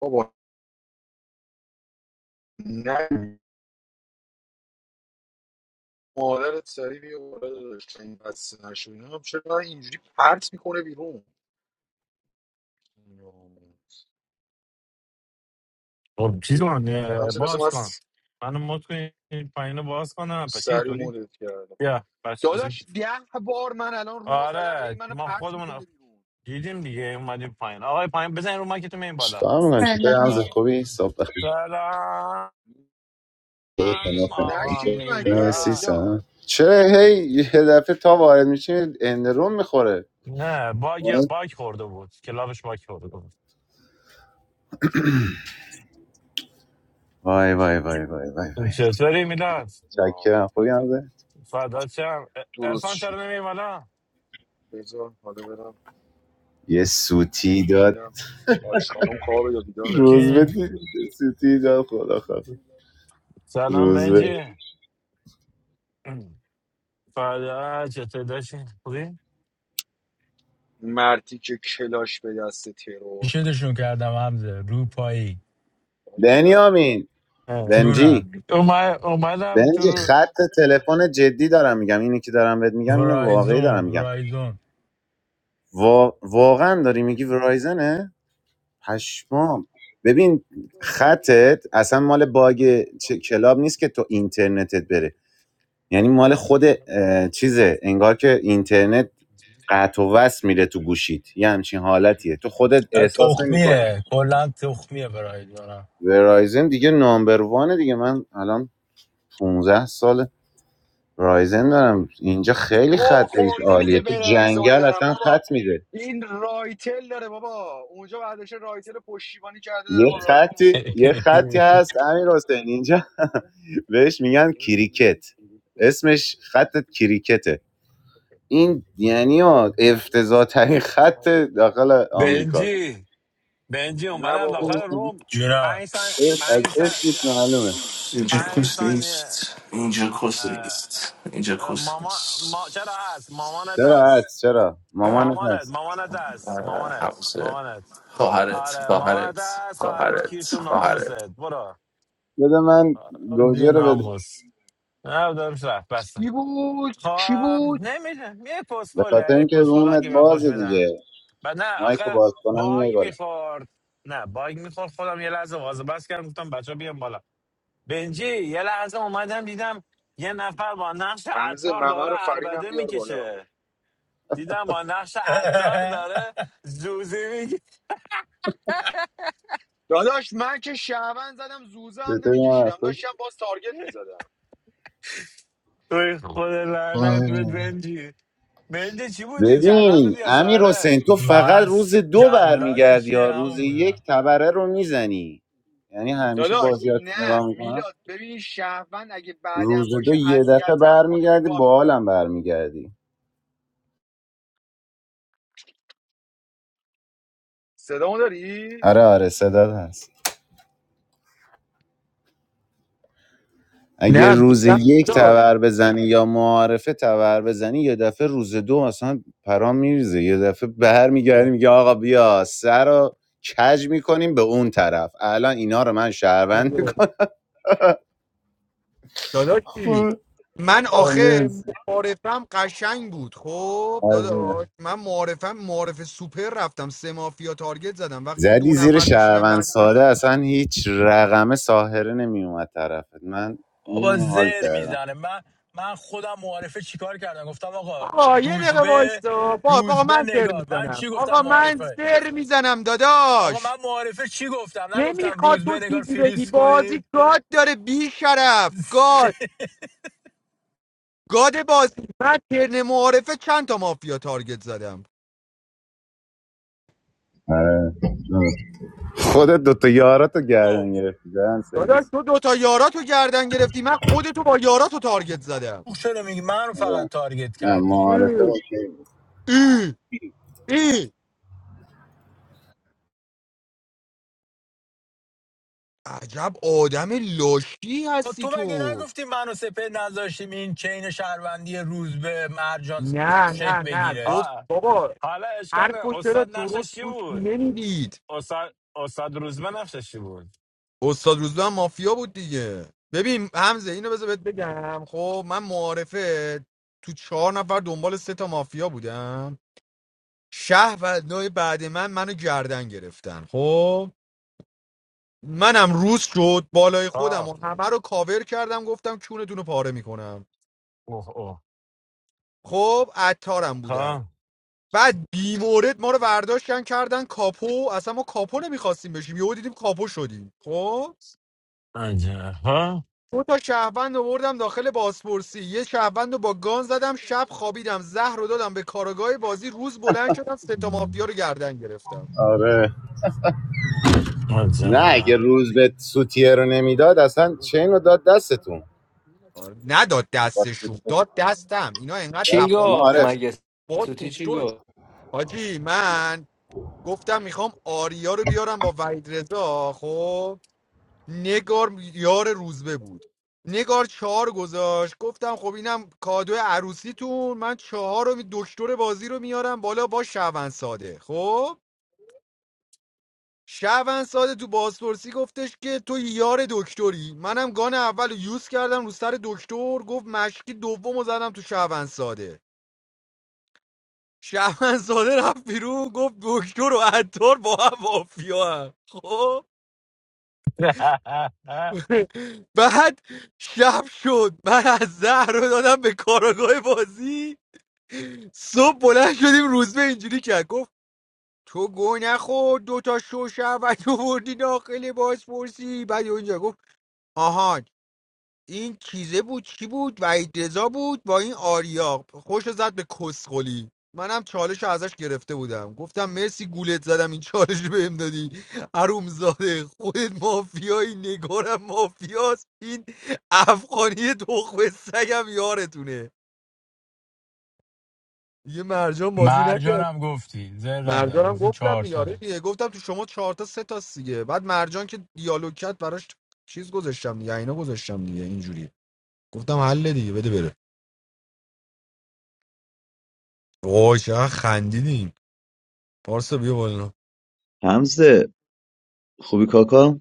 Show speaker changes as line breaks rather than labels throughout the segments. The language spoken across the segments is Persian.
بابا نه مادرت سری بیا بالا داشت این بسته نشد اینا هم چرا اینجوری پرت میکنه بیرون
خب
یه
چیزان
دیگه. همسه مثل
باز
من
کن منو مت کن این پایینو باز کنم پچه
سری
اینطوری
مدت کردم
بیا بس بزن
داداش ده بار من الان رومو زدم هی
آره
منو
ما
پرت میکنه
خودمون
بیرون
دیدیم دیگه اومدیم پایین آقای پایین بزن رو مایکتون این بالا
چیکار میکنم چطور همز
سلام
تا-
خوبی صبح بخیر
سلام
ن-
آقا
نشی مگه
من سی
میلا
سنم
میلاد
چرا هی یه دفعه تا وارد میشین اندرون میخوره
نه باگ باگ خورده بود کلابش باگ خورده بود
وای وای وای وای وای وای
چطوری میلاد
آه،
چکرم خوبی همزه
فدا چم
درست
ارفان
شد
چرا نمی بالا
بذار حالا برم
یه سوتی داد
ببینم حاج خانم خوابه یا بیداره
روز به
کی
دی- سوتی داد خدا خدا
سلام
روز به
بنجی فدا چطور داشتی خوبی
مرتی که کلاش به دست ترور
شدشون کردم حمزه روپایی
بنیامین
اومد
بنجی
جونم
اومدم تو
بنجی
رو
خط تلفن جدی دارم میگم اینی که دارم بهت میگم اینو واقعی
ورایزون
دارم میگم
ورایزون
وا... واقعا داری میگی ورایزنه پشمام ببین خطت اصلا مال باگ چه- کلاب نیست که تو اینترنتت بره یعنی مال خود اه، چیزه انگار که اینترنت قطع و وصل میره تو گوشید یه همچین حالتیه تو خودت
اه،
احساس نمیکنی
تخمیه کلا تخمیه ورایزونم
ورایزن دیگه نامبر وانه دیگه من الان 15 سال رایزن دارم اینجا خیلی
گو
خط ایش
خورده
عالیه
میگه
تو
برایزون
جنگل
دارم
اصلا
بابا
خط میده
این رایتل داره بابا اونجا برداشته رایتل پشتیبانی کرده داره با
یه
رایتل
خطی
استفاده
یه
میکنه
خطی هست امیر حسین اینجا بهش میگن کریکت اسمش خط کریکته این یعنی افتضاح ترین خط داخل آمریکاست
بنجی بنجی
نه
اومدم داخل
بابا
روم پنج
جونم
سن
از
پنج سن
اسمش معلومه
Angel
پنج ثانیه
questions. Angel
اه،
questions. Angel
اه، ماما ما چرا هست
questions.
مامانت
چرا
هست
هست چرا مامانت
مامانت
هست
مامانت هست
Uh, how
مامانت
was it?
مامانت
Go hard it.
آره
Go hard it.
مامانت هست
Go hard
خواهرت کیر
it.
تو
Go hard
ناموست
it.
برو
بده من
آره، دی
گوجه رو بده
ناموس نه دارم رفت بس
کی بود کی
خب
بود
نمیدونم یه
به خاطر
کسخله یه
اینکه
کسخله
رومت
که به فوش
بازه
میدن
دیگه
و نه
مایکو
آخه
باز کنم میای
باگ
بالا
میخورد نه باگ میخورد خودم یه لحظه وازه بس کردم گفتم بچه بیام بالا بنجی یه لحظه اومدم دیدم یه نفر با نقش
حمزه
عطار
ممه
داره
رو فرینم
عربده
بیار بالا
میکشه دیدم با نقش عطار داره زوزی میگه
داداش من که شهون زدم زوزه هم
چطوری من
نمیکشیدم داشتم باز تارگت میزدم
توی خود لعنت به
خوش
بنجی بنجی چی بودی؟ جلاد بودی
ببین
یا
امیر
ساره؟
حسین تو فقط
من
روز دو
جلاد
برمیگردی یا
چیه
روز
همون
یک
بودم
تبره رو میزنی یعنی همیشه
داداش
بازیات
نه
نگاه میکنم
میلاد ببین شهون اگه بعدم
روز دو
باشه
یه دفعه
اذیتم کنه به
برمیگردی
گا
با
میرم
حالم برمیگردی
صدامو داری
آره آره صدات هست اگه
نه
روز
میگم
یک تبر بزنی یا معارفه تبر بزنی یه دفعه روز دو اصلا پرام میریزه یه دفعه برمیگردی میگه آقا بیا سر رو کج میکنیم به اون طرف الان اینا رو من شهروند
داداش داداشی
میکنم
من آخه معارفم قشنگ بود خب داداش من معارفم معارف سوپر رفتم سه مافیا تارگت زدم وقتی
زدی
دو
زیر
نفر میشینم
شهروند
بعد من
ساده اصلا هیچ رقم ساهره نمیومد طرفت من
بابا
اینو حال
زر
کردم
میزنه من من خودم معارفه چیکار کردم گفتم آقا
آقا یه دقیقه
روزبه
وایستا با آقا
روزبه
من سر
نگار من
میزنم
چی گفتم
آقا من
معارفه
سر میزنم
آقا من
داداش
معارفه چی گفتم نگفتم
نمیخواد تو
روزبه نگار
چیزی بگی
فریز
بازی
کنید
گاد داره بی شرف گاد گاد بازی من ترن معارفه چند تا مافیا تارگت زدم
آره درست. خودت دوتا یاراتو
خب
گردن گرفتی زدن
داداش
سرویس
تو دوتا یاراتو گردن گرفتی من خودتو با یاراتو تارگت زدم
تو چرا میگی من رو فقط
آره.
تارگت
نه
کردی
معارفه
اه،
اوکی بود.
اه، اه. عجب آدم لاشی
خب
هستی
تو مگه
تو
نگفتی منو سپه نذاشتیم این چین شهروندی روز به مرجان
نه
شک
نه نه
بگیره
گفت
آه
بابا
حالا اشکال
حرفو
نداره.
چرا
استاد نقشش
درست
چی
گوش
بود؟
نمیدید
استاد استاد روزمه نقشش چی بود
استاد روزبه هم مافیا بود دیگه ببین حمزه اینو بذار بهت بگم خب من معارفه تو چهار نفر دنبال سه تا مافیا بودم شه و نوع بعد من منو گردن گرفتن خب منم روز شد بالای خودم
ها
و همه رو کاور کردم گفتم کونتون رو پاره میکنم
اوه اوه
خب عطارم بودم
ها
بعد بی ما رو برداشتن کردن کاپو اصلا ما کاپو نمیخواستیم بشیم یهو دیدیم کاپو شدیم خب
عجب ها
دو تا شهروند آوردم داخل بازپرسی یه شهروند رو با گان زدم شب خوابیدم زهر رو دادم به کارگاه بازی روز بلند شدم سه تا مافیا رو گردن گرفتم
آره نه اگه
عجب
روز به سوتیه رو نمیداد اصلا چه رو داد دستتون
آره، نداد
با
دستشون
سوتیه
داد دستم اینا انقدر
چی
دست-
تپاه
نه،
گفت
آره
بودن
مگه
با
سوتی چی
دکتر
گفت
حاجی من گفتم میخوام آریا رو بیارم با وحید رضا خب نگار یار روزبه بود نگار چهار گذاشت گفتم خب اینم کادو عروسیتون من چهار رو می- دکتر بازی رو میارم بالا با شعبان ساده خب شعبان ساده تو بازپرسی گفتش که تو یار دکتری منم گان اول رو یوز کردم رو سر دکتر گفت مشکی دوم رو زدم تو شعبان ساده شعبان ساده رفت بیرون گفت دکتر و عطار با هم مافیا خب بعد شب شد من از زهر رو دادم به کاراگاه بازی صبح بلند شدیم روزبه اینجوری کرد گفت تو گو نخور دوتا شوشه و تو بردی داخل باز پرسی بعد یهو گفت آهان این چیزه بود چی بود وحید رضا بود با این آریا خوش زد به کسخلی منم چالش رو ازش گرفته بودم گفتم مرسی گولت زدم این چالش رو بهم دادی حرومزاده خودت مافیایی نگارم مافیاست این افغانی تخم سگم یارتونه یه مرجان بازی نکرد
مرجانم گفتی زر نزن
مرجانم
گفتی
گفتم
چهار تا
میاره دیگه گفتم تو شما چهار تا سه تا دیگه بعد مرجان که دیالوگ کرد براش چیز گذاشتم دیگه اینا گذاشتم دیگه اینجوری گفتم حل دیگه بده بره وای چقدر خندیدیم پارسا بیا بالا
حمزه خوبی کاکا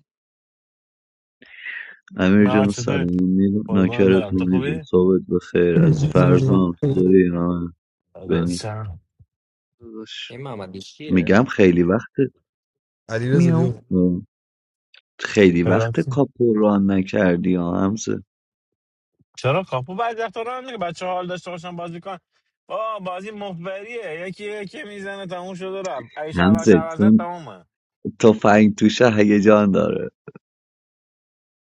امیر
من
جان
چطور
سلام
قربان دارم تو
نوکرتون نیزم
خوبی؟
صحبت بخیر از
سلام
فرزام سوری من بنی
چرا
داداش
این محمد کیه
میگم خیلی وقت
علی
میام
بیا
خیلی وقت
چرا
کاپو ران نکردی ها همزه
چرا کاپو بعد وقتا رو هم دیگه بچه حال داشته باشن بازی کن آه بازی مفبریه یکی یکی میزنه تموم شد و رفت ای شهر
همزه
شهر
چون
زد
تفنگ توشه هیجان داره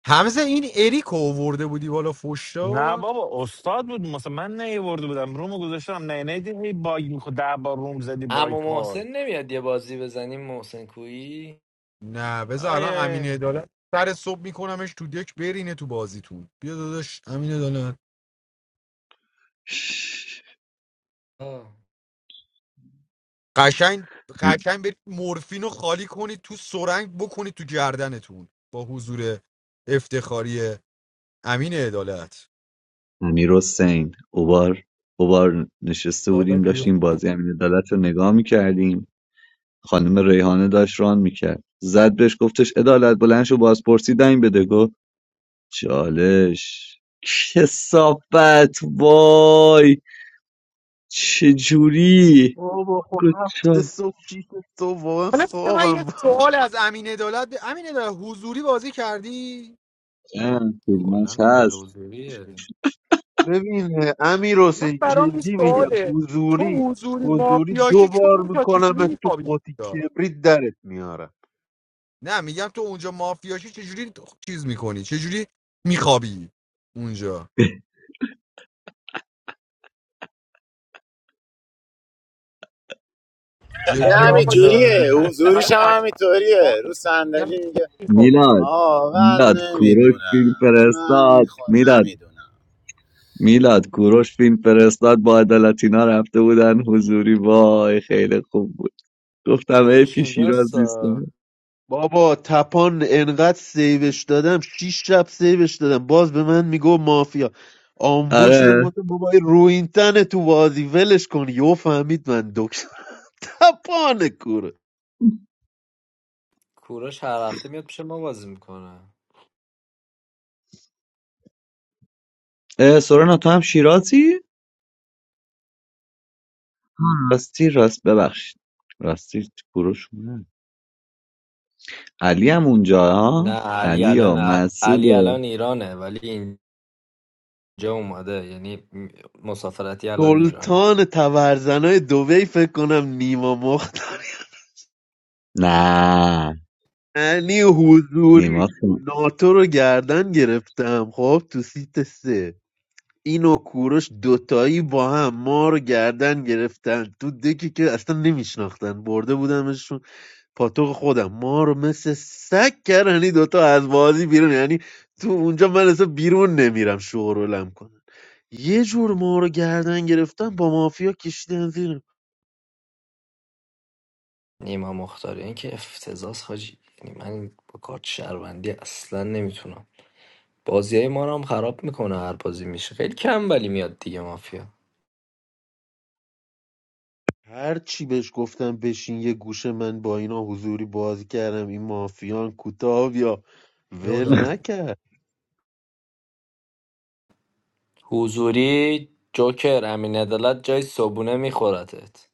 همزه این اریکو ورده بودی بالا فوش
نه
داد
بابا استاد بود مثلا من نیورده بودم رومو گذاشتم نه نه دیدی هی باگ میخورد ده بار روم زدی
اما
باگ
محسن
خورد
نمیاد یه بازی بزنیم محسن کویی
نه بذار الان امین
آیه
عدالت سر صبح میکنمش تو دک برینه تو بازیتون بیا داداش امین عدالت
آه،
قشنگ
او-
قشنگ برید مورفین رو خالی کنید تو سرنگ بکنید تو گردنتون با حضور افتخاری امین عدالت
امیر حسین اوبار اوبار نشسته بودیم
داداش بیا.
داشتیم بازی امین عدالت رو نگاه میکردیم خانم ریحانه داشت ران میکرد زد بهش گفتش عدالت بلند شو بازپرسی دنگ بده گفت چالش کسافت وای چجوری
بابا خب
گفت
هفت
چا-
صبح شیش صبح واقعا
حالا بذار من
خوابم
یه
بود.
سوال از امین عدالت ب- امین عدالت حضوری بازی کردی
اه، فیلماش
کلا پلی
هست
روزویه
ببین امیر
من
حسین
برام این
جدی میگم
سواله تو
حضوری
حضوری
حضوری دو
مافیاشی که
بار
اونجا چجوری
میکنم تو
میخوابی
قطی
اونجا.
کبریت درت میارم
نه میگم تو اونجا مافیاشی چجوری چیز میکنی چجوری میخوابی اونجا
یه
جدی آقا
روز
چرا
همینجوریه
میخندی
داده
حضوریش
برام
هم
علامت سوال
همینطوریه رو
نیست. میگم
صندلی میگه
میخوابی
میلاد
آه
میلاد
من
کوروش فیلم
نمیدونم من
فرستاد
خود
میلاد
نمیدونم
میلاد کوروش فیلم فرستاد با عدالتینا رفته بودن حضوری وای خیلی خوب بود گفتم حیف
کوروش
که
اینجاست
شیراز نیست
آه.
بابا تپان انقدر سیوش دادم شیش شب سیوش دادم باز به من میگو مافیا آمبول شدم
آره
گفتم بابا این رو این تنه تو بازی ولش کن یو فهمید من دکتر تپان کوره
کوروش هر هفته میاد پیش ما بازی میکنه
اه، سورنا تو هم شیرازی آه، راستی راست ببخشید راستی تو گروه شما. علی هم اونجا ها
نه علی
علی و
الان
مسعود
علی
و
الان ایرانه ولی اینجا اومده یعنی مسافرتی الان ایرانه
سلطان تبرزنای دوی فکر کنم نیما مخت
نه
یعنی حضوری
نیما سن-
ناتو رو گردن گرفتم خب تو سیت سه این و کوروش دوتایی با هم ما رو گردن گرفتن تو دکی که اصلا نمیشناختن برده بودمشون پاتوق خودم ما رو مثل سگ کردن یعنی دوتا از بازی بیرون یعنی تو اونجا من اصلا بیرون نمیرم شورولم کنن یه جور ما رو گردن گرفتن با مافیا کشیدن زیر
نیما مختاری این که افتضاح حاجی یعنی من با کارت شهروندی اصلا نمیتونم بازیای ما رو هم خراب میکنه هر بازی میشه خیلی کم ولی میاد دیگه مافیا
هر چی بهش گفتم بشین یه گوشه من با اینا حضوری بازی کردم این مافیان کوتاه یا
یا
ول نکرد
حضوری جوکر امین عدالت جای صبونه میخورتت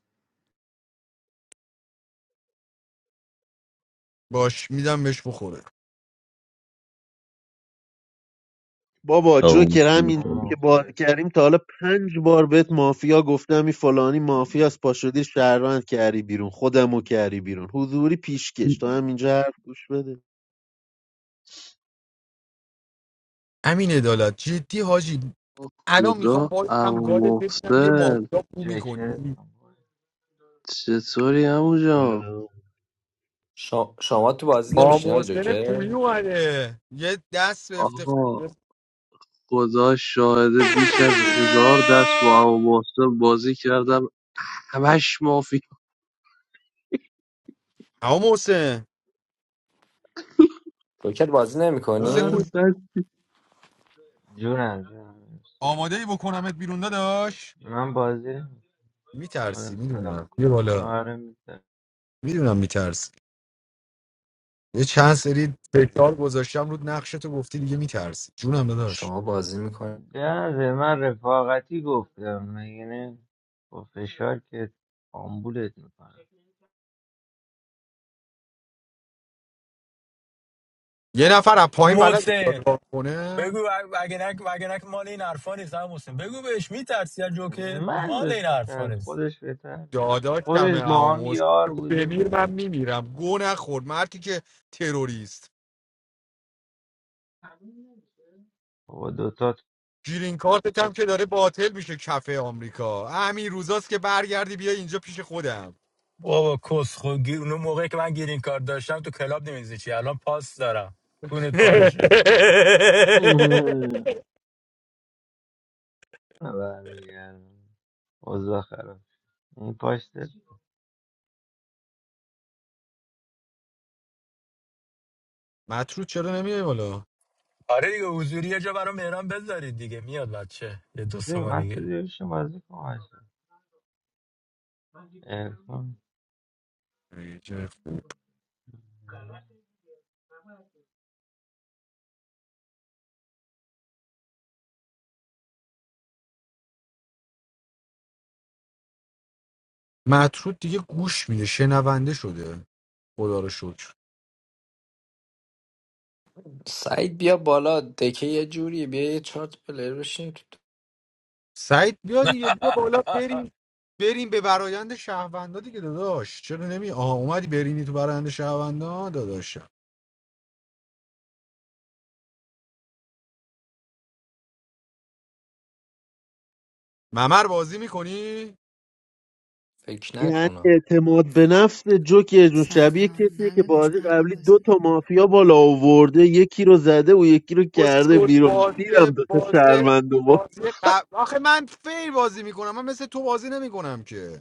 باش میدم بهش بخوره
بابا
اون
جوکر
سن-
همین
آه،
که بازی
مخلص
کردیم تا حالا پنج بار بهت مافیا گفتم این فلانی مافیاست پا شدی شهروند کردی بیرون خودمو کردی بیرون حضوری پیشکش تا همینجا حرف گوش بده
امین عدالت جدی حاجی الان میخوام
خدا
هم
عمو
گادت ببینم یه
محسن
مافیا بو
چکرت
میکنی
چطوری عمو جان
شا... شما تو بازی
با
نمیشین های
محسن
جوکر
کوی اومده یه دست به
آقا
افتخار
خدا شاهده بیش از هزار دست با عمو بازی کردم همش مافی
اما محسن
جوکر بازی
محسن
هر
کو
نمیکنی
دست
جونم جونم
آماده ای بکنمت بیرون داداش
من بازی نمی‌کنم. اومدم
میترسی
سلام
میدونم
کنم
یه بالا
آره میتونم
میدونم میترسی یه چند سری تکرار گذاشتم رود نقشتو گفتی دیگه میترسی جونم داداش
شما بازی میکنی
جنازه من رفاقتی گفتم مگه نه با فشار که آمبولت میکنم
یه نفر از پایین بلد
محسن
دادگاه کنه
بگو اگه نک اگه نک مال این حرفا نیست هم محسن بگو بهش میترسی از جوکر
من
مال
ازش
این حرفا
بهتر
نیست
خودش بهتر
داداش کمه
خودش
اما
با هم
محسن
یار
بگو
بوده
بمیر من
میدونه
میمیرم گو نخور مردی که تروریست
بابا دوتا تو-
گیرین کارت هم که داره باطل میشه کفه آمریکا همین روزاست که برگردی بیا اینجا پیش خودم
بابا کس خود گیر اون موقعی که من گیرین کار داشتم تو کلاب نمیزی چی الان پاس دارم کونت پارشه
نه برمیگردم اوضاع خراب شد. این پاشته
مطرود چرا نمیای بالا
آره دیگه حضوری یه جا برام مهران بذارید دیگه میاد بچه یه دو سه ماه دیگه
مسئولی شما بازی کن عشق.
یه جای خوب. مطرود دیگه گوش میده شنونده شده خدا رو شکر
سعید بیا بالا دکه یه جوری بیا یه چارت پلر بشین تو
سعید بیا دیگه بیا بالا بریم بریم به برایند شهروندا دیگه داداش چرا نمی آها اومدی برینی تو برایند شهروندا داداش ممر بازی میکنی
فکر
یعنی
نکنم
اعتماد به نفس جوکر جون شبیه کسیه که بازی قبلی دو تا مافیا بالا آورده یکی رو زده و یکی رو کرده
اسکول
بیرون
بازی
دیدم دو تا
بازی
شهروند و با
بازی قبل آخه من فیر بازی میکنم من مثل تو بازی نمیکنم که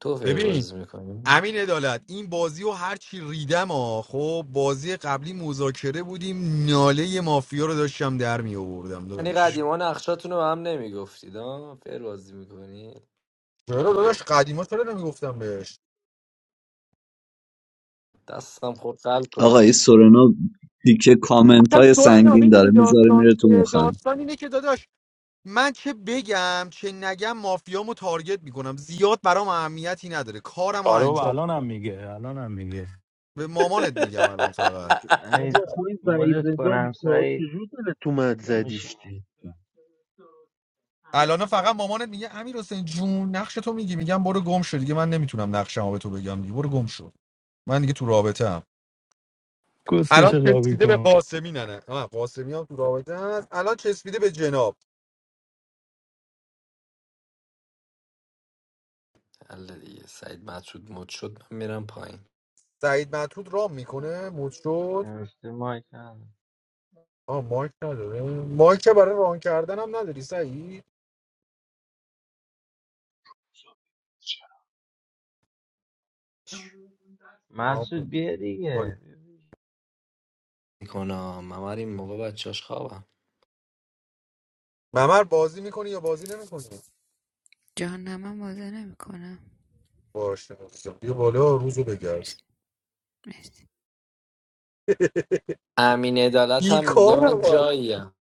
تو فیر
ببین
بازی میکنی
امین عدالت این بازی و هر چی ریدم ها خب بازی قبلی مذاکره بودیم ناله مافیا رو داشتم در می آوردم
یعنی
داداش
قدیما نقشاتون رو به هم نمیگفتید ها فیر بازی میکنی
چرا داداش قدیما چرا نمیگفتم بهش
دستم خود قلب
آقا این سورنا تیکه کامنت
آخه
های
سورنا
سنگین داره
میدونی
میذاره
داستان
میره تو
چیه
مخم
داستان اینه که داداش من چه بگم چه نگم مافیامو تارگت میکنم زیاد برام اهمیتی نداره کارمو
آره بابا
انجام
الان هم میگه الان هم میگه
به مامانت میگم الان فقط
بابا
سعید
خوی وعید
مدت
رضا
کنم
بیچاره
سعید
چجور دلت اومد
یا
زدیش
میشینی
چی
الان فقط مامانت میگه امیر حسین جون نقش تو میگی میگم برو گم شو دیگه من نمیتونم نقشمو به تو بگم دیگه برو گم شو من دیگه تو رابطه الان
کسکش لابی
چسبیده به
کن
قاسمی نه نه آه، قاسمی هم تو رابطه است الان چسبیده به جناب
حل دیگه سعید مطرود مد شد من میرم پایین
سعید مطرود رام میکنه موت شد
نوشته مایک نداره.
آه مایک نداره مایک که برای ران کردن هم نداری سعید رام کن.
مسعود بیا
باری.
دیگه
میکنم من هر این موقع بچهاش خوابم
ممر بازی میکنی یا بازی نمیکنی باشه عزیزم. بیا بالا روزو بگرد
امین عدالت
این
هم میگه
کار
من
نباید
جاییم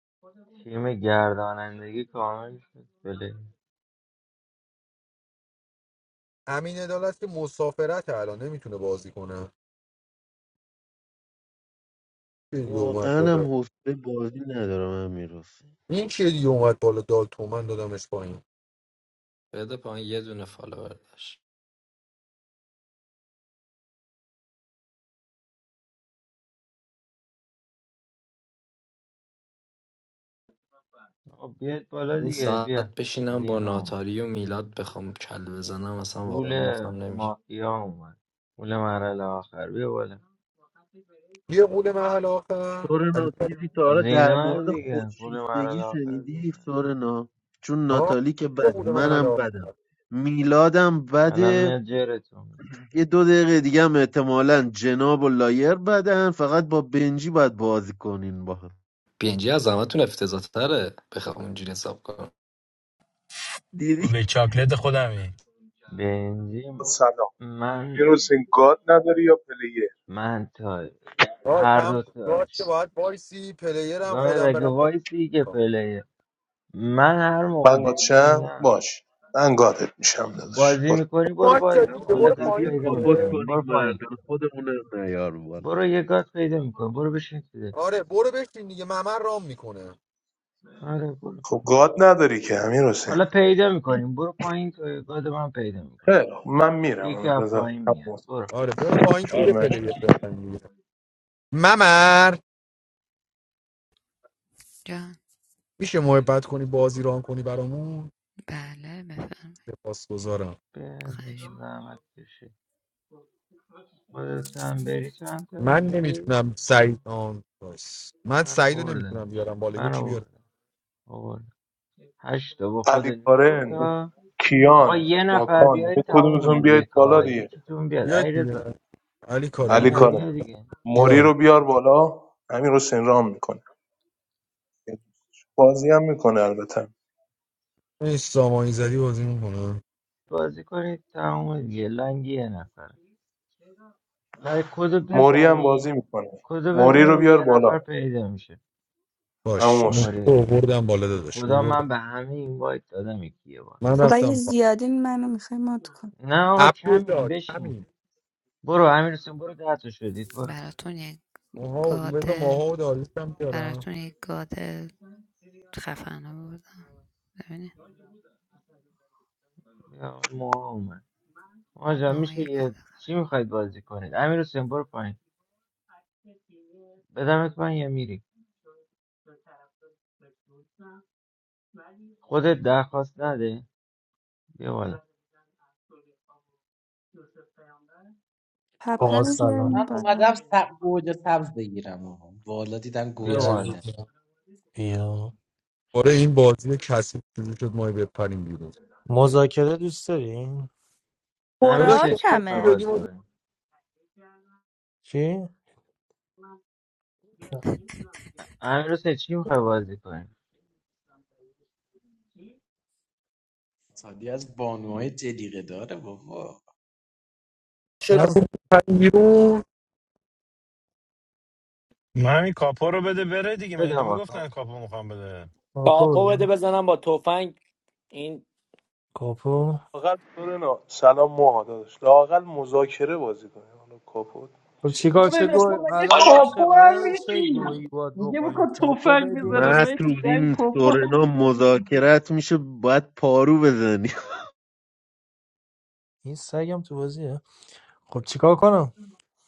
تیم گردانندگی کامل شد بله
امین عدالت که مسافرت الان نمیتونه بازی کنه چه دیگه اومد
واقعا هم
بالا
حوصله بازی ندارم هم میرسه
این چه دیگه اومد بالا دال تومن دادمش پایین
بده پایین یه دونه فالوور داشت
آقا بیاد بالا
این
دیگه بیا
ساعت بشینم با
زینا اومد
ناتاری و میلاد بخوام کل بزنم اصلا واقعا
قول
مفهم نمیشه
مافیا اومد قول مرحله آخر بیا بالا
یه قول محل آخر
سورنا
علی
چیزی تا حالا در
زینا
مورد
دیگه قول
خودشیفتگی
مرحله آخر
شنیدی
زینا
سورنا چون
آه
ناتالی که
چه
بده
بوده من
منم
حالا
بدم میلادم
الان
بده
میاد جرتون
یه دو دقیقه دیگه هم احتمالا جناب و لایر بدن فقط با بنجی باید بازی کنین با هم
پینجی از همتون افتضاح تره بخوام اونجوری حساب کنم
تو
دیدی
به چاکلت خودمی
بنزی
سلام
من
یونس این گاد نداری یا پلیر
من تا
آه
هر دو
کم راست
تاش
که باید وایسی پلیرم
گاهی
خودم
اگه
برم پایین
وایسی که
کار.
پلیه من هر موقع
من
بنجی
گادشم
میگم
باش من گادت میشم
خب
داداش
بازی
برو
میکنی برو
پاک شد
بازی
هم
کن
دیگه
حالا
برو
محسن
گات
بیا
پایین
پیدا
دیگه
کاپوت
میکنیم
کنیم
برو پایین
مردم خودمون هم نیار بالا
برو یه گات پیدا میکنیم برو بشین تو دل.
آره برو بشین دیگه ممر رام میکنه
آره برو
خب گاد نداری که امیر حسین
حالا پیدا میکنیم برو پایین تو گاد من پیدا میکنم
خیلی خب، من
یکی
میرم
از
بذار
پایین میاد
همون
برو
آره برو پایین که
شروع
یه
نشه
پلیر دارم دیگه ممر میشه محبت کنی بازی ران کنی برامون سپاس گذارم
بیا دیگه زحمت کشی خودت هم بری چند تا
من
میشی
نمیتونم
برو.
سعید آن باش. من
من
سعید رو نمیتونم
آوردمش
بیارم بالا
من
یکی
آوردم
بیار
آورد هشت تا با خود
علی
نه
کارن
تا آقا
کیان
یه نفر
ماکان
بیاید
یه
تموم
کدومتون بیاید بالا
دکا
دیگه
یکیتون بیاد
بیاد
ایرزا
دیگه علی کارم
علی
زینا
بیاد
کارن
بیا دیگه
موری
بیا
رو بیار بالا امیر حسین رام میکنه بازی هم میکنه البته
این سامانی زدی بازی میکنم
بازی کنید تموم دیگه لنگ یه نفر لای کدو
موری هم
بزنی
بازی میکنه
کدو
موری رو
بزنی
بیار
یه
بالا
نفر پیدا میشه
باش
همون
مفت
کوماری
اووردم بالا
به خدا
داداش
من به همه این وایت دادم یکی یه بار
من
خب اگه
رفتم پا
زیادین منو میخوای مات کن
نه آقا کمیم
عبدالله
بشین
کمی
برو امیر حسین برو ده تا شدید برو
اونها بذار ماها و داریوش هم بیارم
بیا، موها اومد آجا میشه یه چی میخواید بازی کنید امیر حسین برو پایین بدمت من یه میری خودت درخواست نده بیا بالا
پپر
آقا
رو
لامس می‌کنم.
سلام
بیاریم
من اومدم
بالا
سب... گوجه سبز بگیرم آقا. بالا دیدم
بیا
بیا
گوجه
بالا
میدن
عزیزم بیا
آره این بازی کسی شروع شد ما بپریم بیرون
مذاکره دوست داریم
امیر
داداش
برا
حسین
تو
چی
هر
میخوای
کی
کمه
بدی
بازی
ما
کنیم
چی؟
امیر حسین چی میخوای بازی کنیم
سادی از بانوهای جلیقه داره بابا
چرا
نه
بپریم بیرون
من همین کاپو رو بده بره دیگه مگه
بده آقا کام
نمیگفتن کاپو
کن.
میخوام بده
کاپو
کاپو بده
بگو.
بزنم با تفنگ این
کاپو
لاقل طور نه سلام موها داداش لاقل مذاکره بازی کنیم حالا کاپوت
خب
چرت
چیکار
و
چه
سورنا
گوی
تو
پرت.
مگه
الان ما
کاپو هم
چقدر چه
میشی
گویی باید
میگه
بخوریم
بکن
کاپو
توفنگ
بدیم یه-
بزنم من تو
مطرود
دنگ
این
کاپو هم
سورنا
می‌زنی.
مذاکرت میشه باید پارو بزنی
این سگم تو بازیه خب چیکار کنم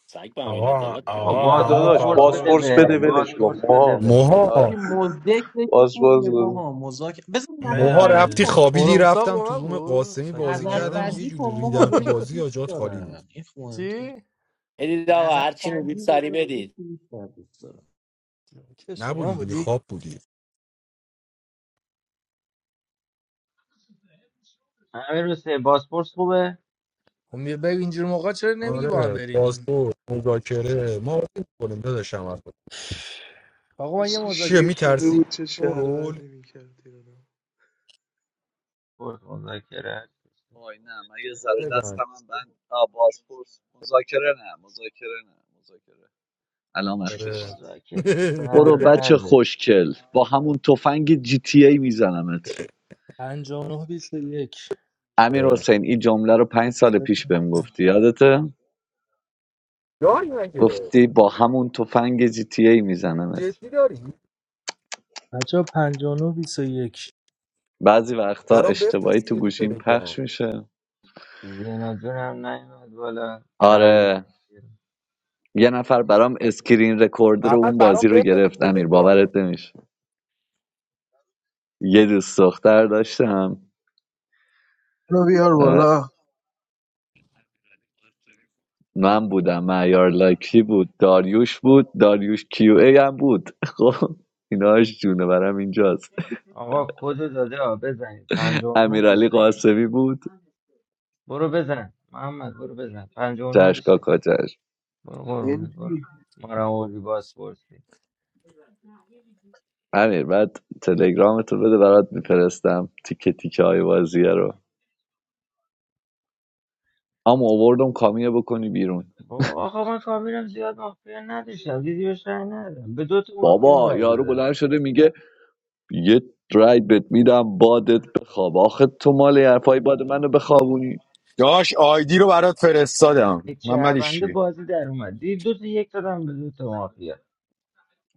سگ به امین
آقا
عدالت
بابا
آقا
بدی
همون
داداش
باسپورس بده
کاپو
بازپرس
بره
بده ولش کن
باسپورس بده
موها
بره
حاجی
آره.
موها
مزدک که
باسپورس
خوبیه
بده
ماها مزاک بذار
موها
نظرسنجی
بده
رفتی
کن
خوابیدی
اصلا.
ساق
رفتم
با
تو
من
روم
بود
قاسمی
سگ
بازی کردم یه
پدرم
نظرسنجی
جوری
کن ماها
ریدم تو
ببین چی
بازی
دوست
آجات خالی بود
دارن این مهمتر
چی؟
بدید آقا هرچی میدید
نظرسنجی
سری
بذار ببین
بدید
چی بیشتر دوست دارن.
که شما
نبودی دیگه
بودی
خواب بودی
امیر حسین باسپورس خوبه
خب بیا بگو اینجور موقع چرا نمیگی با هم
آره
برینیم
پاسپورت مذاکره ما بازی میکنیم داداشم حرف بزن.
آقا من یه
چه
چیه
شیر
مذاکره
شده
میترسی
بود چه
تو رول
شهروندی میکرد ایرانو.
بورس مذاکره
وای نه من یه ذره
بزن
دستم هم بند آه، بازپرس مذاکره نه مذاکره نه مذاکره الان وقتش
آره
مذاکره
برو بچه
سردرده
خوشکل با همون تفنگ جی تی ای میزنمت
59 21
امیرحسین این جمله رو پنج سال پیش بهم گفتی یادته
داری مگه
گفتی با همون تفنگ جی تی ای میزنمت
جدی داری
بچه ها، پنجاه و نه بیست و یک
بعضی وقتا
برام
اشتباهی
بفرست
تو
دیگه تو
گوشیم پخش
تلگرام
میشه
زینا جون هم نیومد بالا تحویلمون
آره
نگرفت.
یه نفر برام اسکرین رکوردر
محمد
اون
برام
بازی رو
بفرست
گرفت
تو
امیر
تلگرام
باورت نمیشه یه دوست دختر داشتم
اینو بیار
اه،
بالا
من بودم معیار لاکی بود داریوش بود داریوش کیو ای هم بود خب ایناش جونه برام اینجاست
آقا کد رو داده ها بزنید 59
امیرعلی
21
قاسمی بود
برو بزن محمد برو بزن 59
چشکا
21 برو قربونت
بنجی
برو ما رو آوردی باز پرسی
امیر بعد تلگرامتو بده برات میفرستم تیکه تیکه های بازیه رو اما آوردم کامیه بکنی بیرون
با آقا من کامیرم زیاد مافیا نداشتم دیدی بهش رای ندادم به دو تا مافیا
بابا
رای
یارو
دادم
بلند شده میگه یه رای بهت میدم بادت بخواب آخه تو مال یه حرفای باد منو بخوابونی
داش آیدی رو برات فرستادم
یک
محمد
شهرونده
ایشکی
بازی در اومد دیدی دو تا یک دادم به دو تا مافیا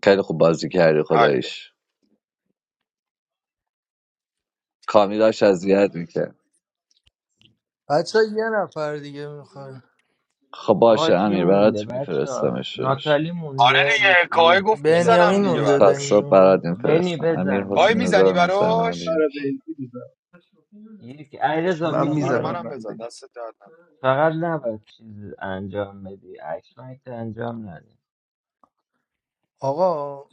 خیلی خوب بازی کردی
حل
خدایش کامی داشت اذیت میکرد
بچه یه نفر دیگه میخوای
خب
آقا
باشه
کی
امیر
مونده
برات
بچه ها؟
میفرستمش شدش
ناتالی
آره
مونده رو,
دیگه
رو
کای گفت میزنم
بنیامین
دیگه
تلفنه
مونده
تا
براش
صبح
بنیامین
برات
بنی
میفرستم امیر
بزن
کای
داداش.
حسین
میزنی براش
برای
1991
بنجی می‌ذارم.
یک علیرضا
شاید
من
هم
برا
بیاد.
میزنم
میتونی
منم
برای
بزن
بنجی
دست درد نکنه.
فقط نباید چیز انجام بدی اکشنایت انجام نده
آقا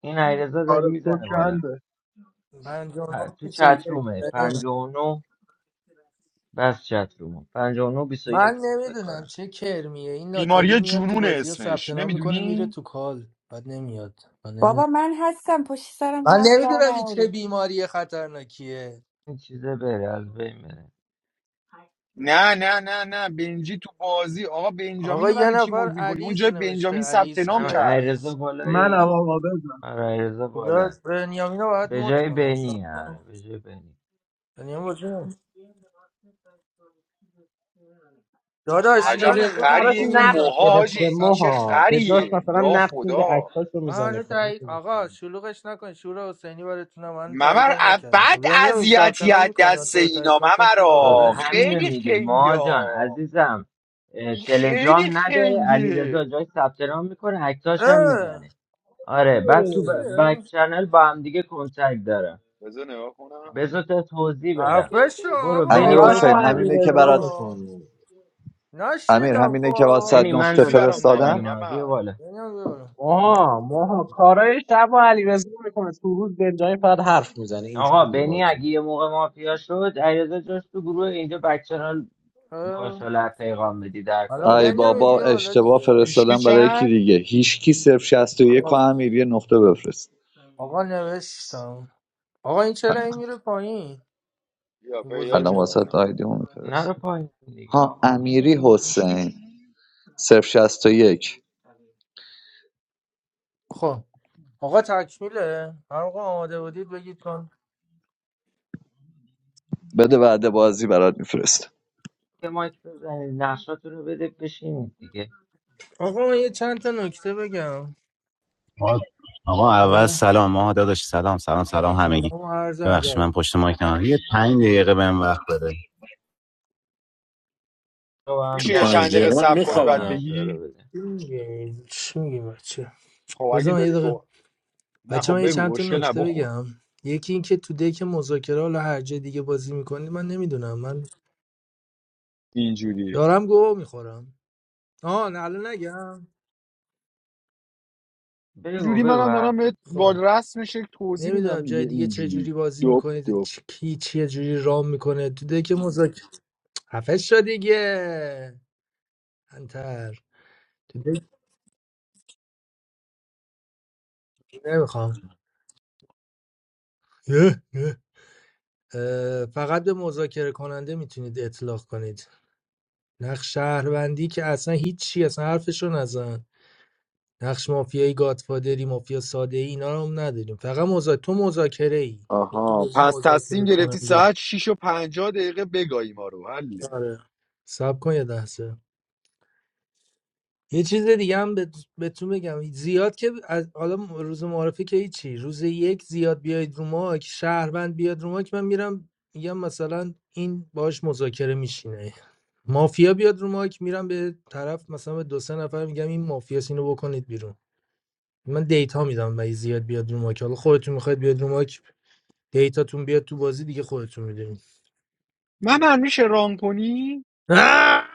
این علیرضا داره
آره کد
میزنه بالا
چنده
من یک
پ- تو چت رومه
بنیامین
59 بس چت رومه 59
من
یک بود فکر
نمیدونم
کنم
چه کرمیه این ناتالی
بیماری
میاد تو
جنون
بازی ها ثبت
اسمش
نام میکنه میره
نمیدونی
تو کال بعد نمیاد من نمیدونم
بابا من هستم پشت سرم
من
هست بر
نمیدونم این چه
نیارید
بیماری خطرناکیه
این چیزه بره از بین بره
نه نه نه نه بنجی تو بازی آقا بنجامین
آقا
رو
یه
برای چی
نفر
مد میکنی
علیز
اونجا
نوشته
بنجامین ثبت
علیز
نام
هم
کیه
کرد
علیز
علیرضا
منم
بالایی
آقا بزن
آره علیرضا
خب
بالا
باید- بنیامین رو باید
به
مد
جای
کنم صبر
بنی آره
کن.
به جای بنی
بنیامین بازی نمی‌کنه. داداش
علی
عجب
رضا
ننوشت
براش
خریه
خب
این
نقش
بذار سب
موهاجی
کن
گرفته
این
سب
چه
ماها به جاش
کن
خریه
مثلا
یا
نقش میگیره
خدا
اکتاش رو
من
میزنه
هنوز
کاری
تایید
که
آقا
می‌کنه.
شلوغش نکن شور حسینی براتونم من
ممر
تاییدم
ا-
نکردم خب،
بد
بنیام این ثبت
اذیتی
نام
از
میکنی من
دست
تو رو تایید
اینا
کنم چون تو
خب
اولویت
ممرا
بسه
همینو
خیلی
میگه
خنگه
ما جان
ها.
عزیزم اه،
این خیلی
تلگرام نداره علیرضا
خنگه
جای ثبت نام میکنه اکتاش هم میزنه
اه،
آره بعد تو ب- بک
اینجوریه
چنل با هم دیگه کنتکت دارم
بذار نگاه کنم
بذار تا توضیح بدم
خفه شو
برو
آقا
امیر
بنی
کاراش
برو
رو
حسین
خفه
پایین
علی
همینه که
رضا
برات
شو
میکنه
امیر
نشیدم
همینه که واسه
خب
بنی من
نقطه
چیزی
دادمت
برام نیومده
فرستادم
پایین ها بیا
ممر
بالا
بنیام بیا بالا نه،
ماها ماها کارای شب و علی رضا میکنه تو روز بنجامین فقط حرف میزنه
آقا
اینجوری
بنی
بازی
اگه یه موقع مافیا شد علیرضا جاش تو گروه اینجا بک چنل باش
اه.
حالا پیغام بدی در
حالا
کاری
ای
دارید
بنیام
بابا
دیگه
بیا بالا
اشتباه
دیگه
هیچکی
فرستادم برای یکی
چند
دیگه هیچکی صرف 61 و یک و
خب
امیر یه نقطه بفرست
آقا نوشتم آقا این چرا این میره پایین
یا
این
پیدات
الان
بزرگه
واسه
کردم
آیدی اون
نرو
میفرست
پایین دیگه
ها
آقا
امیری حسین صرف شصت و یک.
خب آقا تکمیله هر موقع آماده بودید بگید
بده بعد بازی برات میفرست
یه مایک بزنید نقشاتون رو بده بشینید دیگه
آقا من یه چند تا نکته بگم
آقا آقا، اول
حالا
سلام ما داداش سلام سلام سلام همگی
سلام و عرض
ببخشید
ادب
من پشت مایک مایکم یه پنج دقیقه بهم وقت بده
تو هم
تو
میشه یه
گپ
چند
پنج
دقیقه
دقیقه من
صبر
بزنید
کنی
بعد
بعد
میخوابم
نقشه رو
بگی
بده
چی میگین چی میگین بچه
خب اگه
بذار من یه
داری
دقیقه
گو نه
بچه
خب
من یه چند
بگو
تا
مشکل نه
نکته
بخور
بگم یکی این که تو دک مذاکره حالا هر جای دیگه بازی میکنید من نمیدونم من
اینجوری
دارم گوه میخورم آه نه الان نگم
بگو
اینجوری
بگو
منم دارم بهت
حرفاتو
با
خب
بزن
رسمش یک توضیح
نمیدونم
میدم دیگه
جای دیگه چه
اینجوری
جوری بازی
دوب
میکنید
دوب
کی چه جوری رام میکنه تو دک مذاکره خفه شد دیگه انتر تو دک نمیخوام فقط به مذاکره کننده میتونید اطلاق کنید نقش شهروندی که اصلا هیچی اصلا حرفشو نزن نقش مافیایی گادفادری مافیا ساده ای اینا رو هم نداریم فقط مذا... تو مذاکره ای تو تو
آها
بازی
پس تصمیم
مذاکره
گرفتی
کننده ای
ساعت 6 و پنجاه دقیقه بگاهی ما رو حله
آره سب کن یه لحظه یه چیز دیگه هم بهت- بهتون بگم زیاد که از حالا روز معارفه که هیچی روز یک زیاد بیاید رو ما که شهروند بیاد رو ما که من میرم میگم مثلا این باش مذاکره میشینه مافیا بیاد رو ماک میرم به طرف مثلا به دو سه نفر میگم این مافیاس اینو بکنید بیرون من دیتا میدم و زیاد بیاد رو ماک حالا خودتون میخواید بیاد رو ماک دیتاتون بیاد تو بازی دیگه خودتون میدونید
من میشه ران کنی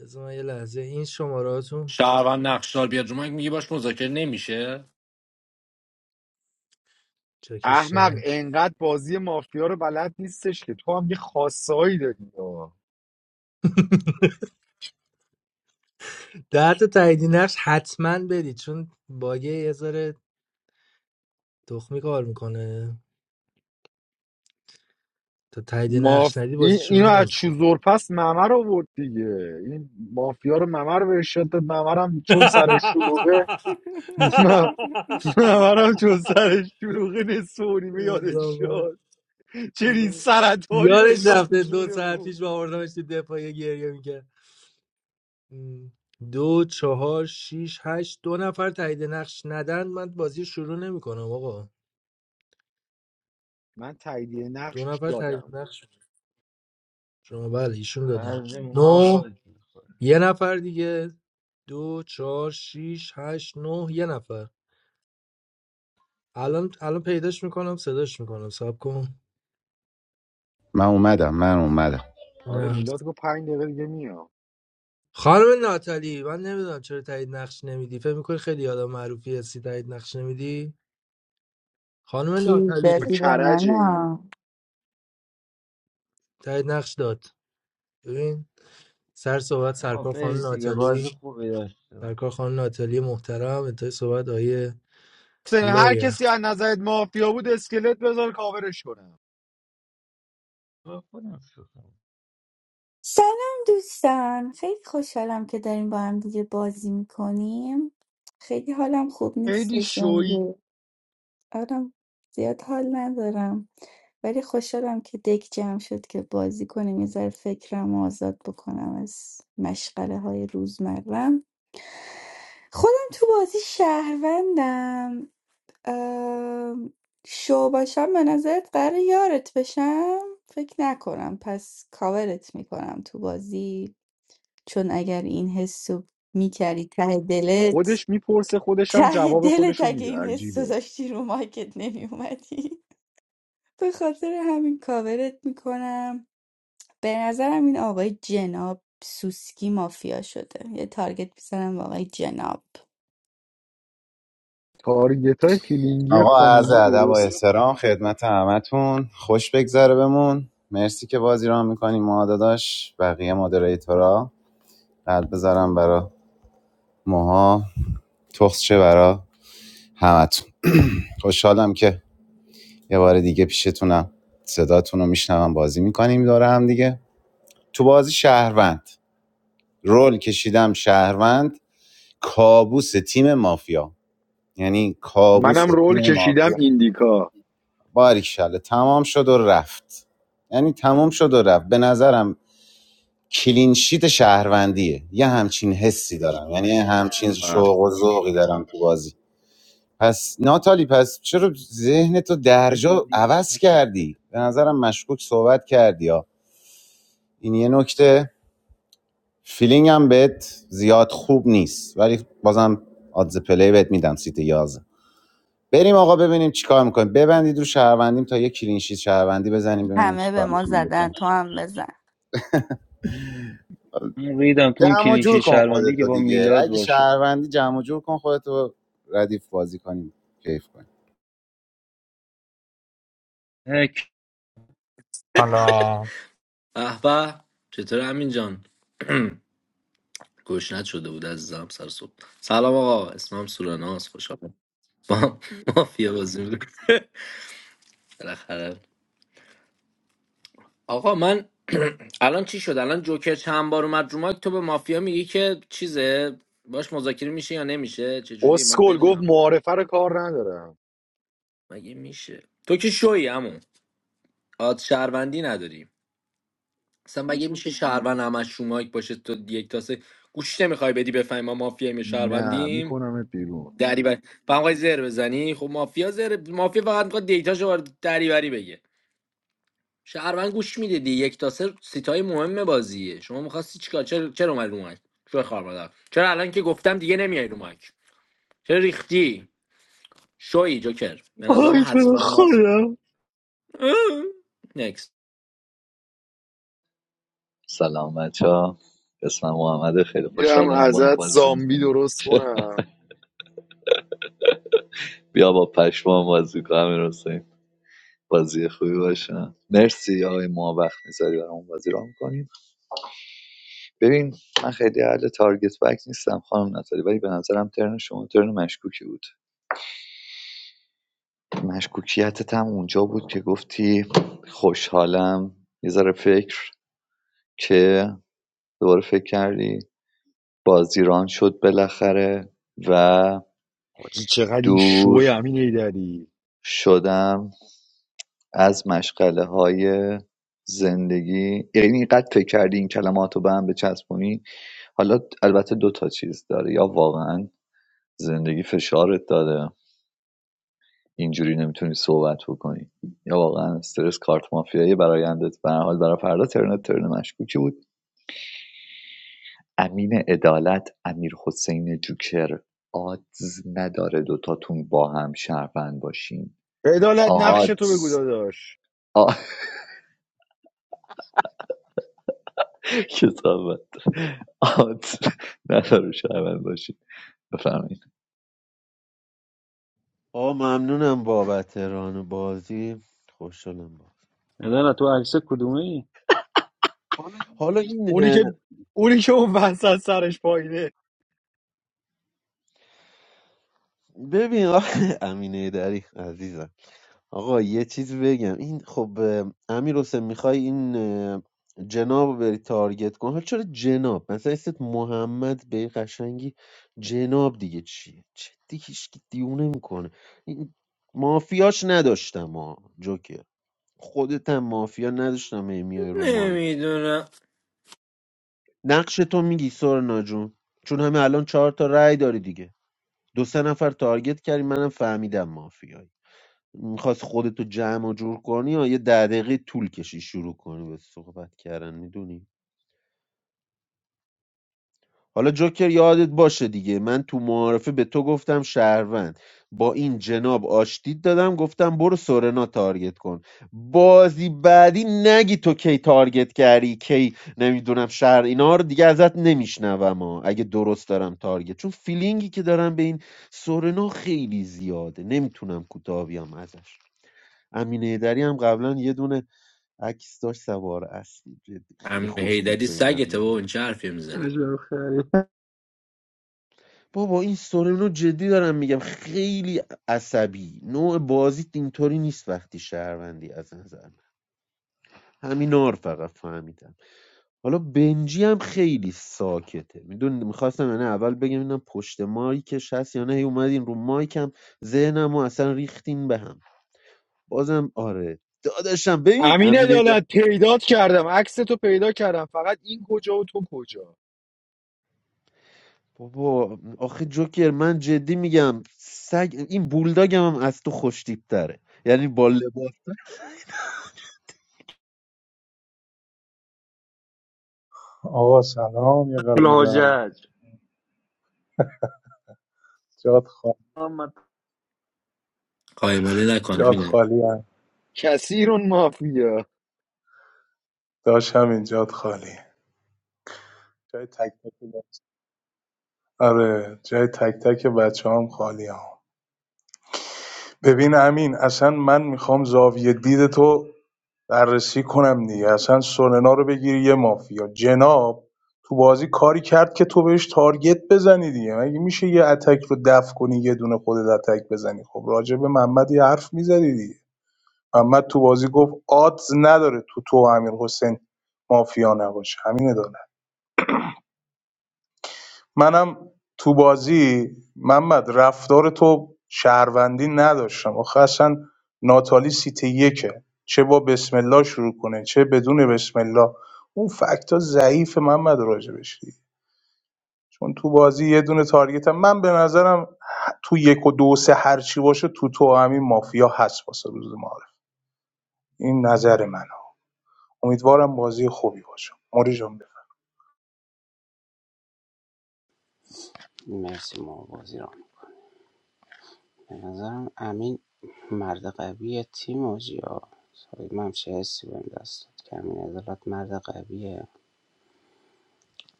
بذار من یه لحظه این شماره هاتون
شهروند نقشدار بیاد رو مایک میگی باش مذاکره نمیشه
احمق
چکش
انقدر بازی مافیا رو بلد نیستش که تو هم یه خاصه هایی داری آه.
در تا تایید نقش حتما برید چون باگه یه ذره تخمی کار میکنه تا تایید نقش
ماف...
ندی
این...
بازی
اینو
شروع
از
نمیشه
چوزور پس ممر رو آورد دیگه این مافیا رو ممر به ارشاد داد ممرم چون سر شلوغه ممرم چون سر شلوغه نصف و نیمه یادش شد چنین سرطاری و
یادش
انداخت
رفته دو
تو
ساعت
بود.
پیش با آوردمش تو دفاعی گریه میکرد دو چهار شیش هشت دو نفر تایید نقش ندن من بازی شروع نمیکنم آقا
من تاییدیه
دو
نقش
نفر تایید
دادم
نقش شما بله ایشون دادن
بعضی موقع
نو
باز می‌خوری.
یه نفر دیگه دو چهار شیش هشت نه یه نفر الان الان پیداش میکنم صداش میکنم ساب کن
من اومدم من اومدم
آره
نه
میلاد گفت پنج دقیقه دیگه میام
خانم ناتالی من نمیدونم چرا تایید نقش نمیدی فکر میکنی خیلی آدم معروفی هستی تایید نقش نمیدی خانم
گیر
با
ناتالی
دادی به من
کرجه ای
ها.
تایید نقش داد ببین سر صحبت
آقا
سرکار خانم
برید دیگه بازی
ناتالی
خوبی داشته باش
سرکار خانم ناتالی محترم انتهای صحبت آیه
حسین هر
لویر
کسی از نظرت مافیا بود اسکلت بذار کاورش کنم
خودم شوخی
سلام دوستان خیلی خوشحالم که داریم با هم دیگه بازی میکنیم خیلی حالم خوب
خیلی
نیستش
شوی
امروز آرام زیاد حال ندارم ولی خوشحالم که دک جمع شد که بازی کنیم یه ذره فکرم رو آزاد بکنم از مشغله های روزمرم خودم تو بازی شهروندم ام، شو باشم به نظرت قرار یارت بشم فکر نکنم پس کاورت میکنم تو بازی چون اگر این حسو میکردی ته دلت
خودش میپرسه خودش هم
ته
جواب خودش
دلت
رو
اگه
میده
این حس
عجیبه
داشتی رو مایکت نمیومدی به خاطر همین کاورت میکنم به نظرم این آقای جناب سوسکی مافیا شده یه تارگت میزنم به آقای جناب
تارگت های فیلینگی
آقا عرض
خانوما
ادب و
درسته
احترام خدمت همتون خوش بگذره بمون مرسی که بازی را میکنی ما داداش بقیه مدریتورا قلب بذارم برا موها تخص چه برا همتون خوشحالم که یه بار دیگه پیشتونم صداتون رو میشنوم بازی میکنیم داره هم دیگه تو بازی شهروند رول کشیدم شهروند کابوس تیم مافیا یعنی کابوس
منم رول
تیم
کشیدم
مافیا
ایندیکا
باریکشاله تمام شد و رفت یعنی تمام شد و رفت به نظرم کلینشیت شهروندیه یه همچین حسی دارم یعنی یه همچین
ام.
شوق و ذوقی دارم تو بازی پس ناتالی پس چرا ذهن تو درجا عوض کردی به نظرم مشکوک صحبت کردی ها این یه نکته فیلینگم بهت زیاد خوب نیست ولی بازم آدز پلی بهت میدم سیت 11 بریم آقا ببینیم چیکار میکنیم ببندید رو شهروندیم تا یه کلینشیت شهروندی بزنیم ببینیم
همه به
چیکار
ما
میتونیم بکنیم
زدن تو هم بزن
من ریدم تو اون
جمع و
کلیشه
جور کن
شهروندی که
خودتو
با
دیگه
میلاد
اگه
باشه
شهروندی جمع و جور کن خودتو ردیف بازی کنیم کیف کنیم
هک
Hello.
اه به چطور امین جان گشنت شده بود عزیزم سر صبح سلام آقا اسمم سورناس خوشحالم با مافیا بازی می‌کنم. بالاخره آقا من الان چی شد الان جوکر چند بار اومد رو مایک تو به مافیا میگی که چیزه باش مذاکره میشه یا نمیشه چه جوری من
اسکل گفت
بدونم
معارفه رو کار ندارم
مگه میشه تو که شوی همون آد شهروندی نداری اصلا مگه میشه شهروند همش رو باشه تو یک تاسه گوش نمیخوای بدی بفهمی ما مافیاییم یا
نه
شهروندیم
میکنمت بیرون
دری بری فهم خواهی زر بزنی خب مافیا زر مافیا فقط میخواد دیتاشو وارد دری بری بگه شهروند گوش میده دی یک تاسه سیتای مهم بازیه شما میخواستی چیکار چرا چرا اومدی رو مایک شو خار مادر چرا الان که گفتم دیگه نمیای رو مایک چرا ریختی شوی جوکر به نظرم
آی تو رو
حتما مافیا
خودم
نکس
سلام بچه ها اسمم محمده خیلی
میرم
خوشحالم با هم
ازت
بازی
زامبی
میکنیم
درست کنم
بیا با پشمان بازی کنم امیر حسین بازی خوبی باشه مرسی آقای ما وقت میذاری برامون بازی را میکنیم ببین من خیلی اهل تارگت بک نیستم خانم ناتالی ولی به نظرم ترن شما ترن مشکوکی بود مشکوکیتت هم اونجا بود که گفتی خوشحالم یه ذره فکر که دوباره فکر کردی بازیران شد بالاخره و
حاجی چقدر این شوی
دور
امین ایدری
شدم از مشغله های زندگی یعنی قد فکر کردی این کلمات رو به هم بچسبونی حالا البته دو تا چیز داره یا واقعا زندگی فشارت داده اینجوری نمیتونی صحبت بکنی یا واقعا استرس کارت مافیایی برآیندت به هر حال برای فردا ترنت ترن مشکوکی بود امین عدالت امیر حسین جوکر آدز نداره دوتاتون با هم شهروند باشین
عدالت نقش تو بگو
آدز
داداش
کتابت آدز نداره شهروند باشین بفرمایید
آ ممنونم بابت ران بازی خوشحالم با
نه تو عکس کدومه ای؟
حالا این
اونی که اونی که اون وسط سرش پایینه
ببین آخه امینه دری عزیزم آقا یه چیز بگم این خب امیر حسین میخوای این اه، جناب رو بری تارگت کن حالا چرا جناب مثلا اسمت محمد به یه قشنگی جناب دیگه چیه جدی هیچکی دیونه میکنه این مافیاش نداشتم ها جوکر خودت هم مافیا نداشتم هی میای رو مایک
نمیدونم
نقش تو میگی سورنا جون چون همه الان چهار تا رأی داری دیگه دو سه نفر تارگت کردی منم فهمیدم مافیایی میخواست خودتو جمع و جور کنی یا یه ده دقیقه طول کشی شروع کنی به صحبت کردن میدونی حالا جوکر یادت باشه دیگه من تو معارفه به تو گفتم شهروند با این جناب آشتید دادم گفتم برو سورنا تارگت کن بازی بعدی نگی تو کی تارگت کردی کی نمیدونم شهر اینا رو دیگه ازت نمیشنوم ها اگه درست دارم تارگت چون فیلینگی که دارم به این سورنا خیلی زیاده نمیتونم کوتاه بیام ازش امین ایدری هم قبلا یه دونه عکس داشت سوار اصلی جدی خیلی
امین
خوش
حیدری
تیپه اینا
سگته
میره
بابا این چه حرفی میزنی
عجب خری
بابا این سورنو جدی دارم میگم خیلی عصبی نوع بازیت اینطوری نیست وقتی شهروندی از نظر من همین آر فقط فهمیدم حالا بنجی هم خیلی ساکته میدون میخواستم یعنی اول بگم اینا پشت مایکش هست یا نه هی اومدین رو مایکم ذهنم و اصلا ریختین به هم بازم آره داداشم ببین
امین
امین
عدالت پیدات کردم عکس تو پیدا کردم فقط این کجا و تو کجا
بابا آخه جوکر من جدی میگم سگ این بولداگم هم از تو خوشتیب تره یعنی با لباس
آقا سلام یه قلب میذارم
الحجج
جات خالی
محمد
قایماله
جات
نکنه
خالی هم.
کثیر مافیا
داشتم این جات خالی جای تک تک بچه. آره جای تک تک بچه هم خالی هم. ببین امین اصلا من میخوام زاویه دید تو بررسی کنم دیگه اصلا سولنا رو بگیری یه مافیا جناب تو بازی کاری کرد که تو بهش تارگت بزنی دیگه مگه میشه یه اتک رو دفع کنی یه دونه خودت اتک بزنی خب راجع به محمد یه حرف میزدی دیگه محمد تو بازی گفت آدز نداره تو تو و امیر حسین مافیا نباشه همینه داره منم تو بازی محمد رفتار تو شهروندی نداشتم آخه اصلا ناتالی سیت یکه چه با بسم الله شروع کنه چه بدون بسم الله اون فکت ضعیف محمد راجبش دیگه چون تو بازی یه دونه تارگت هم من به نظرم تو یک و دو و سه هرچی باشه تو تو همین مافیا هست واسه روز معارف این نظر منه امیدوارم بازی خوبی باشه موری جان
مرسی ما بازی را به نظرم امین مرد قوی تیم آجی ها سایی من چه حسی بهم دست داد که امین عدالت مرد قویه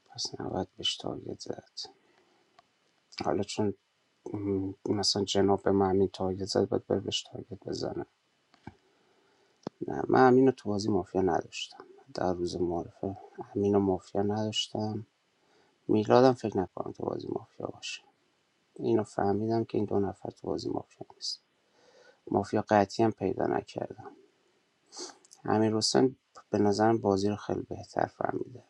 پس نباید بهش تارگت زد حالا چون مثلا جناب به من امین تارگت زد باید بره بهش تارگت بزنه نه من امین رو تو بازی مافیا نداشتم در روز معرفه امین و مافیا نداشتم میلادم فکر نکنم تو بازی مافیا باشه اینو فهمیدم که این دو نفر تو بازی مافیا نیست مافیا قطعی هم پیدا نکردم امیرحسین به نظرم بازی رو خیلی بهتر فهمیده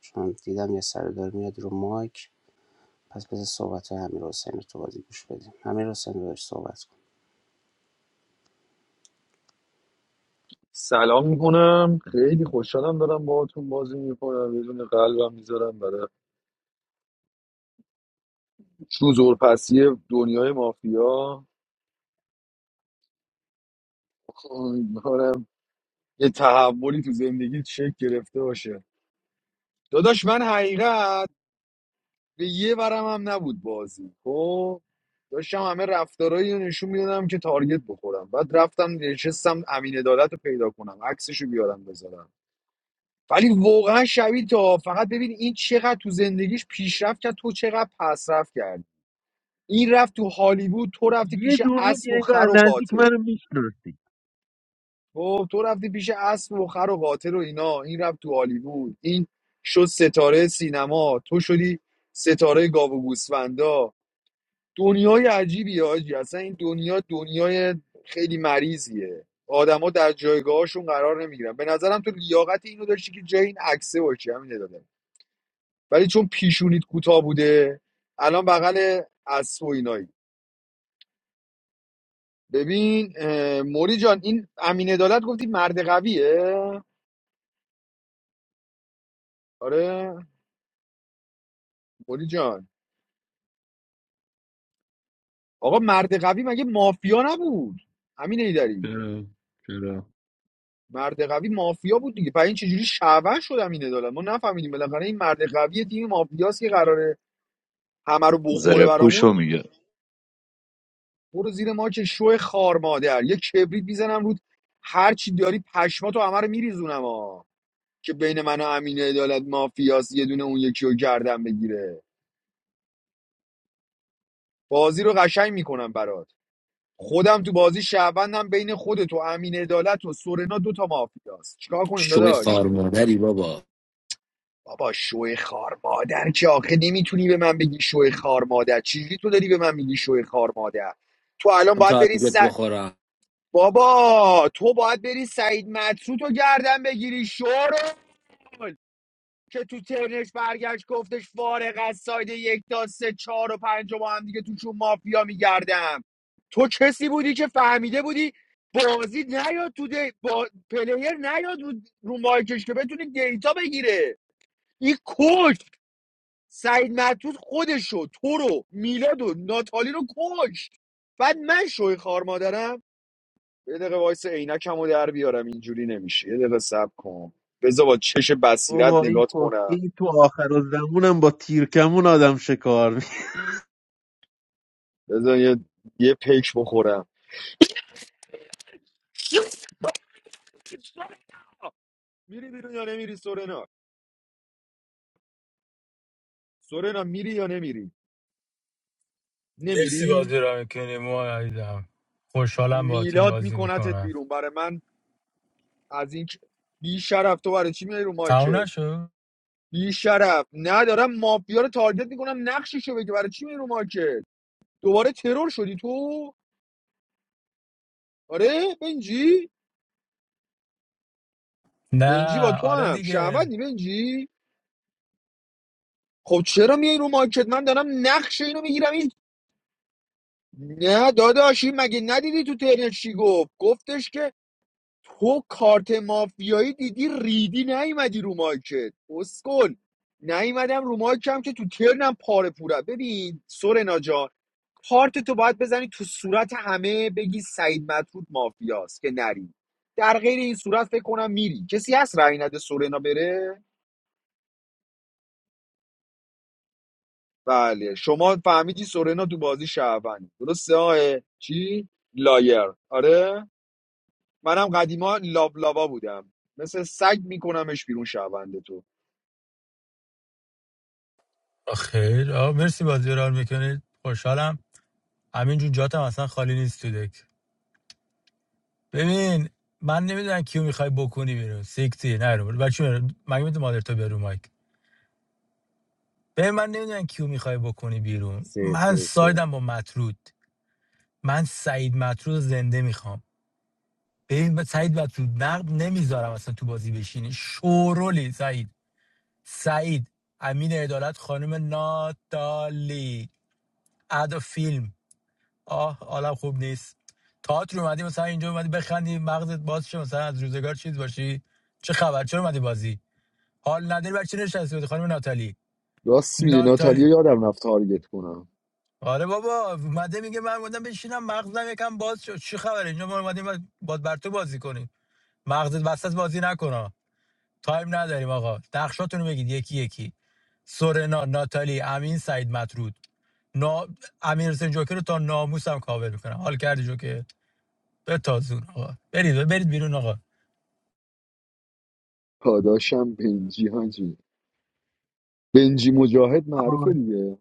چون دیدم یه سر میاد رو مایک پس بذار صحبت های امیرحسین رو تو بازی گوش بدیم امیرحسین رو داشت صحبت کن
سلام میکنم خیلی خوشحالم دارم باهاتون بازی میکنم یه دونه قلبم میذارم برای پسی دنیای مافیا امیدوارم یه تحولی تو زندگی شکل گرفته باشه داداش من حقیقت به یه ورم هم نبود بازی خب داشتم همه رفتارایی رو نشون میدادم که تارگت بخورم بعد رفتم نشستم امین عدالت رو پیدا کنم عکسش رو بیارم بذارم ولی واقعا شبیه تا فقط ببین این چقدر تو زندگیش پیشرفت کرد تو چقدر پسرفت کرد این رفت تو هالیوود تو رفتی
یه
پیش
جور میگی
اسب و
انگار از
خر و
نزدیک
قاتل
منو میشناسی
خب تو رفتی پیش اسب و خر و قاتل و اینا این رفت تو هالیوود این شد ستاره سینما تو شدی ستاره گاو و گوسفندا دنیای عجیبی آجی اصلا این دنیا دنیای خیلی مریضیه آدما در جایگاهشون قرار نمیگیرن به نظرم تو لیاقت اینو داشتی که جای این عکسه باشی همین داده ولی چون پیشونیت کوتاه بوده الان بغل اسب و اینایی ببین اه، موری جان این امین عدالت گفتی مرد قویه آره موری جان آقا مرد قوی مگه مافیا نبود امین ایدری
چرا چرا
مرد قوی مافیا بود دیگه برای این چجوری شعبن شدم این عدالت ما نفهمیدیم بالاخره این مرد قوی تیم مافیاست که قراره همه رو بخوره
زره پوشو
برامون
میگه
برو زیر ما که شو خار مادر یه کبریت میزنم رود هر چی داری پشماتو همه رو میریزونم ها که بین من و امین عدالت مافیاس یه دونه اون یکی رو گردن بگیره بازی رو قشنگ میکنم برات خودم تو بازی شعبندم بین خودت و امین عدالت و سورنا دو تا مافیاست چیکار کنیم
شوی
داداش
خار مادری بابا
بابا شوی خار مادر که آخه نمیتونی به من بگی شوی خار مادر چجوری تو داری به من میگی شوی خار مادر تو الان
من
باید
تا
بری س...
دیگت بخورم
بابا تو باید بری سعید مطرود رو گردن بگیری شورول که تو ترنش برگشت گفتش فارغ از ساید یک تا سه چهار و پنج و با هم دیگه توشون مافیا میگردم تو کسی بودی که فهمیده بودی بازی نیاد تو دی... با... پلیر نیاد رو, رو مایکش که بتونی دیتا بگیره این کج سعید معتود خودشو تو رو میلاد و ناتالی رو کشت بعد من شوی خار مادرم یه دقیقه وایس عینکمو در بیارم اینجوری نمیشه یه دقیقه صبر کن بذار با چش بصیرت
بابا این
نگات
خوش
کنم
این تو آخر و زمونم با تیرکمون آدم شکار میکنه
بذار یه, یه پیک بخورم میری بیرون یا نمیری سورنا سورنا میری یا نمیری
مرسی
نمیری
بازی را میکنی ما عزیزم خوشحالم باهاتون
میلاد
بازی
میکنتت
میکنم
بیرون برای من از این که- بی شرف تو برای چی میای رو
تموم
مارکت
نشد
بی شرف ندارم مافیا رو تارگت میکنم نقششو بگی برای چی میای رو مارکت دوباره ترور شدی تو آره بنجی بنجی با
نه
تو
آره
هم
دیگه
شعبدی بنجی خب چرا میای رو مارکت من دارم نقش اینو میگیرم این نه داداش این مگه ندیدی تو ترنت چی گفت گفتش که تو کارت مافیایی دیدی ریدی نیومدی رو مارکت اسکل نیومدم رو مارکم که تو ترنم پاره پورم ببین سورنا جان کارت تو باید بزنی تو صورت همه بگی سعید مطرود مافیاست که نری در غیر این صورت فکر کنم میری کسی هست رأی نده سورنا بره بله شما فهمیدی سورنا تو بازی شهروندی درسته آه چی لایر آره منم قدیما لابلابا بودم مثل سگ میکنمش بیرون شهروند تو
آه، خیر آه مرسی بازی را میکنید خوشحالم همینجور جاتم اصلا خالی نیست تو دک ببین من نمیدونم کیو میخوای بکنی بیرون سیکتی نه رو بچه میرون مگه میتونم مادر تو برو مایک ببین من نمیدونم کیو میخوای بکنی بیرون
سه
من
سه سه
سایدم با مطرود من سعید مطرود زنده میخوام ببین سعید مطرود نقد نمیذارم اصلا تو بازی بشینی شورولی سعید سعید امین عدالت خانم ناتالی ادا فیلم آه عالم خوب نیست تئاتر اومدی مثلا اینجا اومدی بخندی مغزت باز شه مثلا از روزگار چیز باشی چه خبر چرا اومدی بازی حال نداری بر چی نشستی بودی خانم ناتالی
راست میگه
ناتالی
ناتالیا یادم رفت تارگت کنم
آره بابا اومده میگه من اومدم بشینم مغزم یکم باز شد چه خبره اینجا ما اومدیم با بر تو بازی کنیم مغزت وسط بازی نکنه تایم نداریم آقا نقشاتون رو بگید یکی یکی سورنا ناتالی امین سعید مطرود نا... امیر حسین جوکر رو تا ناموس هم کاور میکنم حال کردی جوکر به تازون آقا برید برید بیرون آقا
پاداشم بنجی هانجی بنجی مجاهد معروفه دیگه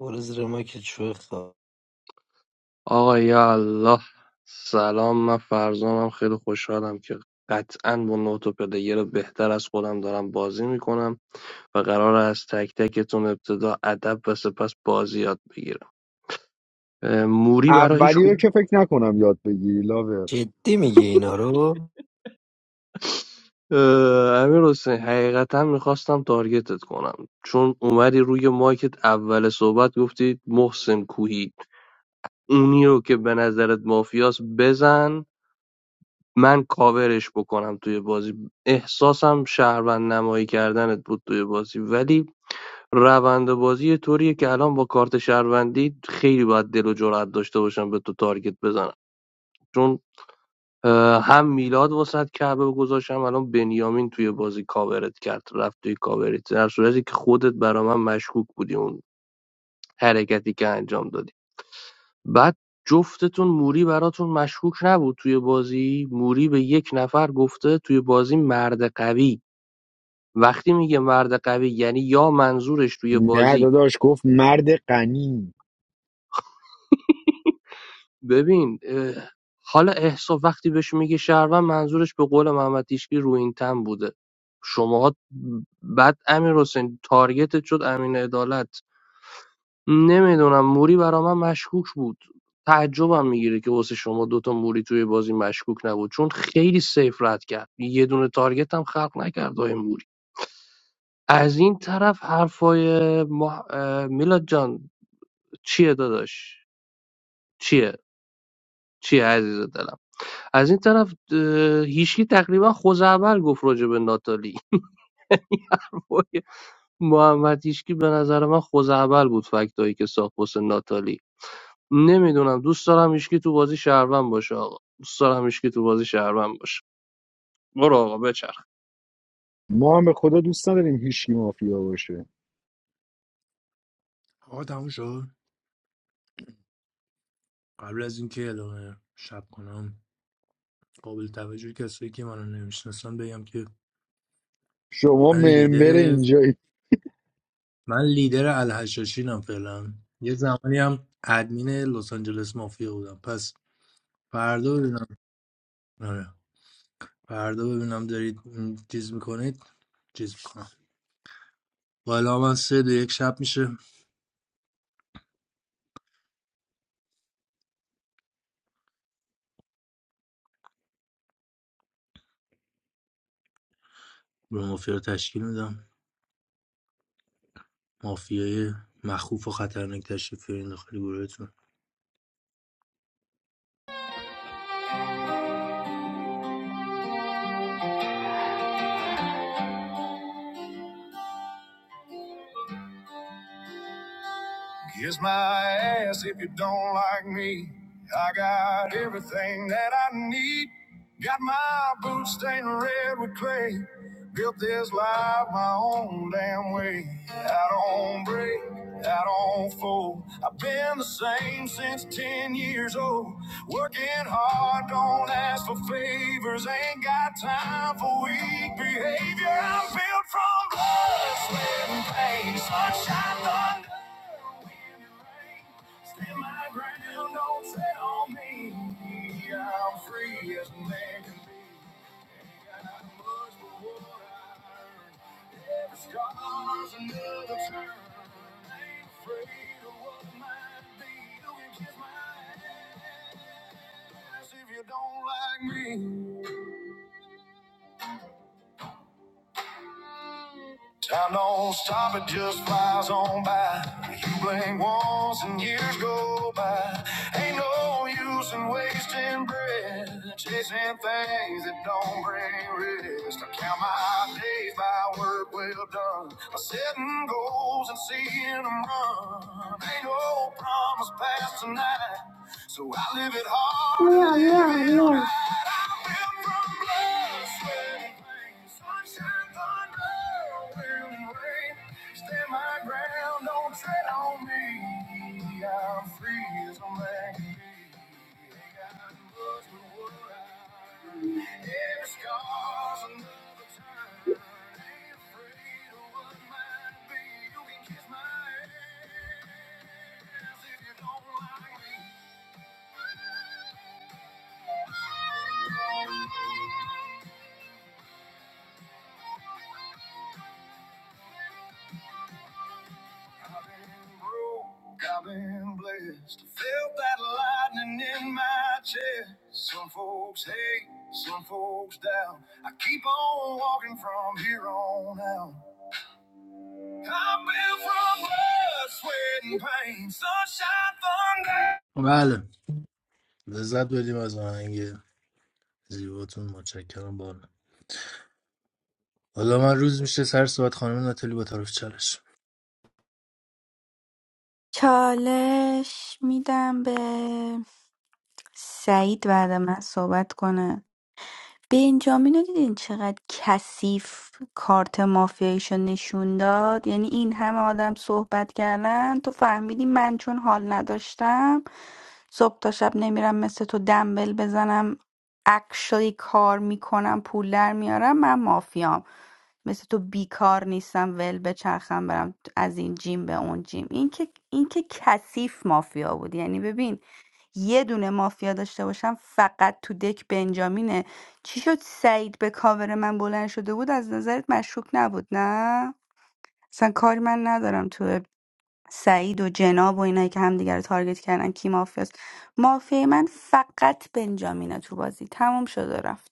برو زیر ما که چوه خواه
آقا یا الله سلام من فرزانم خیلی خوشحالم که قطعا با نوت و پلیر بهتر از خودم دارم بازی میکنم و قرار از تک تکتون ابتدا ادب و سپس بازی یاد بگیرم اه، موری برای هیچ
اولی رو
خوب
که فکر نکنم یاد بگیری لاور
جدی میگه اینا رو
امیر حسین حقیقتا میخواستم تارگتت کنم چون اومدی روی مایکت اول صحبت گفتی محسن کوهی اونی رو که به نظرت مافیاس بزن من کاورش بکنم توی بازی احساسم شهروند نمایی کردنت بود توی بازی ولی روند بازی یه طوریه که الان با کارت شهروندی خیلی باید دل و جرأت داشته باشم به تو تارگت بزنم چون اه، هم میلاد واسط کعبه گذاشتم الان بنیامین توی بازی کاورت کرد رفت توی کاورت در صورتی که خودت برا من مشکوک بودی اون حرکتی که انجام دادی بعد جفتتون موری براتون مشکوک نبود توی بازی موری به یک نفر گفته توی بازی مرد قوی وقتی میگه مرد قوی یعنی یا منظورش توی
نه
بازی
داداش گفت مرد غنی
ببین اه، حالا احسا وقتی بهش میگه شهروند منظورش به قول محمد تیشکی روینتن بوده شما بعد امیر حسین تارگتت شد امین عدالت نمیدونم موری برا من مشکوک بود تعجبم میگیره که واسه شما دوتا موری توی بازی مشکوک نبود چون خیلی سیف رد کرد یه دونه تارگت هم خلق نکرد آقای موری از این طرف حرفای مح... اه، میلاد جان چیه داداش چیه چیه عزیز دلم از این طرف هیشکی تقریبا خوزعبل گفت راجع به ناتالی یعنی حرفای محمد هیشکی به نظر من خوزعبل بود فکتایی که ساخت واسه ناتالی نمیدونم دوست دارم هیشکی تو بازی شهروند باشه آقا دوست دارم هیشکی تو بازی شهروند باشه برو آقا بچرخ
ما هم به خدا دوست نداریم هیچکی مافیا باشه
آقا تموم شد قبل از اینکه اعلام شب کنم قابل توجه کسایی که منو نمیشناسن بگم که
شما
من
ممبر
لیدر
اینجایی
من لیدر الحشاشینم فعلا یه زمانی هم ادمین لس آنجلس مافیا بودم پس فردا ببینم آره فردا ببینم دارید م، چیز میکنید چیز میکنم بالا من سه دو یک شب میشه به مافیا رو تشکیل میدم مافیای مخوف و خطرناک تشریف بیارین داخل گروهتون
Kiss my ass if you don't like me. I got everything that I need. Got my boots stained red with clay. Built this life my own damn way. I don't break, I don't fold. I've been the same since 10 years old. Working hard, don't ask for favors. Ain't got time for weak behavior. I'm built from blood, sweat, and pain. Sunshine, thunder. Stand my ground, don't set on me. I'm free as a man can be. Ain't got nothing much but what I earn. Every scar's another turn. Ain't afraid of what might be. You can kiss my ass if you don't like me. Time don't stop, it just flies on by. You blink once and years go by. Ain't no use in wasting breath, chasing things that don't bring rest. I count my days by work well done. I setting goals and seeing them run. Ain't no promise past tonight, so I live it hard Yeah, and Yeah, live yeah, it yeah. right. I live from blood, sweat, and pain. Sunshine unmoving weight. Stand my ground, don't tread on me. I'm free as a man can be. Ain't got much to worry. Every scar's another turn. Ain't afraid of what might be. You can kiss my ass if you don't like me. I've been broke, I've been blessed. I Felt that lightning in my chest. Some folks hate, some folks doubt. I keep on walking from here on out. I've been from blood, sweat, and pain. Sunshine, thunder.
بله لذت بدیم از آهنگ زیباتون متشکرم بالا حالا من روز میشه سر صحبت خانم ناتلی با طرف چالش
چالش میدم به سعید بعد من صحبت کنه بنجامین رو دیدین چقدر کثیف کارت مافیاییشو نشون داد یعنی این همه آدم صحبت کردن تو فهمیدی من چون حال نداشتم صبح تا شب نمیرم مثل تو دنبل بزنم اکشلی کار میکنم پول در میارم من مافیام مثل تو بیکار نیستم ول بچرخم برم از این جیم به اون جیم این که این که کثیف مافیا بود یعنی ببین یه دونه مافیا داشته باشم فقط تو دک بنجامینه چی شد سعید به کاور من بلند شده بود از نظرت مشکوک نبود نه اصلا کاری من ندارم تو سعید و جناب و اینایی که همدیگه رو تارگت کردن کی مافیاست مافیای من فقط بنجامینه تو بازی تموم شد و رفت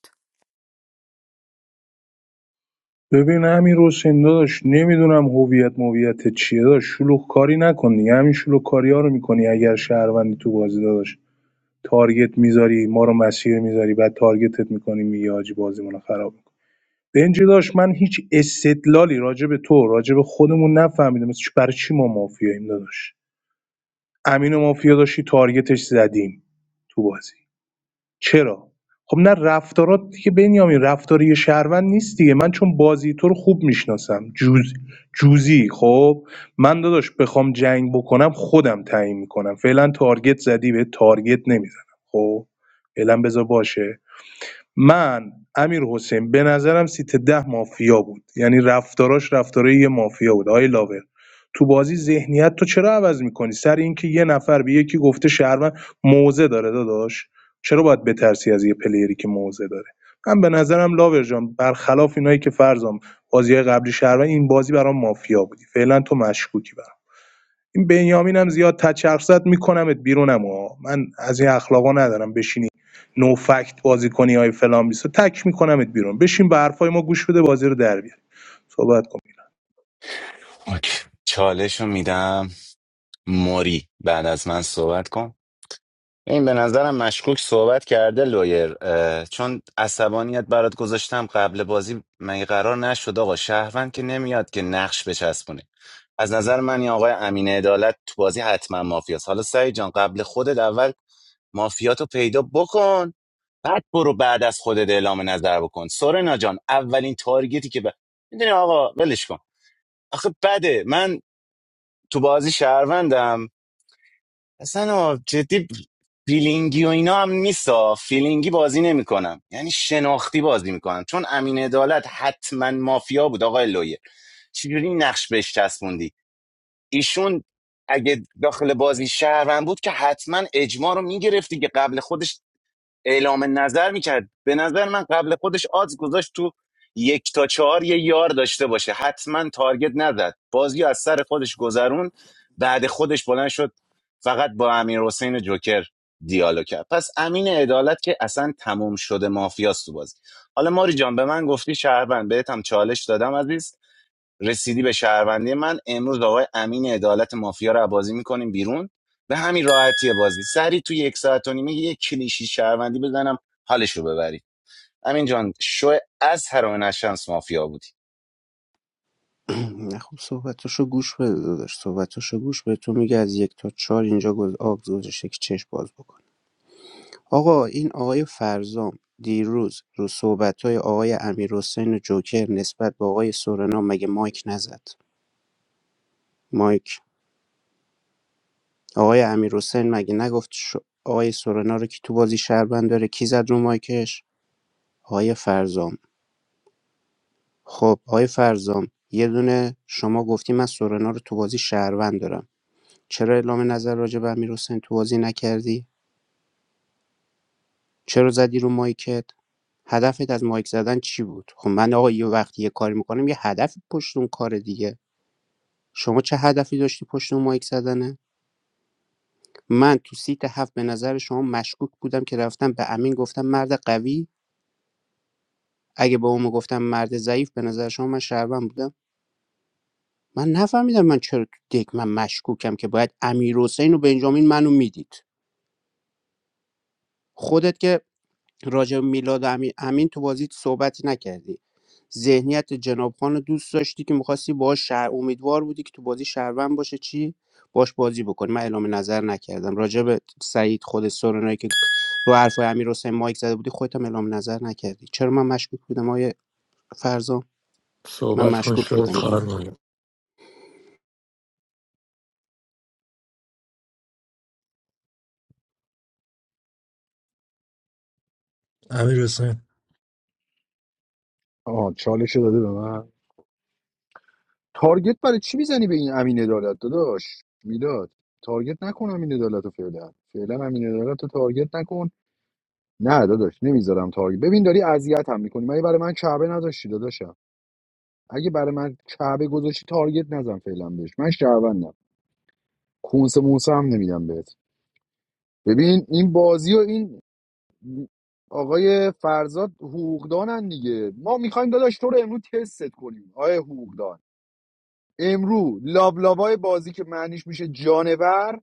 ببین همین حسین داداش نمیدونم هویت مویت چیه داداش شلوغ کاری نکن دیگه همین شلوغ کاری ها رو میکنی اگر شهروندی تو بازی داداش تارگت میذاری ما رو مسیر میذاری بعد تارگتت میکنی میگه حاجی بازیمون رو خراب میکنی بنجی داشت من هیچ استدلالی راجع به تو راجع به خودمون نفهمیدم مثل چی- برای چی ما مافیاییم داداش امین و مافیا داشتی تارگتش زدیم تو بازی چرا خب نه رفتارات که بنیامین رفتار یه شهروند نیست دیگه من چون بازی تو رو خوب میشناسم جوز جوزی خب من داداش بخوام جنگ بکنم خودم تعیین میکنم فعلا تارگت زدی به تارگت نمیزنم خب فعلا بذار باشه من امیرحسین به نظرم سیت ده مافیا بود یعنی رفتاراش رفتارای یه مافیا بود آقای لاور تو بازی ذهنیت تو چرا عوض میکنی سر اینکه یه نفر به یکی گفته شهروند موزه داره داداش چرا باید بترسی از یه پلیری که موزه داره من به نظرم لاور جان برخلاف اینایی که فرضم بازی قبلی شهروند این بازی برام مافیا بودی فعلا تو مشکوکی برام این بنیامین هم زیاد تچرف زد میکنمت بیرونم ها من از این اخلاقا ندارم بشینی نو فکت بازی کنی های فلان بیسا تک میکنمت بیرون بشین به حرفای ما گوش بده بازی رو در بیار صحبت کن
اوکی. چالش رو میدم موری بعد از من صحبت کن این به نظرم مشکوک صحبت کرده لویر اه، چون عصبانیت برات گذاشتم قبل بازی مگه قرار نشد آقا شهروند که نمیاد که نقش بچسبونه از نظر من این آقای امین عدالت تو بازی حتما مافیاست حالا سعید جان قبل خودت اول مافیاتو پیدا بکن بعد برو بعد از خودت اعلام نظر بکن سورنا جان اولین تارگتی که ب... میدونی آقا ولش کن آخه بده من تو بازی شهروندم اصلا آه، جدی فیلینگی و اینا هم نیستا فیلینگی بازی نمیکنم یعنی شناختی بازی میکنم چون امین عدالت حتما مافیا بود آقای لویه چجوری نقش بهش چسبوندی ایشون اگه داخل بازی شهروند بود که حتما اجماع رو میگرفتی که قبل خودش اعلام نظر میکرد به نظر من قبل خودش آدز گذاشت تو یک تا چهار یه یار داشته باشه حتما تارگت نزد بازی رو از سر خودش گذروند بعد خودش بلند شد فقط با امیر حسین جوکر دیالوگ کرد پس امین عدالت که اصلا تموم شده مافیاست تو بازی حالا ماری جان به من گفتی شهروند بهت هم چالش دادم عزیز رسیدی به شهروندی من امروز آقای امین عدالت مافیا رو بازی میکنیم بیرون به همین راحتی بازی سری توی یک ساعت و نیمه یک کلیشی شهروندی بزنم حالش رو ببرید امین جان شو از هر نشانس مافیا بودی
نه خب صحبتاشو گوش بده داداش صحبتاشو گوش بده تو میگه از یک تا چهار اینجا گز آب گذاشته که چشم باز بکن آقا این آقای فرزام دیروز رو صحبت آقای امیر حسین جوکر نسبت به آقای سورنا مگه مایک نزد مایک آقای امیرحسین مگه نگفت ش... آقای سورنا رو کی تو بازی شهروند داره کی زد رو مایکش آقای فرزام خب آقای فرزام یه دونه شما گفتی من سورنا رو تو بازی شهروند دارم چرا اعلام نظر راجع به امیرحسین تو بازی نکردی چرا زدی رو مایکت هدفت از مایک زدن چی بود خب من آقا یه وقتی یه کاری میکنم یه هدفی پشت اون کار دیگه شما چه هدفی داشتی پشت اون مایک زدنه من تو سیت هفت به نظر شما مشکوک بودم که رفتم به امین گفتم مرد قوی اگه به اون میگفتم مرد ضعیف به نظر شما من شهروند بودم من نفهمیدم من چرا تو دک من مشکوکم که باید امیر حسین و بنجامین منو میدید خودت که راجع به میلاد و امین, امین تو بازی صحبتی نکردی ذهنیت جناب خان رو دوست داشتی که میخواستی باهاش شهر امیدوار بودی که تو بازی شهروند باشه چی باش بازی بکنی من اعلام نظر نکردم راجع به سعید خود سورنایی که رو حرفای امیر حسین مایک زده بودی خودت هم اعلام نظر نکردی چرا من مشکوک بودم آیه فرزام من
صحبت کن
مشکوک
شو
بودم
خارمادر
امیر حسین
آه چالش داده به من تارگت برای چی میزنی به این امین عدالت داداش میلاد تارگت نکن امین عدالت رو فعلا فعلا امین عدالت رو تارگت نکن نه داداش نمیذارم تارگت ببین داری اذیت هم میکنی مگه برای من کعبه نذاشتی داداشم اگه برای من کعبه گذاشتی تارگت نزن فعلا بهش من شهروندم کونس موسه هم نمیدم بهت ببین این بازی و این آقای فرزاد حقوقدانن دیگه ما میخوایم داداش تو رو امروز تست کنیم آقای حقوقدان امرو لابلابای بازی که معنیش میشه جانور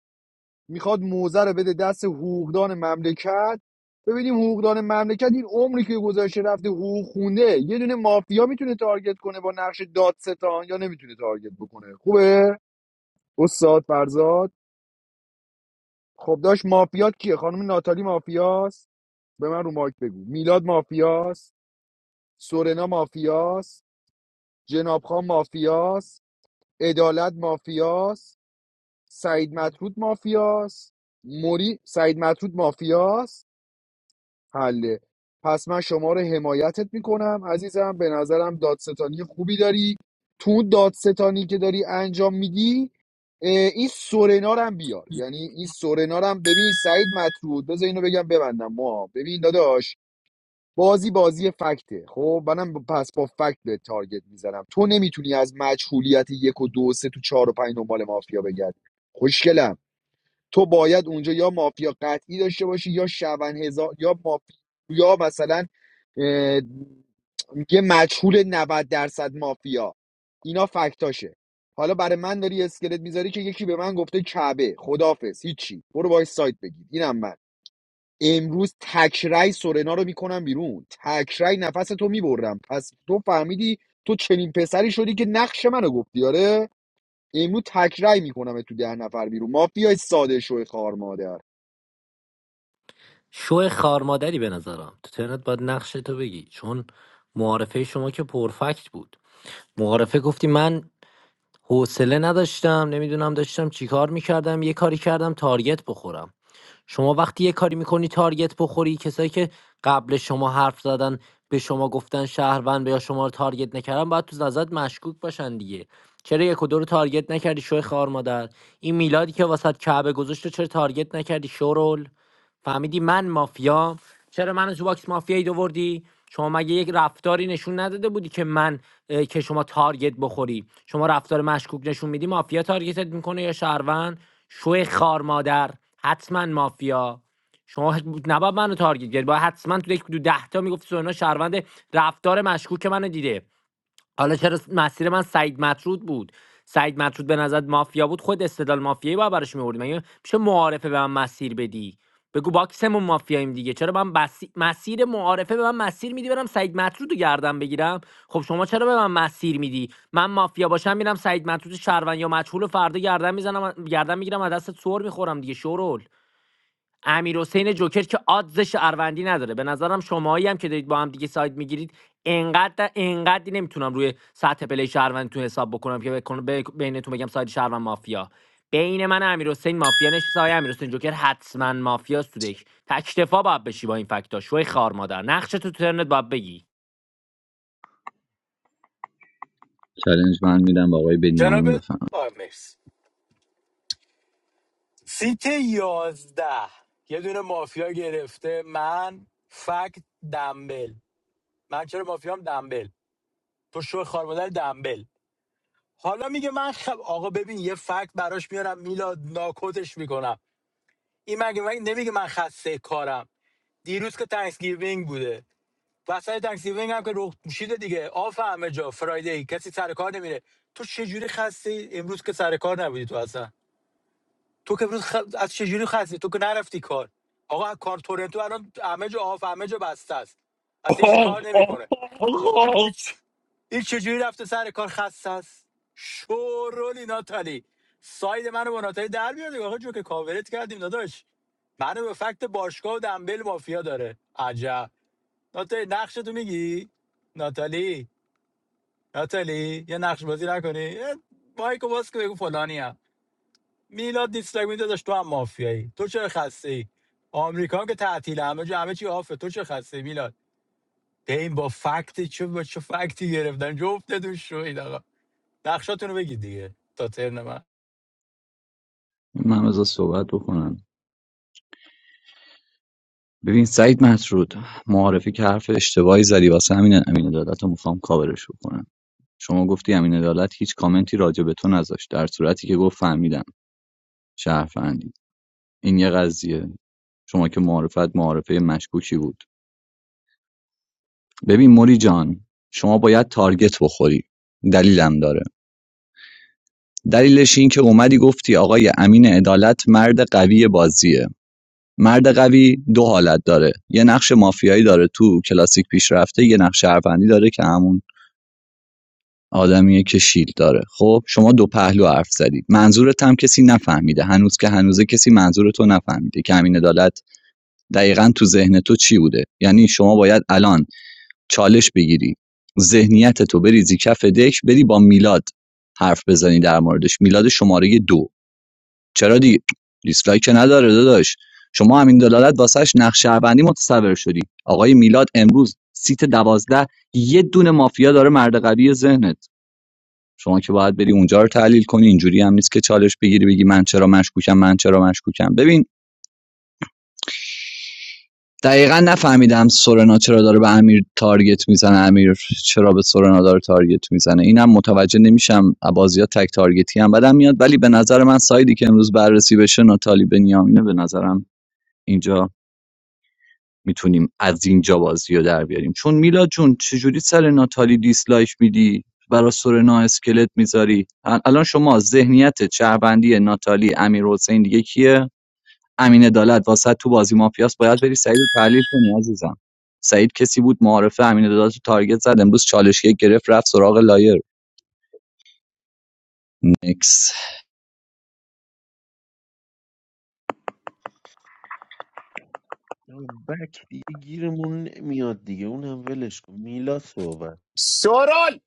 میخواد موزه رو بده دست حقوقدان مملکت ببینیم حقوقدان مملکت این عمری که گذاشته رفته حقوق خونده یه دونه مافیا میتونه تارگت کنه با نقش دادستان یا نمیتونه تارگت بکنه خوبه استاد فرزاد خب داش مافیات کیه خانم ناتالی مافیاست به من رو مایک بگو میلاد مافیاست سورنا مافیاست جناب خان مافیاست عدالت مافیاست سعید مطرود مافیاست موری سعید مطرود مافیاست حله پس من شما رو حمایتت میکنم عزیزم به نظرم دادستانی خوبی داری تو اون دادستانی که داری انجام میدی اه، این سورنا رو هم بیار یعنی این سورنا رو هم ببین سعید مطرود بذار اینو بگم ببندم ما ببین داداش بازی بازی فکته خب منم با- پس با فکت به تارگت میزنم تو نمیتونی از مجهولیت یک و دو و سه تو چهار و پنج دنبال مافیا بگرد خوشگلم تو باید اونجا یا مافیا قطعی داشته باشی یا شون هزار یا مافیا یا مثلا اه، یه مجهول 90 درصد مافیا اینا فکتاشه حالا برای من داری اسکلت میذاری که یکی به من گفته کعبه خدافز هیچی برو باید سایت بگیر اینم من امروز تکرای سورنا رو میکنم بیرون تکرای نفس تو میبرم پس تو فهمیدی تو چنین پسری شدی که نقش منو گفتی آره امروز تکرای میکنم تو ده نفر بیرون مافیای ساده شوی خار
شو خارمادری به نظرم تو ترنت باید نقش تو بگی چون معارفه شما که پرفکت بود معارفه گفتی من حوصله نداشتم نمیدونم داشتم چیکار میکردم یه کاری کردم تارگت بخورم شما وقتی یه کاری میکنی تارگت بخوری کسایی که قبل شما حرف زدن به شما گفتن شهروند یا شما رو تارگت نکردن باید تو نظرت مشکوک باشن دیگه چرا یک و دو رو تارگت نکردی شوی خار مادر این میلادی که واسط کعبه گذاشت رو چرا تارگت نکردی شورول فهمیدی من مافیام چرا منو تو باکس مافیایی دووردی شما مگه یک رفتاری نشون نداده بودی که من اه، که شما تارگت بخوری شما رفتار مشکوک نشون میدی مافیا تارگتت میکنه یا شهروند شوی خار مادر حتما مافیا شما هیچ- نباید منو تارگت کردی باید حتما تو یک دو ده تا میگفت سونا شهروند رفتار مشکوک منو دیده حالا چرا مسیر من سعید مطرود بود سعید مطرود به نظر مافیا بود خود استدلال مافیایی باید براش می‌آوردی مگه میشه معارفه به من مسیر بدی بگو باکسمون مافیاییم دیگه چرا من بسی... مسیر معارفه به من مسیر میدی برم سعید مطرود رو بگیرم خب شما چرا به من مسیر میدی من مافیا باشم میرم سعید مطرود شهروند یا مجهول رو فردا گردن میزنم گردن میگیرم از دست سر میخورم دیگه شورول امیر حسین جوکر که آدز شهروندی نداره به نظرم شماهایی هم که دارید با هم دیگه ساید میگیرید انقدر انقدری نمیتونم روی سطح پلی شهروندتون حساب بکنم که بکن- ب- بینتون بگم ساید شهروند مافیا بین من و امیر مافیا نشسته های امیر جوکر حتما مافیاست تو دک تکتفا باید بشی با این فکتا شوی خار مادر نقش تو ترنت باید بگی
چالش من میدم به آقای
جناب
بنیامین بفهم
آقا مرسی سیت یازده یه دونه مافیا گرفته من فکت دنبل من چرا مافیام دنبل تو شو خارمادر دنبل حالا میگه من خب آقا ببین یه فکت براش میارم میلاد ناکوتش میکنم این مگه مگه نمیگه من خسته کارم دیروز که تانکس بوده وسط تانکس هم که رخ پوشیده دیگه آف همه جا فرایدی کسی سر کار نمیره تو چه جوری خسته امروز که سر کار نبودی تو اصلا تو که امروز خ... از چه جوری خسته تو که نرفتی کار آقا کار تورنتو الان همه جا آف همه جا بسته است اصلا هیچی کار نمیکنه این چ- این چجوری رفته سر کار خسته است شورولی ناتالی ساید منو با ناتالی در بیاده آقا جو که کاورت کردیم داداش منو به فکت باشگاه و دنبل مافیا داره عجب ناتالی نقش تو میگی ناتالی ناتالی یه نقش بازی نکنی یه مایکو باز که بگو فلانی هم میلاد دیسلاک میده داشت تو هم مافیایی تو چرا خسته ای آمریکا هم که تعطیل همه جا همه چی آفه تو چه خسته ای میلاد به این با فکت چه با چه فکتی گرفتن جفتتون شوید آقا نقشاتونو بگید دیگه تا ترن من
من از صحبت بکنم ببین سعید مطرود معارفه که حرف اشتباهی زدی واسه همین امین عدالت رو میخوام کاورش بکنم شما گفتی امین عدالت هیچ کامنتی راجع به تو نذاشت در صورتی که گفت فهمیدم شهروندی این یه قضیه شما که معارفت معارفه مشکوکی بود ببین موری جان شما باید تارگت بخوری دلیلم داره دلیلش این که اومدی گفتی آقای امین عدالت مرد قوی بازیه مرد قوی دو حالت داره یه نقش مافیایی داره تو کلاسیک پیشرفته یه نقش شهروندی داره که همون آدمیه که شیلد داره خب شما دو پهلو حرف زدید منظورت هم کسی نفهمیده هنوز که هنوزه کسی منظور تو نفهمیده که همین عدالت دقیقا تو ذهن تو چی بوده یعنی شما باید الان چالش بگیری ذهنیت تو بریزی کف دک بری با میلاد حرف بزنی در موردش میلاد شماره دو چرا دی دیسلایک که نداره داداش شما همین دلالت واسش نقش شهروندی متصور شدی آقای میلاد امروز سیت دوازده یه دونه مافیا داره مرد قوی ذهنت شما که باید بری اونجا رو تحلیل کنی اینجوری هم نیست که چالش بگیری بگی من چرا مشکوکم من چرا مشکوکم ببین دقیقا نفهمیدم سورنا چرا داره به امیر تارگت میزنه امیر چرا به سورنا داره تارگت میزنه اینم متوجه نمیشم بازی تک تارگتی هم بدم میاد ولی به نظر من سایدی که امروز بررسی بشه ناتالی بنیامینه به نظرم اینجا میتونیم از اینجا بازی رو در بیاریم چون میلاد جون چجوری سر ناتالی دیسلایک میدی برا سورنا اسکلت میذاری الان شما ذهنیت چربندی ناتالی امیر حسین دیگه کیه امین عدالت واسه تو بازی مافیاس باید بری سعید رو تحلیل کنی عزیزم سعید کسی بود معارفه امین عدالت رو تارگت زد امروز چالش یک گرفت رفت سراغ لایر نکس
بک دیگه گیرمون نمیاد دیگه اونم ولش کن میلا صحبت
سورال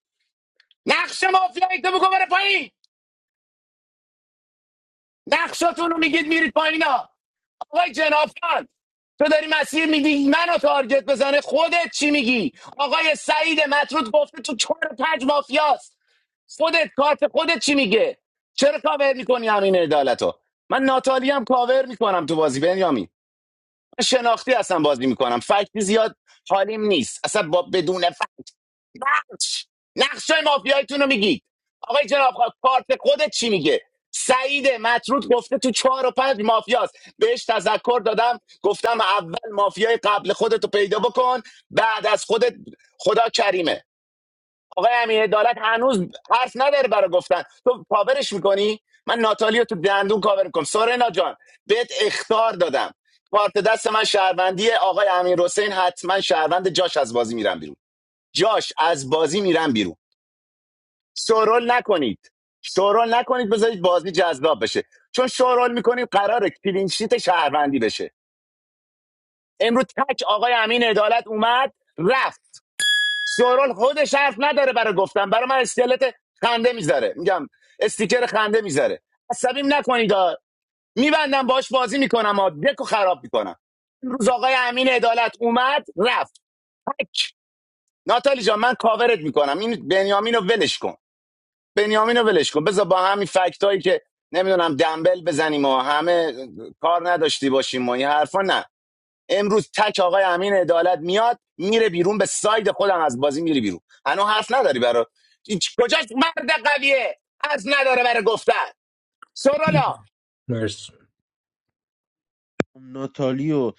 نقش مافیا تو بگو بره پایین نقشاتون رو میگید میرید پایین ها آقای جنافان تو داری مسیر میدی منو تارگت بزنه خودت چی میگی آقای سعید مطرود گفته تو چهار پنج مافیاست خودت کارت خودت چی میگه چرا کاور میکنی همین عدالتو؟ من ناتالی هم کاور میکنم تو بازی بنیامین من شناختی اصلا بازی میکنم فکتی زیاد حالیم نیست اصلا با بدون فکت نقش نقش مافیایتون رو میگید آقای جناب خان، کارت خودت چی میگه سعید مطرود گفته تو چهار و پنج مافیاست بهش تذکر دادم گفتم اول مافیای قبل خودتو پیدا بکن بعد از خودت خدا کریمه آقای امین عدالت هنوز حرف نداره برای گفتن تو کاورش میکنی من ناتالی رو تو دندون کاور میکنم سورنا جان بهت اختار دادم کارت دست من شهروندی آقای امین حسین حتما شهروند جاش از بازی میرم بیرون جاش از بازی میرم بیرون شورول نکنید شورول نکنید بذارید بازی جذاب بشه چون شورول میکنید قرار کلینشیت شهروندی بشه امروز تک آقای امین عدالت اومد رفت سوال خودش حرف نداره برای گفتن برای من اسکلت خنده میذاره میگم استیکر خنده میذاره عصبیم نکنید آ. میبندم باش بازی میکنم آ دکو خراب میکنم امروز آقای امین عدالت اومد رفت تک ناتالی جان من کاورت میکنم این بنیامین رو ولش کن بنیامین رو ولش کن بذار با همین فکت هایی که نمیدونم دنبل بزنیم و همه کار نداشتی باشیم و این حرفا نه امروز تک آقای امین عدالت میاد میره بیرون به ساید خودم از بازی میری بیرون هنو حرف نداری برا این چ- کجاش مرد قویه از نداره برای گفتن سرالا
مرسی
ناتالی و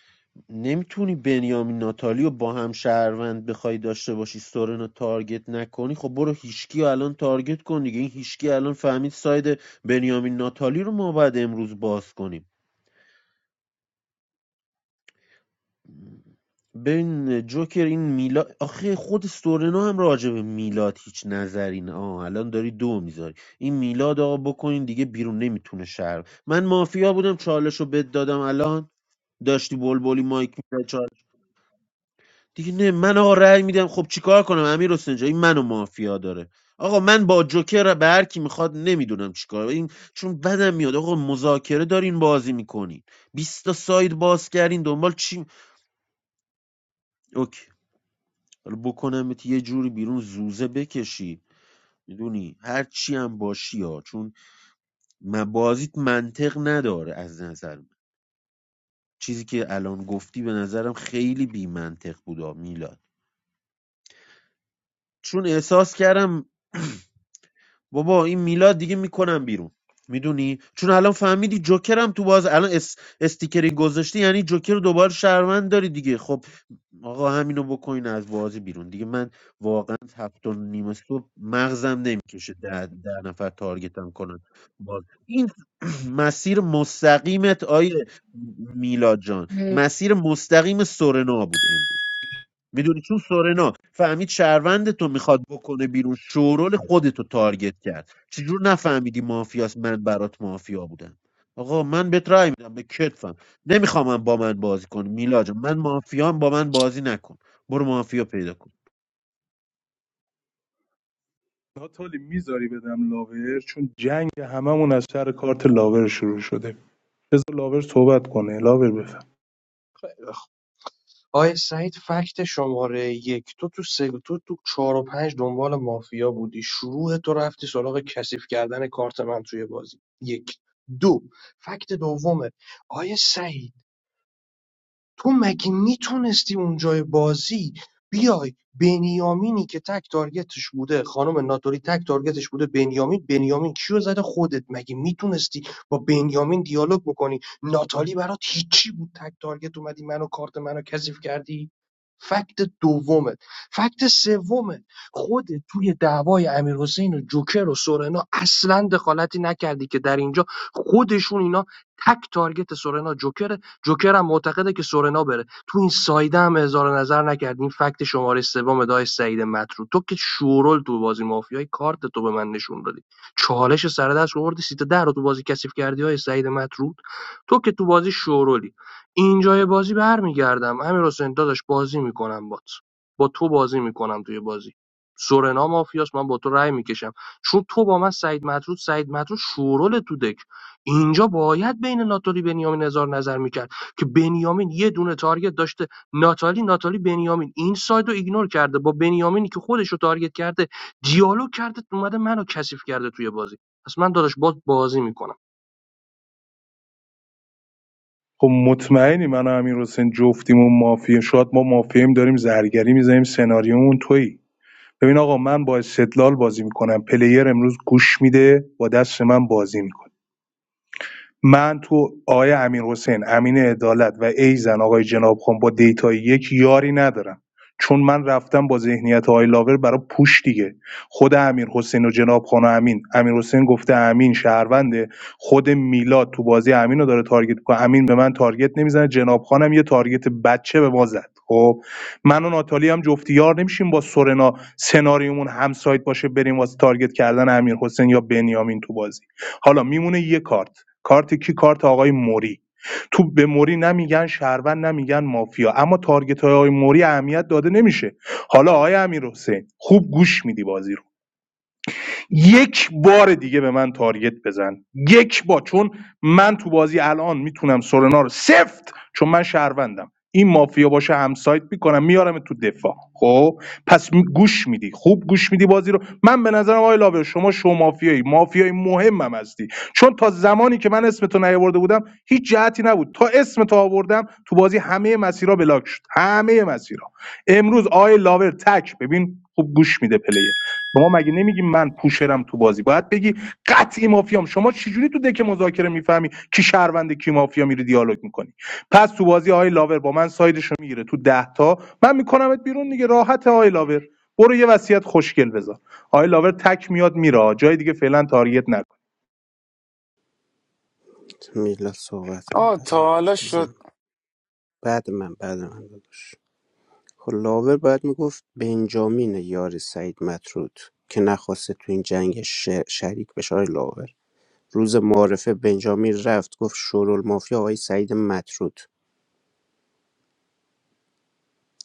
نمیتونی بنیامین ناتالی رو با هم شهروند بخوای داشته باشی سورن رو تارگت نکنی خب برو هیشکی رو الان تارگت کن دیگه این هیشکی الان فهمید ساید بنیامین ناتالی رو ما بعد امروز باز کنیم ببین جوکر این میلاد آخه خود سورنا هم راجع به میلاد هیچ نظری نه آه الان داری دو میذاری این میلاد آقا بکنین دیگه بیرون نمیتونه شهر من مافیا بودم چالش رو بد دادم الان داشتی بلبلی مایک میزد دیگه نه من آقا رأی میدم خب چیکار کنم امیر حسین جان، این منو مافیا داره آقا من با جوکر به هر کی میخواد نمیدونم چیکار این چون بدم میاد آقا مذاکره دارین بازی میکنین 20 تا ساید باز کردین دنبال چی اوکی حالا بکنمت یه جوری بیرون زوزه بکشی میدونی هر چی هم باشی ها چون من بازیت منطق نداره از نظر من چیزی که الان گفتی به نظرم خیلی بی منطق بود میلاد چون احساس کردم بابا این میلاد دیگه میکنم بیرون میدونی چون الان فهمیدی جوکرم تو باز الان اس... استیکری گذاشتی یعنی جوکر رو دوباره شهروند داری دیگه خب آقا همینو بکنین از بازی بیرون دیگه من واقعا هفت و نیم صبح مغزم نمیکشه ده, ده نفر تارگتم کنن باز این مسیر مستقیمت آیه میلاد جان مسیر مستقیم سورنا بود امروز میدونی چون سورنا فهمید شهروند تو میخواد بکنه بیرون شورول خودتو تارگت کرد چجور نفهمیدی مافیاست من برات مافیا بودم آقا من بهت رای میدم به کتفم نمیخوام من با من بازی کن میلا جان. من مافیام با من بازی نکن برو مافیا پیدا کن
ناتالی میذاری بدم لاور چون جنگ هممون از سر کارت لاور شروع شده بذار لاور صحبت کنه لاور بفهم
آی سعید فکت شماره یک تو تو سه تو تو چهار و پنج دنبال مافیا بودی شروع تو رفتی سراغ کثیف کردن کارت من توی بازی یک دو فکت دومه آیه سعید تو مگه میتونستی اونجای بازی بیای بنیامینی که تک تارگتش بوده خانم ناتوری تک تارگتش بوده بنیامین بنیامین کیو زده خودت مگه میتونستی با بنیامین دیالوگ بکنی ناتالی برات هیچی بود تک تارگت اومدی منو کارت منو کثیف کردی فکت دومت فکت سومت خود توی دعوای امیر حسین و جوکر و سورنا اصلا دخالتی نکردی که در اینجا خودشون اینا تک تارگت سورنا جوکر جوکر هم معتقده که سورنا بره تو این سایده هم اظهار نظر نکرد فکت شماره سوم دای سعید مطرود تو که شورول تو بازی مافیای کارت تو به من نشون دادی چالش سر دست آوردی سیت ده رو تو بازی کثیف کردی های سعید مطرود تو که تو بازی شورولی اینجای بازی برمیگردم امیر حسین داداش بازی میکنم بات با تو بازی میکنم توی بازی سورنا مافیاس من با تو رأی میکشم چون تو با من سعید مطرود سعید مطرود شورول تو دک اینجا باید بین ناتوری بنیامین نظر نظر میکرد که بنیامین یه دونه تارگت داشته ناتالی ناتالی بنیامین این ساید رو ایگنور کرده با بنیامینی که خودش رو تارگت کرده دیالوگ کرده اومده منو کثیف کرده توی بازی پس من داداش باز بازی میکنم
خب مطمئنی من و امیر حسین جفتیم مافیا شاید ما مافیاییم داریم زرگری میزنیم سناریومون تویی ببین آقا من با استدلال بازی میکنم پلیر امروز گوش میده با دست من بازی میکنه من تو آقای امیرحسین امین عدالت و ایزن آقای جنابخان با دیتای یک یاری ندارم چون من رفتم با ذهنیت آقای لاور برای پوش دیگه خود امیر حسین و جنابخان و امین امیر حسین گفته امین شهرونده خود میلاد تو بازی امین رو داره تارگت میکنه امین به من تارگت نمیزنه جنابخان هم یه تارگت بچه به ما زد خب من و ناتالی هم جفتی یار نمیشیم با سورنا سناریومون همسایت باشه بریم واسه تارگت کردن امیر حسین یا بنیامین تو بازی حالا میمونه یه کارت کارت کی کارت آقای موری تو به موری نمیگن شهروند نمیگن مافیا اما تارگت های آقای موری اهمیت داده نمیشه حالا آقای امیر حسین خوب گوش میدی بازی رو یک بار دیگه به من تارگت بزن یک بار چون من تو بازی الان میتونم سورنا رو سفت چون من شهروندم این مافیا باشه همسایت میکنم میارم تو دفاع خب پس می- گوش میدی خوب گوش میدی بازی رو من به نظرم آقای لاوه شما شو مافیایی مافیایی مهمم هستی چون تا زمانی که من اسم اسمتو نیاورده بودم هیچ جهتی نبود تا اسم تو آوردم تو بازی همه مسیرها بلاک شد همه مسیرها امروز آقای لاور تک ببین خوب گوش میده پلیه شما مگه نمیگی من پوشرم تو بازی باید بگی قطعی مافیام شما چجوری تو دک مذاکره میفهمی کی شهرونده کی مافیا میری دیالوگ میکنی پس تو بازی آقای لاور با من سایدشو میگیره تو ده تا من میکنمت بیرون دیگه راحت آقای لاور برو یه وصیت خوشگل بذار آقای لاور تک میاد میره جای دیگه فعلا تارگت نکن
میلاد صحبت کن
آه
بعد
تا
من
حالا
بزن.
شد
بعد من بعد من داداش خب لاور باید میگفت بنجامین یار سعید مطرود که نخواسته تو این جنگ ش... شریک بشه آقای لاور روز معارفه بنجامین رفت گفت شورول مافیا آقای سعید مطرود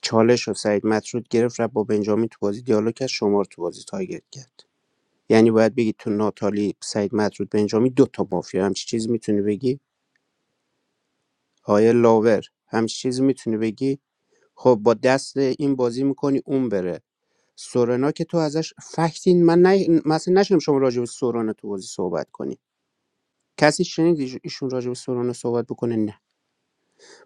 چالش رو سعید مطرود گرفت رفت با بنجامین تو بازی دیالوگ کرد شما رو تو بازی تارگت کرد یعنی باید بگی تو ناتالی سعید مطرود بنجامین دو تا مافیا همچی چیزی میتونی بگی آقای لاور همچی چیزی میتونی بگی خب با دست این بازی میکنی اون بره سورنا که تو ازش فکتی من نه مثلا نشنم شما راجع به سورنا تو بازی صحبت کنی کسی شنید ایش- ایشون راجع به سورنا صحبت بکنه نه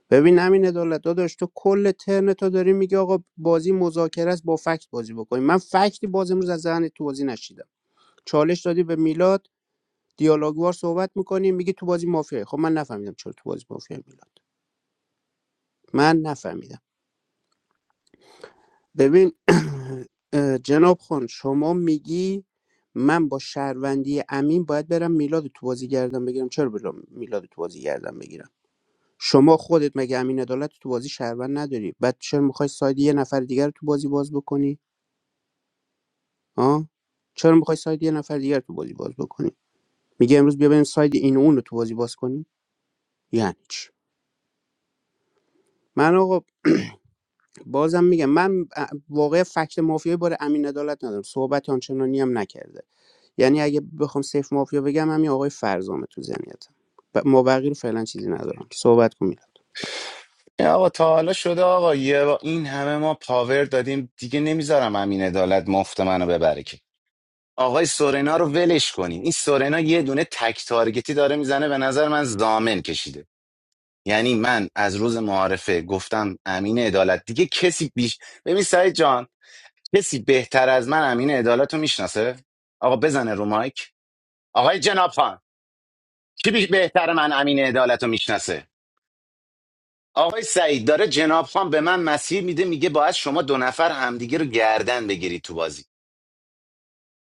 ببین همین عدالت داداش تو کل ترن تو داری میگی آقا بازی مذاکره است با فکت بازی بکنی من فکتی باز امروز از ذهن تو بازی نشیدم چالش دادی به میلاد دیالوگوار صحبت میکنی میگی تو بازی مافیا خب من نفهمیدم چرا تو بازی مافیا میلاد من نفهمیدم ببین جناب خان شما میگی من با شهروندی امین باید برم میلاد تو بازی گردم بگیرم چرا برم میلاد تو بازی گردم بگیرم شما خودت مگه امین عدالت تو بازی شهروند نداری بعد چرا میخوای ساید یه نفر دیگر رو تو بازی باز بکنی ها چرا میخوای ساید یه نفر دیگر رو تو بازی باز بکنی میگه امروز بیا بریم ساید این و اون رو تو بازی باز کنی یعنی چی من آقا بازم میگم من ا- واقعا فکت مافیای بار امین عدالت ندارم صحبت آنچنانی هم نکرده یعنی اگه بخوام سیف مافیا بگم همین آقای فرزامه تو ذهنیتم ب- ما بقیه رو فعلا چیزی ندارم که صحبت کن میلاد
آقا تا حالا شده آقا یه با این همه ما پاور دادیم دیگه نمیذارم امین عدالت مفت منو ببره که آقای سورنا رو ولش کنین این سورنا یه دونه تک تارگتی داره میزنه به نظر من زامن کشیده یعنی من از روز معارفه گفتم امین عدالت دیگه کسی بیش ببین سعید جان کسی بهتر از من امین عدالت رو میشناسه آقا بزنه رو مایک آقای جناب خان کی بی- بهتر من امین عدالت رو میشناسه آقای سعید داره جناب خان به من مسیر میده میگه باید شما دو نفر همدیگه رو گردن بگیرید تو بازی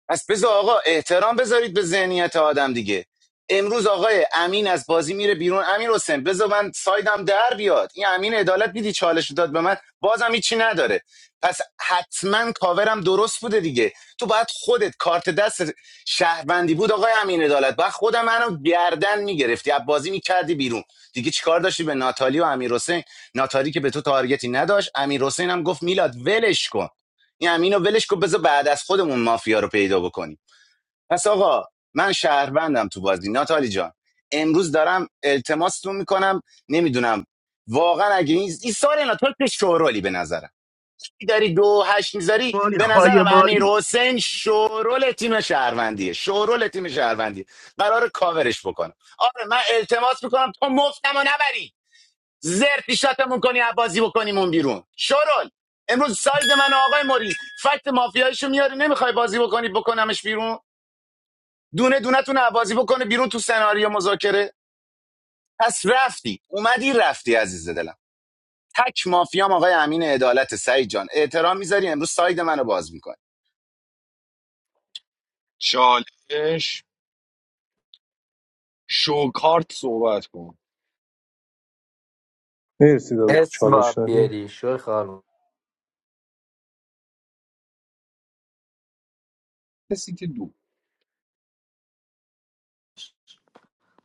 پس بذار آقا احترام بذارید به ذهنیت آدم دیگه امروز آقای امین از بازی میره بیرون امیر حسین بذار من سایدم در بیاد این امین عدالت دیدی چالش رو داد به من بازم هیچی نداره پس حتما کاورم درست بوده دیگه تو باید خودت کارت دست شهروندی بود آقای امین عدالت باید خود منو گردن میگرفتی از بازی میکردی بیرون دیگه چیکار داشتی به ناتالی و امیر حسین ناتالی که به تو تارگتی نداشت امیر حسین هم گفت میلاد ولش کن این امینو ولش کو بذار بعد از خودمون مافیا رو پیدا بکنیم پس آقا من شهروندم تو بازی ناتالی جان امروز دارم التماستون میکنم نمیدونم واقعا اگه این این سال ناتال که شورولی به نظرم داری دو هشت میذاری
مالی
به
خای
نظرم امیر
مالی
حسین شورول تیم شهروندیه شورول تیم شهروندیه قرار کاورش بکنم آره من التماس میکنم تو مفتم و نبری زرد پیشتمون کنی عبازی بکنیمون بیرون شرول امروز ساید من و آقای موری فکت مافیاییشو میاری نمیخوای بازی بکنی بکنمش بیرون دونه دونه تون عبازی بکنه بیرون تو سناریو مذاکره پس رفتی اومدی رفتی عزیز دلم تک مافیام آقای امین عدالت سعید جان احترام میذاری امروز ساید منو باز میکنی
چالش شوکارت صحبت کن
مرسی داداش
اسم
چالش
باید
دادی
بیاری شوی خانم
سیت دو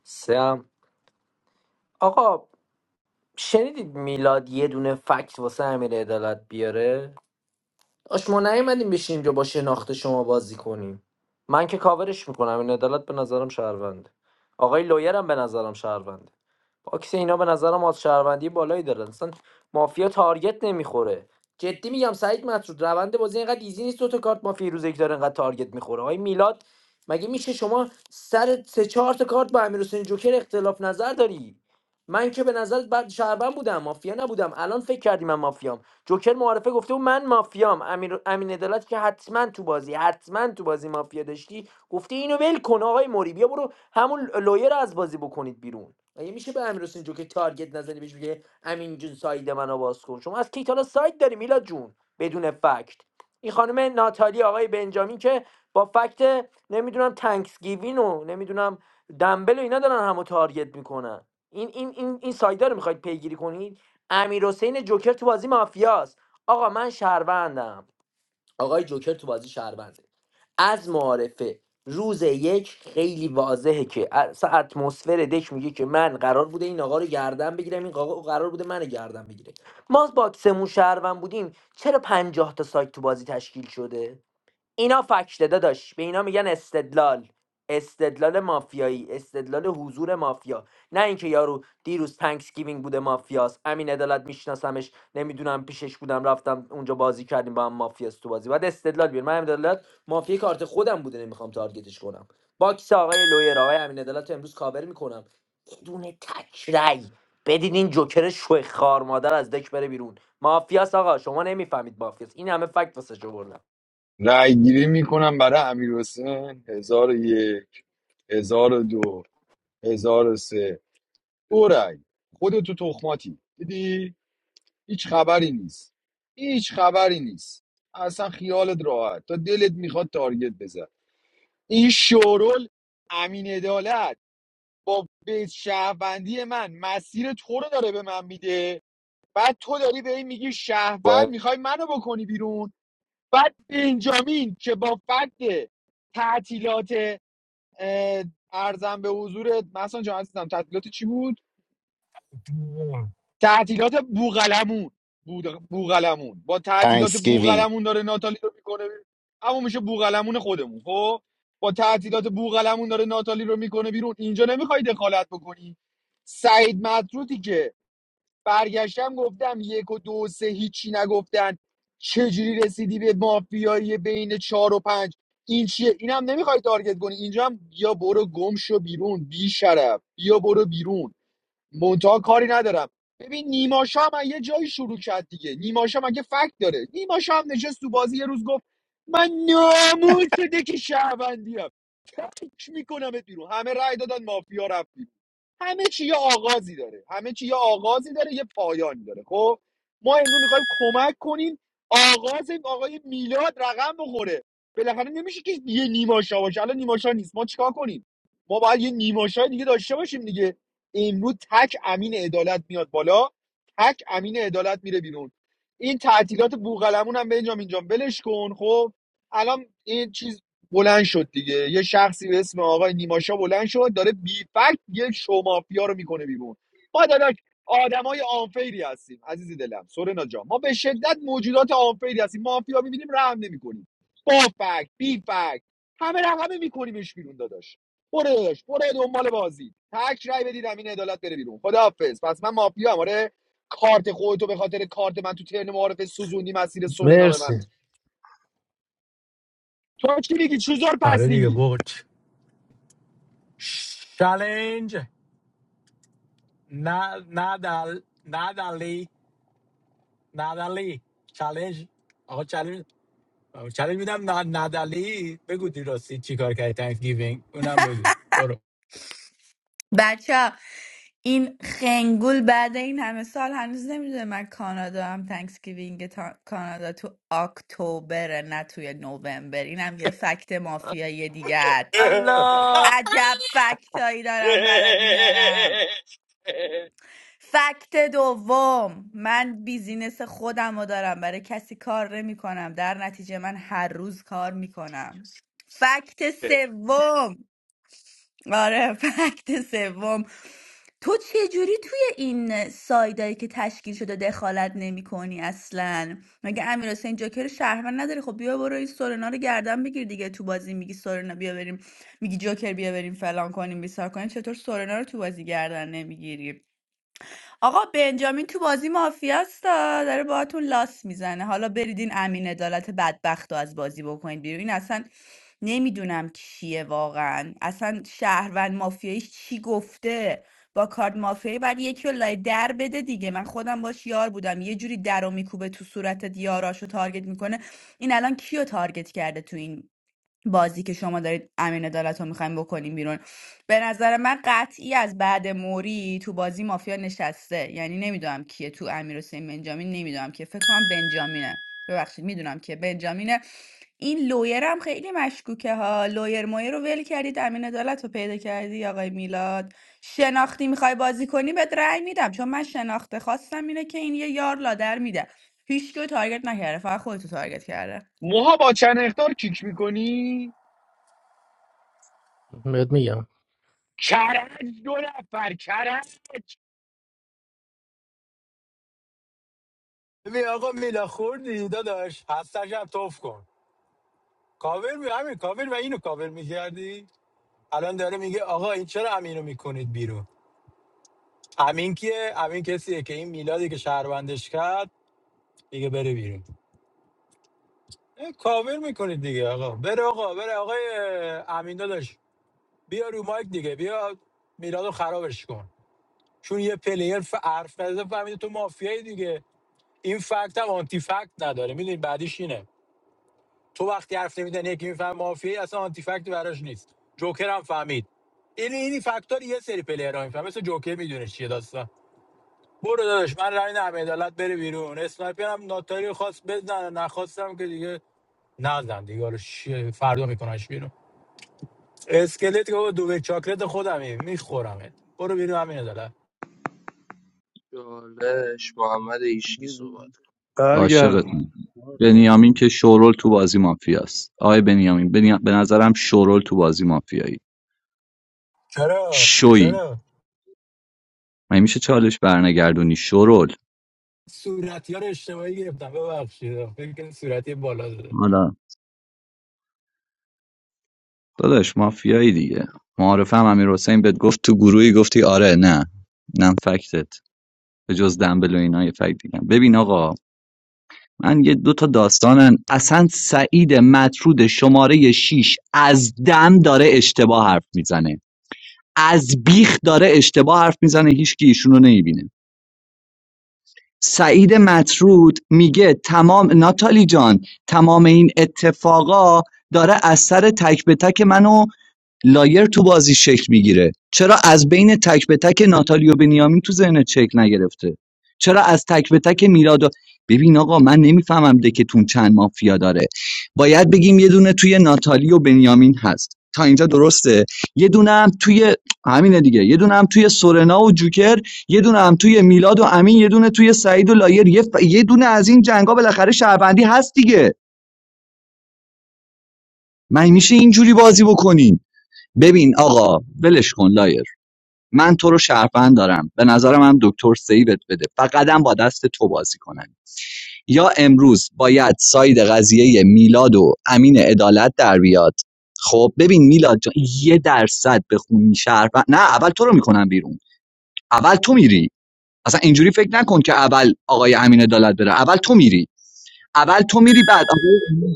سم آقا شنیدید میلاد یه دونه فکت واسه امیر عدالت بیاره داش ما نیومدیم بشینیم که با شناخت شما بازی کنیم من که کاورش میکنم این عدالت به نظرم شهروند آقای لویرم به نظرم شهروند باکس اینا به نظرم از شهروندی بالایی دارن اصلا مافیا تارگت نمیخوره جدی میگم سعید مطرود روند بازی اینقدر ایزی نیست دو تا کارت مافیا روز یک داره اینقدر تارگت میخوره آقای میلاد مگه میشه شما سر سه چهار تا کارت با امیر جوکر اختلاف نظر داری من که به نظرت بعد شهروند بودم مافیا نبودم الان فکر کردی من مافیام جوکر معارفه گفته بود من مافیام امیر امین عدالت که حتما تو بازی حتما تو بازی مافیا داشتی گفته اینو ول کن آقای موری بیا برو همون لویر رو از بازی بکنید بیرون مگه میشه به امیر حسین جوکر تارگت نزنی بهش بگه امین جون ساید منو باز کن شما از کی تا حالا ساید داری میلاد جون بدون فکت این خانم ناتالی آقای بنجامین که با فکت نمیدونم تانکسگیوین و نمیدونم دنبل و اینا دارن همو تارگت میکنن این این این این سایدا رو میخواید پیگیری کنید امیر جوکر تو بازی مافیاست آقا من شهروندم آقای جوکر تو بازی شهرونده از معارفه روز یک خیلی واضحه که اصلا اتمسفر دک میگه که من قرار بوده این آقا رو گردن بگیرم این آقا قرار بوده من گردن بگیره ما باکسمون شهروند بودیم چرا پنجاه تا سایت تو بازی تشکیل شده اینا فکته داداش به اینا میگن استدلال استدلال مافیایی استدلال حضور مافیا نه اینکه یارو دیروز تانکس گیوینگ بوده مافیاست امین عدالت میشناسمش نمیدونم پیشش بودم رفتم اونجا بازی کردیم با هم مافیاست تو بازی بعد استدلال بیارم من امین عدالت مافیا کارت خودم بوده نمیخوام تارگتش کنم باکس آقای لویر آقای امین عدالت رو امروز کاور میکنم بدون تک بدین این جوکر شوی خار مادر از دک بره بیرون مافیاس آقا شما نمیفهمید مافیاس این همه فکت واسه شو بردم
رأی گیری میکنم برای امیر حسین هزار و یک هزار و دو هزار و سه دو رأی خودتو تخماتی دیدی هیچ خبری نیست هیچ خبری نیست اصلا خیالت راحت تا دلت میخواد تارگت بزن این شورول امین عدالت با بیت شهروندی من مسیر تو رو داره به من میده بعد تو داری به این میگی شهروند
باید
میخوای منو بکنی بیرون بعد بنجامین که با فکت تعطیلات اه، ارزم به حضورت مثلا جان عزیزم تعطیلات چی بود تعطیلات بوغلمون بود بوغلمون با تعطیلات
تانکسگیوینگ
بوغلمون داره ناتالی رو میکنه بیرون. اما میشه بوغلمون خودمون خب با تعطیلات بوغلمون داره ناتالی رو میکنه بیرون اینجا نمیخوای دخالت بکنی سعید مطروطی که برگشتم گفتم یک و دو و سه هیچی نگفتن چجوری رسیدی به مافیایی بین چهار و پنج این چیه اینم نمیخوای تارگت کنی اینجا هم بیا برو گم شو بیرون بی شرف بیا برو بیرون منتها کاری ندارم ببین نیماشا هم از یه جایی شروع کرد دیگه نیماشا هم اگه فکت داره نیماشا هم نشست تو بازی یه روز گفت من ناموس دک شهروندیم تک میکنمت بیرون همه رأی دادن مافیا رفت بیرون. همه چی یه آغازی داره همه چی یه آغازی داره یه پایانی داره خب ما امروز میخوایم کمک کنیم آغاز این آقای میلاد رقم بخوره بالاخره نمیشه که یه نیماشا باشه الان نیماشا نیست ما چیکار کنیم ما باید یه نیماشا دیگه داشته باشیم دیگه امروز تک امین عدالت میاد بالا تک امین عدالت میره بیرون این تعطیلات بوغلمون هم بنجام اینجام اینجام بلش کن خب الان این چیز بلند شد دیگه یه شخصی به اسم آقای نیماشا بلند شد داره بی فکت یه شو مافیا رو میکنه بیرون ما داداش آدمای آنفیری هستیم عزیزی دلم سورنا جان ما به شدت موجودات آنفیری هستیم مافیا میبینیم رحم نمیکنیم با فکت بی فکت همه رحم همه میکنیمش بیرون داداش برو داداش برو دنبال بازی تک رای بدید امین عدالت بره بیرون خداحافظ پس من مافیا ام. آره کارت خودتو به خاطر کارت من تو ترن معارف سوزوندی مسیر سورنا به من
مرسی
تو چی میگی چوزور
آره دیگه
پسی
برچ چالنج نه نادال نادالی نادالی چالنج آقا چالنج چالنج میدم نا- نادالی بگو دیراستی چی کار کردی تانکس گیوینگ اونم بگو برو
بچه این خنگول بعد این همه سال هنوز نمیدونه من کانادا هم تنکسگیوینگ تا... کانادا تو اکتبر نه توی نوامبر این هم یه فکت مافیایی دیگه
الله
عجب فکتایی دارم برات میارم فکت دوم من بیزینس خودم رو دارم برای کسی کار نمی کنم در نتیجه من هر روز کار میکنم فکت سوم آره فکت سوم تو چه جوری توی این سایدایی که تشکیل شده دخالت نمی کنی اصلا مگه امیر حسین جوکر شهروند نداری خب بیا برو این سورنا رو گردن بگیر دیگه تو بازی میگی سورنا بیا بریم میگی جوکر بیا بریم فلان کنیم بیسار کنیم چطور سورنا رو تو بازی گردن نمیگیری آقا بنجامین تو بازی مافیاستا داره باهاتون لاس میزنه حالا بریدین امین عدالت بدبخت رو از بازی بکنید بیرون این اصلا نمیدونم کیه واقعا اصلا شهروند مافیاییش چی گفته با کارد مافیایی بعد یکی رو لای در بده دیگه من خودم باش یار بودم یه جوری در رو میکوبه تو صورتت یاراشو تارگت میکنه این الان کیو تارگت کرده تو این بازی که شما دارید امین عدالت رو میخوایم بکنیم بیرون به نظر من قطعی از بعد موری تو بازی مافیا نشسته یعنی نمیدونم کیه تو امیر حسین بنجامین نمیدونم که فکر کنم بنجامینه ببخشید میدونم که بنجامینه این لویر هم خیلی مشکوکه ها لویر مویر رو ول کردید امین عدالت رو پیدا کردی آقای میلاد شناختی میخوای بازی کنی بهت رأی میدم چون من شناخته خواستم اینه که این یه یار لادر میده هیچ کیو تارگت نکرده فقط خودتو تارگت کرده
موها با چند اختار کیک میکنی؟
بهت میگم
کرج دو نفر کرج
ببین آقا میلا خوردی داداش هستش هم توف کن کاور می همین کاور و اینو کاور میگردی الان داره میگه آقا این چرا امینو میکنید بیرون امین کیه امین کسیه که این میلادی که شهروندش کرد دیگه بره بیرون اه، کاور میکنید دیگه آقا بره آقا بره آقای امین داداش بیا رو مایک دیگه بیا میلادو خرابش کن چون یه پلیر ف- حرف نزده فهمیده تو مافیایی دیگه این فکت هم آنتی فکت نداره میدونی بعدیش اینه تو وقتی حرف نمیدن یکی میفهم مافیایی اصلا آنتی فکت براش نیست جوکر هم فهمید این این فاکتور یه سری پلیر ها مثل جوکر میدونه چیه داستان برو داداش من رای نمیدالت بره بیرون اسنایپر هم ناتاری خواست بزنه نخواستم که دیگه نزن دیگه حالا شیه فردا میکننش بیرون اسکلت که بابا دوبه چاکلت خودمه میخورمت برو بیرون همین عدالت
چالش محمد ایشکی صحبت کن.
برگردم
عاشقتون
مالی
بنیامین که
هستیم.
شورول تو بازی مافیاست آقای بنیامین بنی به نظرم شورول تو بازی مافیایی
چرا
شوی
چرا
مگه میشه چالش برنگردونی شرول
صورتی ها رو اشتباهی گرفتم ببخشید فکر کنم صورتی بالا داره
حالا داداش مافیایی دیگه معارفه هم امیر حسین بهت گفت تو گروهی گفتی آره نه نم فکتت به جز دنبل و اینا یه فکت دیگه ببین آقا من یه دو تا داستانن اصلا سعید مطرود شماره 6 از دم داره اشتباه حرف میزنه از بیخ داره اشتباه حرف میزنه هیچکی ایشونو نمیبینه سعید مطرود میگه تمام ناتالی جان تمام این اتفاقا داره از سر تک به تک منو لایر تو بازی شکل میگیره چرا از بین تک به تک ناتالی و بنیامین تو ذهنت شکل نگرفته چرا از تک به تک میلاد و ببین آقا من نمیفهمم دکتون چند مافیا داره باید بگیم یه دونه توی ناتالی و بنیامین هست تا اینجا درسته یه دونه هم توی همینه دیگه یه دونه هم توی سورنا و جوکر یه دونه هم توی میلاد و امین یه دونه توی سعید و لایر یه, ف- یه دونه از این جنگا بالاخره شهروندی هست دیگه من میشه اینجوری بازی بکنین ببین آقا ولش کن لایر من تو رو شهروند دارم به نظرم هم دکتر سیوت بده فقط هم با دست تو بازی کنن یا امروز باید ساید قضیه میلاد و امین عدالت در بیاد خب ببین میلاد جان یه درصد بخونی شهروند نه اول تو رو میکنن بیرون اول تو میری اصلا اینجوری فکر نکن که اول آقای امین عدالت بره اول تو میری اول تو میری بعد آقای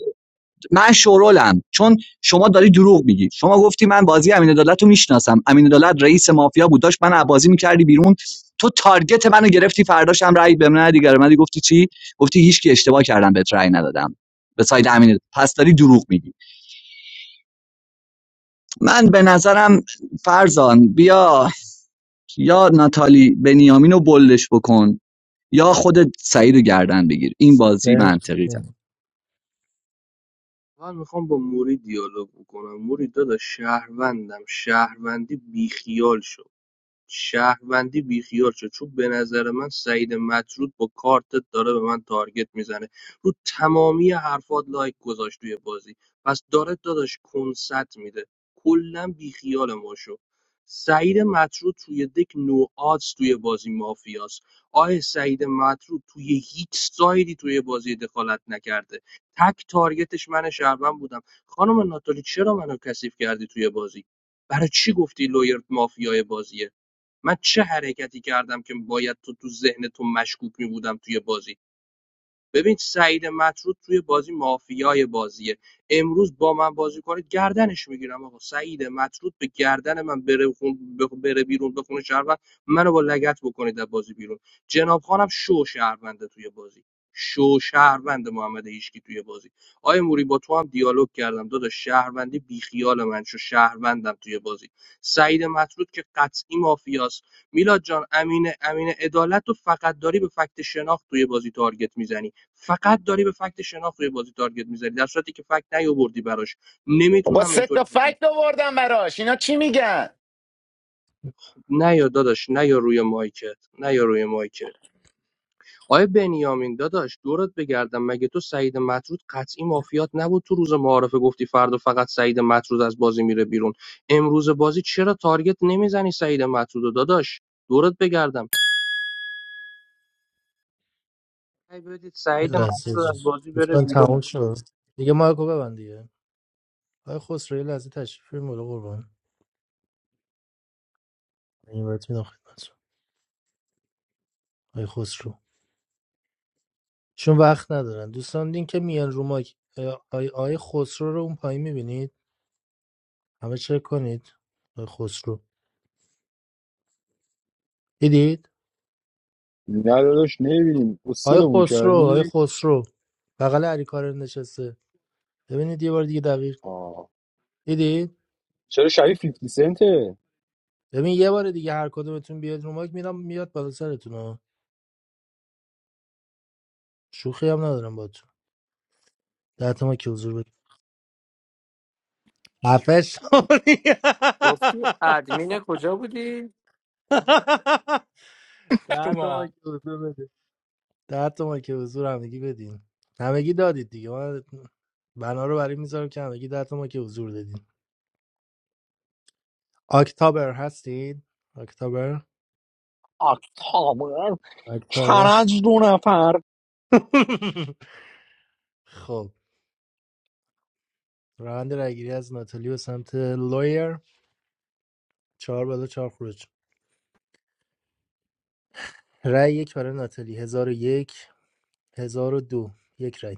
من شورولم چون شما داری دروغ میگی شما گفتی من بازی امین عدالت رو میشناسم امین عدالت رئیس مافیا بود داشت من از بازی میکردی بیرون تو تارگت منو گرفتی فرداش هم رأی به من ندی. دیگه گفتی چی گفتی هیچکی اشتباه کردم بهت رأی ندادم به ساید امین پس داری دروغ میگی من به نظرم فرزان بیا یا ناتالی بنیامین رو بلش بکن یا خودت سعید رو گردن بگیر این بازی
مرسی
منطقیه. تر.
یه
من میخوام با موری دیالوگ بکنم موری داداش شهروندم شهروندی بیخیال شو شهروندی بیخیال شو چون به نظر من سعید مطرود با کارتت داره به من تارگت میزنه رو تمامی حرفات لایک گذاشت توی بازی پس داره داداش کنسرت میده کلا بیخیال ما شو سعید مطرود توی دک نو آدز توی بازی مافیاست آه سعید مطرود توی هیچ سایدی توی بازی دخالت نکرده تک تارگتش من شهروند بودم خانم ناتالی چرا منو کثیف کردی توی بازی برای چی گفتی لویر مافیای بازیه من چه حرکتی کردم که باید تو تو ذهن تو مشکوک می‌بودم توی بازی ببین سعید مطرود توی بازی مافیای بازیه امروز با من بازی کنید گردنش میگیرم آقا سعید مطرود به گردن من بره, خون- بخ- بره بیرون بخونه شهروند منو با لگت بکنید از بازی بیرون جناب خانم شو شهرونده توی بازی شو شهروند محمد هیشکی توی بازی آیا موری با تو هم دیالوگ کردم داداش شهروندی بیخیال من شو شهروندم توی بازی سعید مطرود که قطعی مافیاست میلاد جان امین امین عدالت رو فقط داری به فکت شناخت توی بازی تارگت میزنی فقط داری به فکت شناخت روی بازی تارگت می‌زنی در صورتی که فکت نیاوردی براش
با
نمیتونم
سه تا
اینطوری بگم
فکت آوردم براش اینا چی میگن
نیا داداش نیا روی مایکت نیا روی مایکت آیا بنیامین داداش دورت بگردم مگه تو سعید مطرود قطعی مافیات نبود تو روز معارفه گفتی فردا فقط سعید مطرود از بازی میره بیرون امروز بازی چرا تارگت نمیزنی سعید مطرودو داداش دورت بگردم ای بدید سعید
لحظه
مطرود
جون.
از بازی بره
دوستان تموم
بیرون
شد دیگه مایکو ببند دیگه آقای خسرو یه لحظه تشریف بیارین بالا قربان این وقت میدم خدمتتون آقای خسرو چون وقت ندارن دوستان این که میان رو مایک اه، آقای آقای خسرو رو اون پایین میبینید همه چک کنید آقای خسرو دیدید
نه داداش نمیبینیم
آقای
اسکلمون
خسرو آقای
کردی
خسرو بغل علی کارن نشسته ببینید یه بار دیگه دقیق
آه.
دیدید
چرا شبیه 50 سنته
ببین یه بار دیگه هر کدومتون بیاد رو مایک میرم میاد بالا سرتون ها. شوخی هم ندارم باهاتون ده تا ما که حضور بدید. خفه شدی
گفتی ادمین کجا بودی
ده تا
اومد.
مایک حضور بدین ده تا مایک حضور همگی بدین همگی دادید دیگه من بنا رو برای میذارم که همگی ده تا مایک حضور دادین اکتبر هستین اکتبر
آه، تابر
اکتبر
کرج دو نفر
خب روند رایگیری از ناتالی به سمت لویر چهار بالا چهار خروج رای یک برای ناتالی هزار و یک هزار و دو یک رای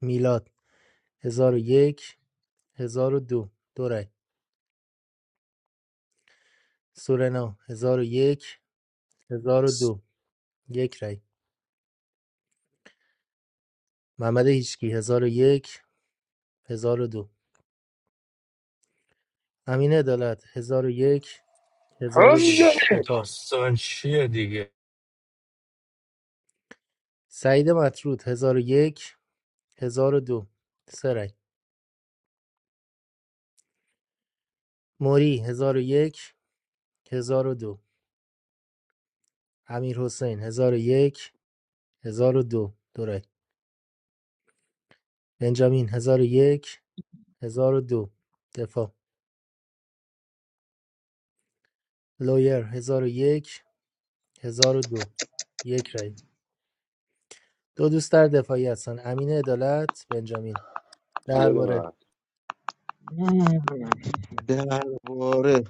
میلاد هزار و یک هزار و دو دو رای. سورنا هزار و یک هزار و دو یک رای محمد هیچکی هزار و یک هزار و دو امین عدالت هزار و یک هزار و دو
هم
شش،
دفاع
داستان چیه دیگه
سعید مطرود هزار و یک هزار و دو سه رای موری هزار و یک هزار و دو امیر حسین هزار و یک هزار و دو دو رای بنجامین هزار و یک هزار و دو دفاع لویر هزار و یک هزار و دو یک رای دو دوست در دفاعی هستن امین عدالت بنجامین
بده من
درباره
نه، درباره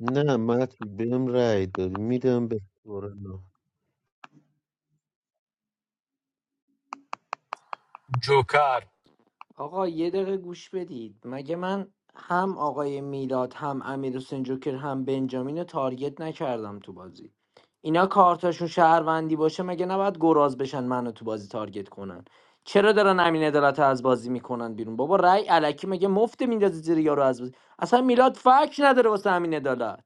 نه متن بهم رأی داد میدم به سورنا
جوکر
آقا یه دقیقه گوش بدید مگه من هم آقای میلاد هم امیر حسین جوکر هم بنجامین رو تارگت نکردم تو بازی اینا کارتاشون شهروندی باشه مگه نباید گراز بشن منو تو بازی تارگت کنن چرا دارن امین عدالت رو از بازی میکنن بیرون بابا رأی علکی مگه مفت میندازه زیر یارو از بازی اصلا میلاد فکر نداره واسه امین عدالت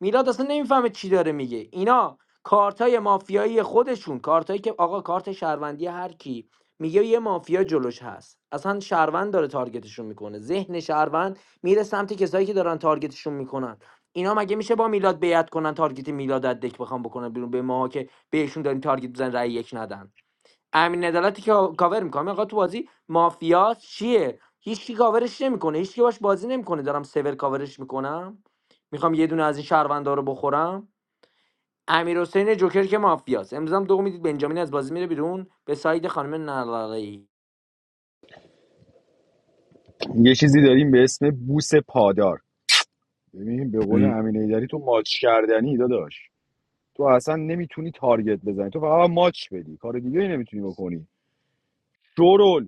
میلاد اصلا نمیفهمه چی داره میگه اینا کارتای مافیایی خودشون کارتایی که آقا کارت شهروندی هر کی میگه یه مافیا جلوش هست اصلا شهروند داره تارگتشون میکنه ذهن شهروند میره سمت کسایی که دارن تارگتشون میکنن اینا مگه میشه با میلاد بیعت کنن تارگت میلاد از دک بخوام بکنن بیرون به ما که بهشون داریم تارگت بزن رأی یک ندن امین عدالتی که کاور میکنم آقا تو بازی مافیا چیه هیچکی کاورش نمیکنه هیچکی باش بازی نمیکنه دارم سور کاورش میکنم میخوام یه دونه از این شهروندا رو بخورم امیر حسین جوکر که مافیاست امروز هم دو میدید بنجامین از بازی میره بیرون به ساید خانم نلالایی
یه چیزی داریم به اسم بوس پادار ببین به قول امین ایدری تو ماچ کردنی داداش تو اصلا نمیتونی تارگت بزنی تو فقط باید ماچ بدی کار دیگه ای نمیتونی بکنی شورول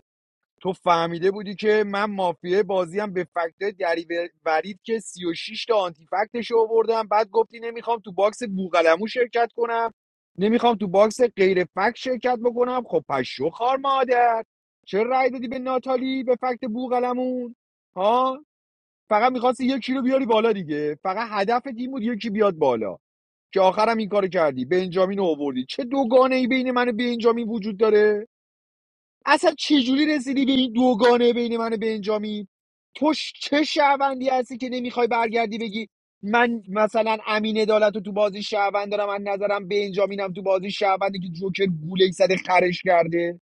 تو فهمیده بودی که من مافیه بازیم به فکت دری ورید که 36 تا آنتی فکتش رو آوردم بعد گفتی نمیخوام تو باکس بوقلمو شرکت کنم نمیخوام تو باکس غیر فکت شرکت بکنم خب پس شو خار مادر چرا رای دادی به ناتالی به فکت بوقلمون ها فقط میخواستی یکی رو بیاری بالا دیگه فقط هدف این بود یکی بیاد بالا که آخرم این کارو کردی بنجامین رو آوردی چه دوگانه بین من و بنجامین وجود داره اصلا چجوری رسیدی به این دوگانه بین من و بنجامین تو چه شهروندی هستی که نمیخوای برگردی بگی من مثلا امین عدالت رو تو بازی شهروند دارم از نظرم بنجامینم تو بازی شهروندی که جوکر گولهی سر خرش کرده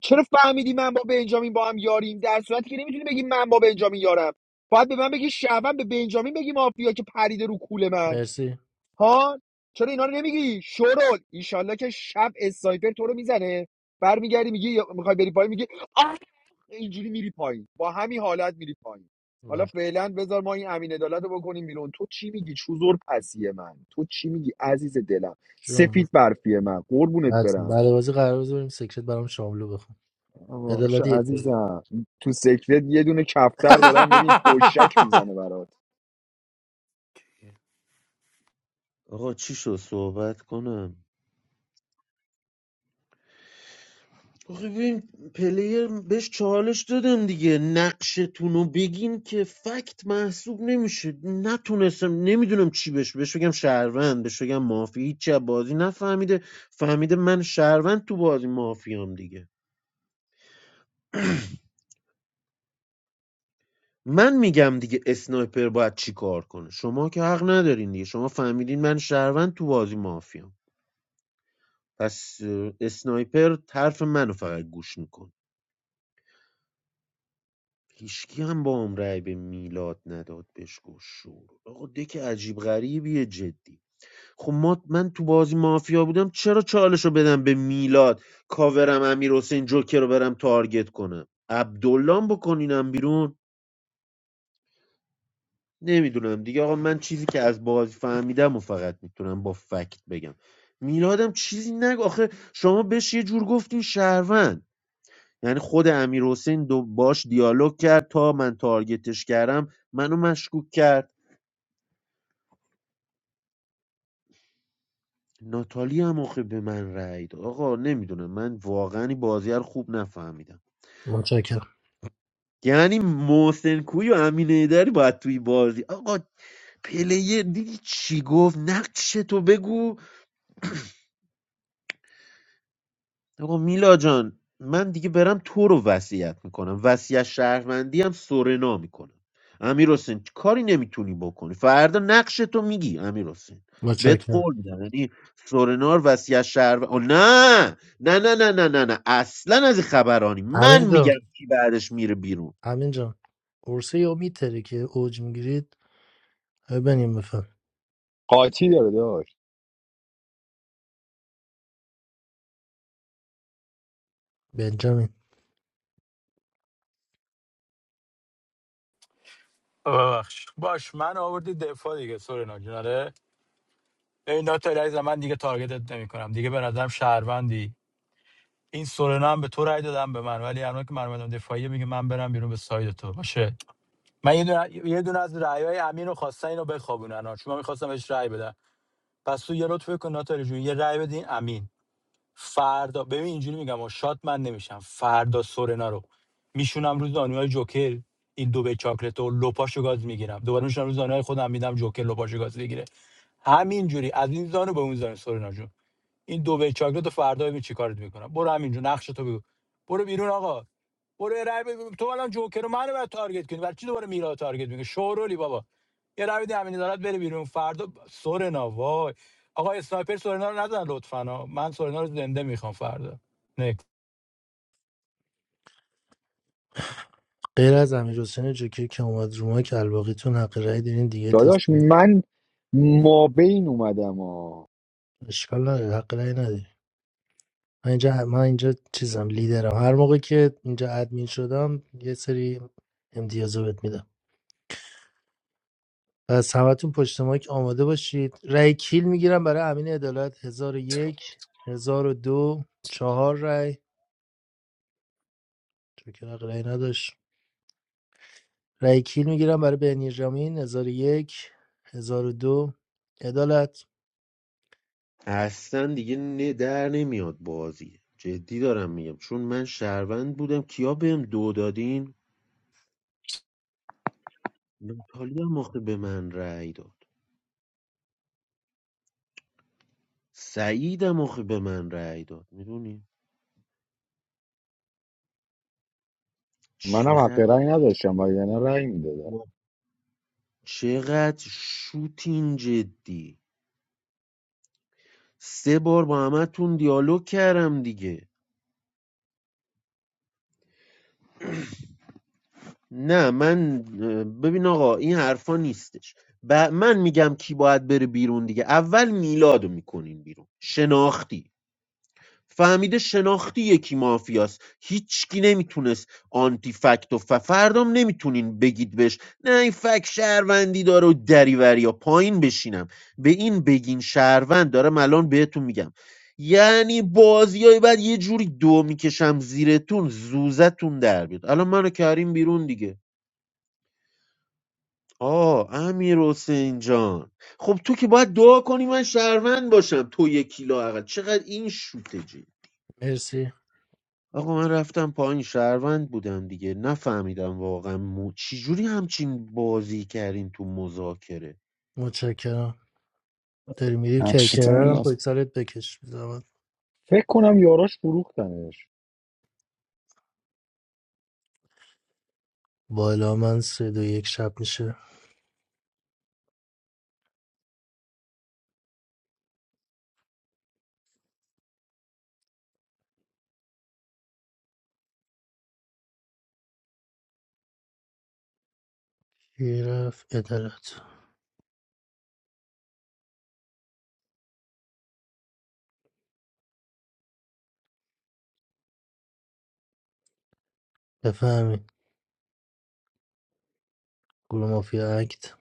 چرا فهمیدی من با بنجامین با هم یاریم در صورتی که نمیتونی بگی من با بنجامین یارم باید به من بگی شعبان به بنجامین بگی مافیا که پریده رو کول من
مرسی
ها چرا اینا رو نمیگی شورول ایشالله که شب اسنایپر تو رو میزنه برمیگردی میگی یا- میخوای بری پایین میگی آه اینجوری میری پایین با همین حالت میری پایین حالا
باش
فعلا بذار ما این امین عدالت رو بکنیم بیرون تو چی میگی چوزور پسی من تو چی میگی عزیز دلم
جون
سفید برفیه من قربونت
بعد
برم
بعد بازی قرار بذاریم سکرت برام شاملو بخون
آقا آشه
عدالت یک بزن
عزیزم تو سکرت یه دونه کفتر
آخه
دارم ببین پشک میزنه برات
آقا چی شد صحبت کنم آخه ببین پلیر بهش چالش دادم دیگه نقشتونو بگین که فکت محسوب نمیشه نتونستم نمیدونم چی بهش بهش بگم شهروند بهش بگم مافی هیچی از بازی نفهمیده فهمیده من شهروند تو بازی مافیام دیگه من میگم دیگه اسنایپر باید چی کار کنه شما که حق ندارین دیگه شما فهمیدین من شهروند تو بازی مافیام پس اسنایپر طرف منو فقط گوش میکنه هیچکی هم با هم رأی به میلاد نداد بهش گفت شور آقا دک عجیب غریبیه جدی خب ما من تو بازی مافیا بودم چرا چالش رو بدم به میلاد کاورم امیر حسین جوکر رو برم تارگت کنم عبدالله هم بکنینم بیرون نمیدونم دیگه آقا من چیزی که از بازی فهمیدم و فقط میتونم با فکت بگم میلادم چیزی نگو آخه شما بهش یه جور گفتین شهروند یعنی خود امیر حسین دو باش دیالوگ کرد تا من تارگتش کردم منو مشکوک کرد ناتالی هم آخه به من رأی داد آقا نمیدونم من واقعا این بازی رو خوب نفهمیدم
متشکرم
یعنی محسن کوی و امین ایدری باید توی بازی آقا پلیر دیدی چی گفت نقش تو بگو آقا میلا جان من دیگه برم تو رو وصیت میکنم وصیت شهروندی هم سورنا میکنم امیر حسین کاری نمیتونی بکنی فردا نقش تو میگی امیر حسین بهت
متشکرم
قول میدم یعنی سورنا رو وصیت شهر آه، نه نه نه نه نه نه نه اصلا از این خبرانی من
امین جان
میگم کی بعدش میره بیرون
امین جان قرصه یا میتره که اوج میگیرید ببینیم بفهم
قاطی داره داشت
بنجامین
ببخش باش من آوردی دفاع دیگه سورنا جنره این ناتو علیرضا، من دیگه تارگتت نمی کنم دیگه به نظرم شهروندی این سورنا هم به تو رای دادم به من ولی الان که من اومدم دفاعیه میگه من برم بیرون به ساید تو باشه من یه دونه, یه دونه از رأیای امین رو خواستن اینو بخوابونن ها. چون من میخواستم بهش رأی بدم پس تو یه لطف کن ناتاری جون یه رأی بدین امین فردا ببین اینجوری میگم و شات من نمیشم فردا سورنا رو میشونم روز دانیای جوکر این دو به چاکلت و لپاشو گاز میگیرم دوباره میشونم روز دانیای خودم میدم جوکر لپاشو گاز بگیره همینجوری از این زانو به اون زانو سورنا جون این دو وی چاکلت رو فردا ببین چی کارت میکنم برو همینجا نقش تو بگو برو بیرون آقا برو یه رای بگو. تو الان جوکر رو منو بعد تارگت کنی برای چی دوباره میرا رو تارگت میکنی شورولی بابا یه رای بده همین دارد بره بیرون فردا سورنا وای آقا اسنایپر سورنا رو نزن لطفا ها. من سورنا رو زنده میخوام فردا نکس
غیر از امیر حسین جوکی که اومد رو ما که الباقیتون حق رأی دارین دیگه تست
داداش من ما بین اومدم ها
اشکال نداره حق رأی ندارین. من اینجا من اینجا چیزم لیدرم هر موقع که اینجا ادمین شدم یه سری امتیازو بهت میدم پس همتون پشت مایک آماده باشید رای کیل میگیرم برای امین عدالت هزار و یک هزار و دو چهار رای چون که حق رأی نداشت رأی کیل میگیرم برای بنیامین هزار و یک هزار و دو عدالت
اصلا دیگه نه در نمیاد بازی جدی دارم میگم چون من شهروند بودم کیا بهم دو دادین ناتالی هم آخه به من رأی داد سعیدم آخه به من رأی داد میدونی
منم حق
چقدر
رأی نداشتم و یعنی رأی میدادم
با- چقدر شوتین جدی سه بار با همتون دیالوگ کردم دیگه نه من اه، ببین آقا این حرفا نیستش ب- من میگم کی باید بره بیرون دیگه اول میلادو میکنین بیرون شناختی فهمیده شناختی یکی مافیاست هیچکی نمیتونست آنتی فکت و ف- فردام نمیتونین بگید بهش نه این فکت شهروندی داره و دریوری یا پایین بشینم به این بگین شهروند دارم الان بهتون میگم یعنی بازی های بعد یه جوری دو میکشم زیرتون زوزتون در بیاد الان منو کریم بیرون دیگه آه امیر حسین جان خب تو که باید دعا کنی من شهروند باشم تو یه کیلو اقل چقدر این شوته جدی.
مرسی
آقا من رفتم پایین شهروند بودم دیگه نفهمیدم واقعا مو... چجوری همچین بازی کردین تو مذاکره
متشکرم داری میری کرکرم پای سرت بکش زحمت
فکر کنم یاراش فروختنش
بالا من سه دو یک شب میشه کی رفت عدالت بفهمید گروه مافیا اکت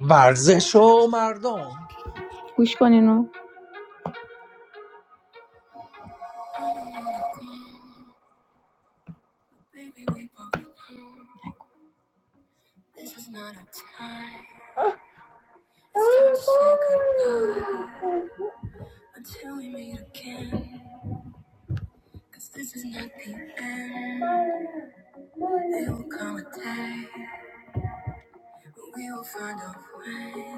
و
گوش کن اینو. Baby, we both know this is not our time. It's time to say goodbye until we meet again. 'Cause this is not the end. It'll come a day when we will find a way.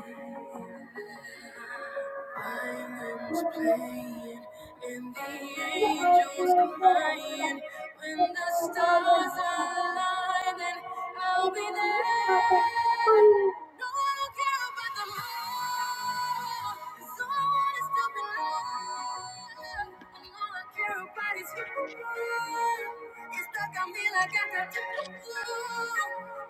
Violins playing and the angels crying. When the stars align, then I'll be there. No, I don't care about the moon. 'cause all I want is to belong. And all I care about is you. It's stuck on me like I got to do.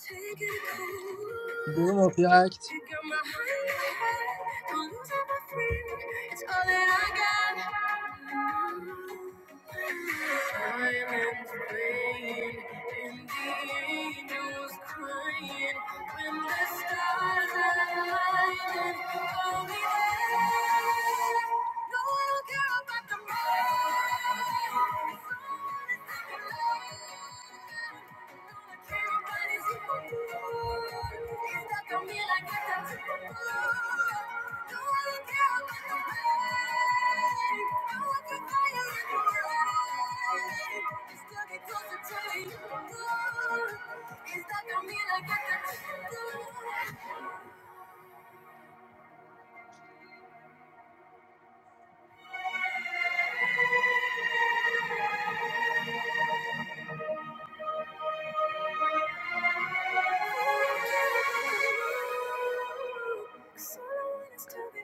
Take it
گروه
cool.
مافیا اکت
Pick up my heart, don't lose up my friend. It's all that I got. I am in the rain, and the angels crying. When the stars are aligning, I'll be there. No one will care about the rain. Someone is taking love. Cause all I want is to be loved, and all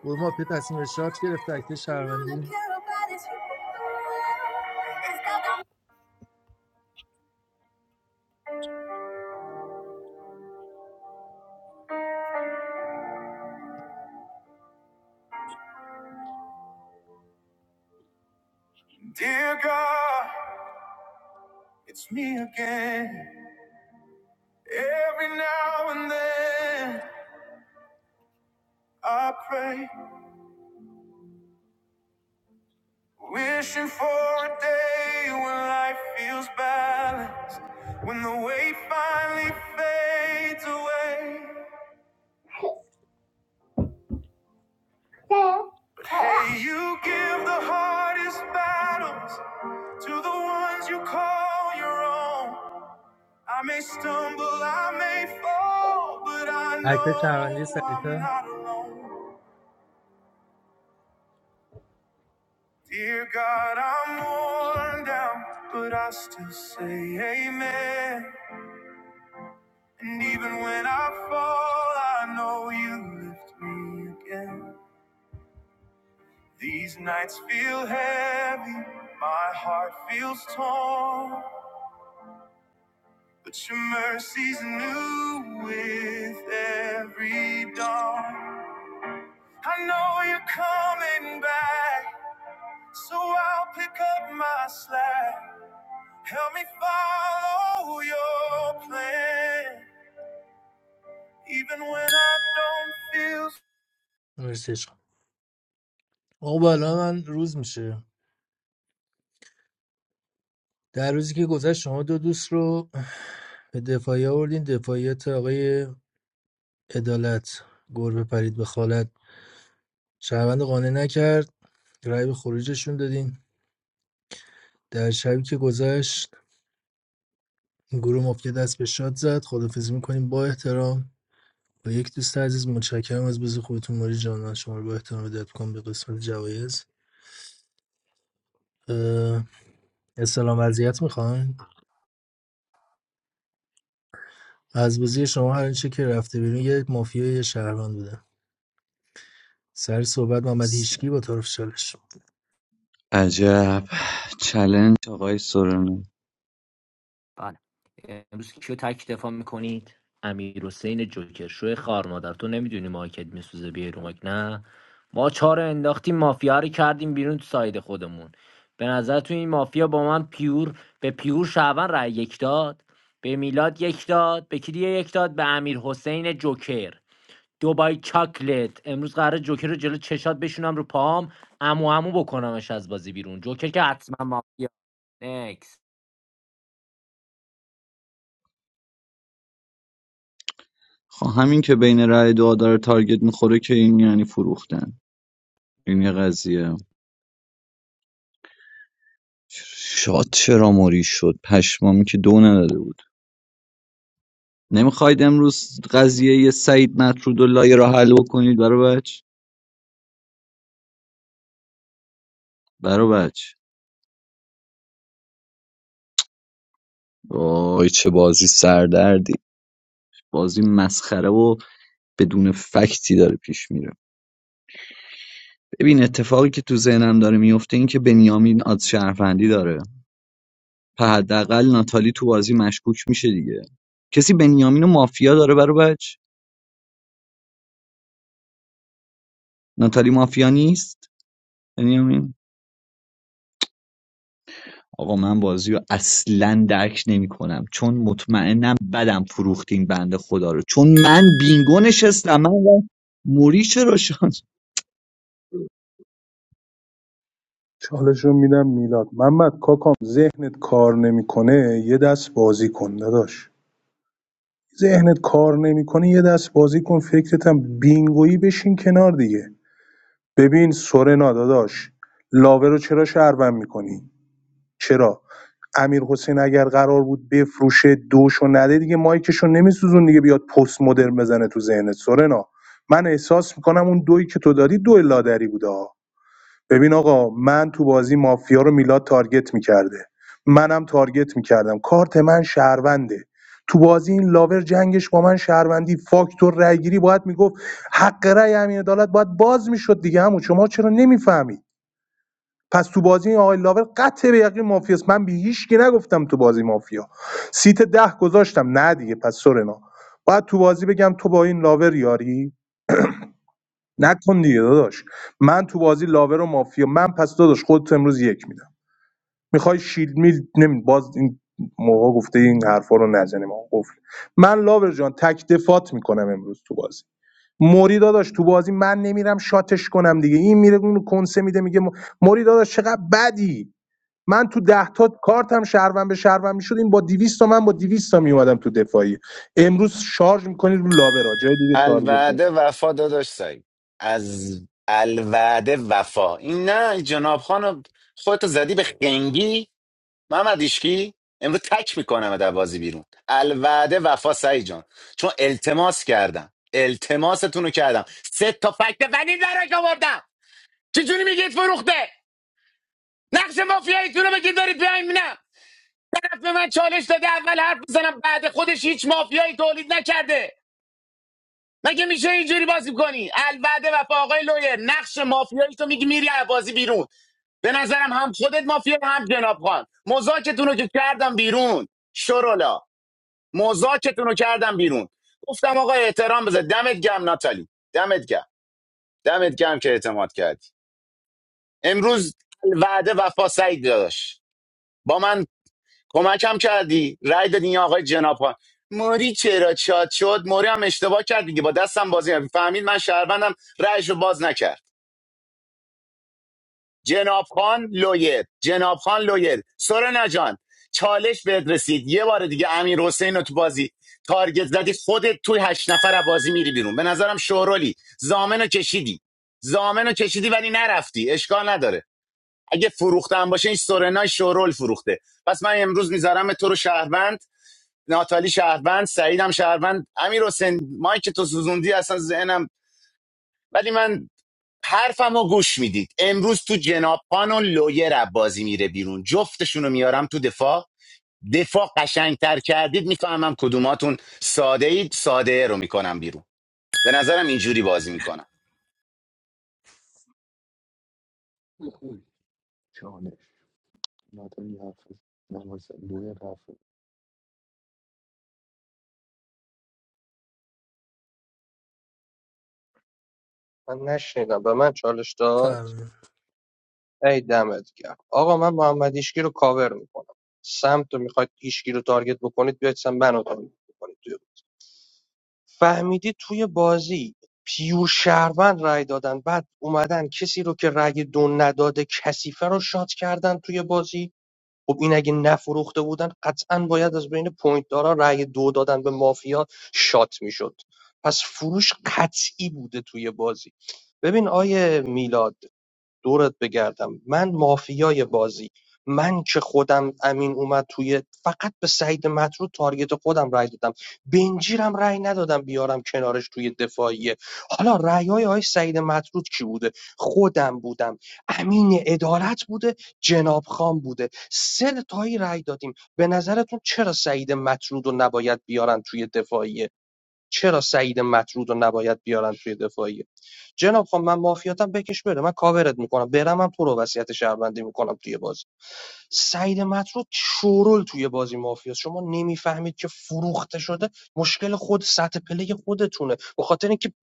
گروه مافیا تصمیم به شارژ گرفت اکت
I
شهروندی
care about is you. Dear God, it's me again. Every now and then I pray, wishing for a day when life feels balanced, when the weight finally fades away. Hey, you give the hardest battles to the ones you call your own. I may stumble, I may fall, but I
اکت شهروندی
know I'm
سریعتر
not alone. Dear God, I'm worn down, but I still say amen. And even when I fall, I know you lift me again. These nights feel heavy, my heart feels torn. But your mercy's new with every dawn. I know you're coming back, so I'll pick up my slack. Help me follow your plan, even when I don't feel.
مرسی عشق. آقا بالا من روز میشه در روزی که گذشت شما دو دوست رو به دفاعی آوردین دفاعیت آقای عدالت گربه پرید به خالت شهروند قانع نکرد رای به خروجشون دادین در شبی که گذشت گروه مافیا دست به شاد زد خدافزی میکنیم با احترام با یک دوست عزیز متشکرم از بزرگ خودتون ماری جان من شما رو با احترام هدایت میکنم به قسمت جوایز اه، استلام وضعیت میخواین از بازی شما هر چه که رفته بیرون یه مافیا یه شهروند بوده سر صحبت محمد هیشکی با طرف چالش
عجب چلنج آقای سورنا
بله امروز کیو تک دفاع میکنید امیر حسین جوکر شو خار مادر تو نمیدونی مارکت میسوزه بیای رو مایک نه ما چهار رو انداختیم مافیا رو کردیم بیرون تو ساید خودمون به نظر تو این مافیا با من پیور به پیور شعبان رای یک داد به میلاد یک داد به کی دیگه یک داد به امیر حسین جوکر دوبای چاکلت امروز قراره جوکر رو جلو چشات بشونم رو پام امو امو بکنمش از بازی بیرون جوکر که حتما مافیا نکس
خب همین که بین رأی دعا داره تارگت میخوره که این یعنی فروختن این یه قضیه شاد چرا موری شد پشمامی که دو نداده بود نمیخواید امروز قضیه یه سعید مطرود و لایه را حل بکنید برا بچ برا بچ وای چه بازی سردردی بازی مسخره و بدون فکتی داره پیش میره ببین اتفاقی که تو ذهنم داره میفته این که بنیامین آد شهروندی داره حداقل ناتالی تو بازی مشکوک میشه دیگه کسی بنیامین و مافیا داره برو بچ ناتالی مافیا نیست بنیامین آقا من بازی رو اصلا درک نمی کنم چون مطمئنم بدم فروختین بنده خدا رو چون من بینگو نشستم من و موری چرا شد
چالش رو میدم میلاد محمد کاکام ذهنت کار نمیکنه یه دست بازی کن داداش ذهنت کار نمیکنه یه دست بازی کن فکرت هم بینگویی بشین کنار دیگه ببین سورنا داداش لاوه رو چرا شهروند میکنی چرا امیر حسین اگر قرار بود بفروشه دوشو نده دیگه مایکشو نمیسوزون دیگه بیاد پست مدرن بزنه تو ذهنت سورنا من احساس میکنم اون دویی که تو دادی دوی لادری بوده ها. ببین آقا من تو بازی مافیا رو میلاد تارگت میکرده منم تارگت میکردم کارت من شهرونده تو بازی این لاور جنگش با من شهروندی فاکتور رأیگیری باید میگفت حق رأی امین عدالت باید باز میشد دیگه همون شما چرا نمیفهمید پس تو بازی این آقای لاور قطع به یقین مافیاست من به هیچ کی نگفتم تو بازی مافیا سیت ده گذاشتم نه دیگه پس سورنا باید تو بازی بگم تو با این لاور یاری نکن دیگه داداش من تو بازی لاور و مافیا من پس داداش خودت امروز یک میدم میخوای شیلد میل نمی باز این موقع گفته این حرفا رو نزنیم آقا قفل من لاور جان تک دفات میکنم امروز تو بازی موری داداش تو بازی من نمیرم شاتش کنم دیگه این میره اون رو کنسه میده میگه م- موری داداش چقدر بدی من تو ده تا کارتم شهروند به شهروند میشد این با 200 تا من با 200 تا میومدم تو دفاعی امروز شارژ میکنید رو لاورا جای دیگه تارگت نمی‌کنی.
الوعده وفا داداش سعید از الوعده وفا این نه جناب خانم خودتو زدی به خنگی محمد ایشکی امروز تک میکنم در بازی بیرون الوعده وفا سعید جان چون التماس کردم التماستون رو کردم سه تا فکت ولی درک آوردم چجوری میگید فروخته نقش مافیاییتون رو بگید دارید بیاین نه طرف به من چالش داده اول حرف بزنم بعد خودش هیچ مافیایی تولید نکرده مگه میشه اینجوری بازی کنی الوعده وفا آقای لویر نقش مافیایی تو میگی میری از بازی بیرون به نظرم هم خودت مافیا هم جناب خان مزاکتون رو که کردم بیرون شرولا مزاکتون رو کردم بیرون گفتم آقا احترام بذار دمت گم ناتالی دمت گم دمت گم که اعتماد کردی امروز وعده وفا سعید داداش با من کمکم کردی رای دادی این آقای جناب ها موری چرا چاد شد موری هم اشتباه کرد دیگه با دستم بازی کرد. فهمید من شهروندم رایشو باز نکرد جناب خان لویر جناب خان لویر سورنا جان چالش بهت رسید یه بار دیگه امیر حسین رو تو بازی تارگت زدی خودت توی هشت نفر از بازی میری بیرون به نظرم شورولی زامنو کشیدی زامنو کشیدی ولی نرفتی اشکال نداره اگه فروختم باشه این سورنای شورول فروخته پس من امروز میذارم تو رو شهروند ناتالی شهروند سعیدم شهروند امیر حسین مایک تو سوزوندی اصلا ذهنم ولی من حرفمو گوش میدید امروز تو جناب خان و لویر بازی میره بیرون جفتشونو میارم تو دفاع دفاع قشنگتر کردید میفهمم کدوماتون ساده اید ساده رو میکنم بیرون به نظرم اینجوری بازی میکنم
خوب. چانش ناتالی حافظ نواسه لویر حافظ
من نشنیدم به من چالش داد
فهم
ای دمت گرم آقا من محمد هیشکی رو کاور میکنم سمت رو میخواید هیشکی رو تارگت بکنید بیاید سمت منو تارگت بکنید فهمیدی توی بازی پیور شهروند رای دادن بعد اومدن کسی رو که رای دو نداده کسیفه رو شات کردن توی بازی خب این اگه نفروخته بودن قطعا باید از بین پوینت دارا رای دو دادن به مافیا شات میشد پس فروش قطعی بوده توی بازی ببین آیه میلاد دورت بگردم من مافیای بازی من که خودم امین اومد توی فقط به سعید مطرود تارگت خودم رای دادم بنجیرم رای ندادم بیارم کنارش توی دفاعیه حالا رای های آقای سعید مطرود کی بوده خودم بودم امین عدالت بوده جناب خان بوده سه تایی رای دادیم به نظرتون چرا سعید مطرود رو نباید بیارن توی دفاعیه چرا سعید مطرود رو نباید بیارن توی دفاعیه جناب خان من مافیاتم بکش بره من کاورت میکنم برم من تو رو وصیت شهروندی میکنم توی بازی سعید مطرود شورول توی بازی مافیاست شما نمیفهمید که فروخته شده مشکل خود سطح پله خودتونه به خاطر اینکه ب-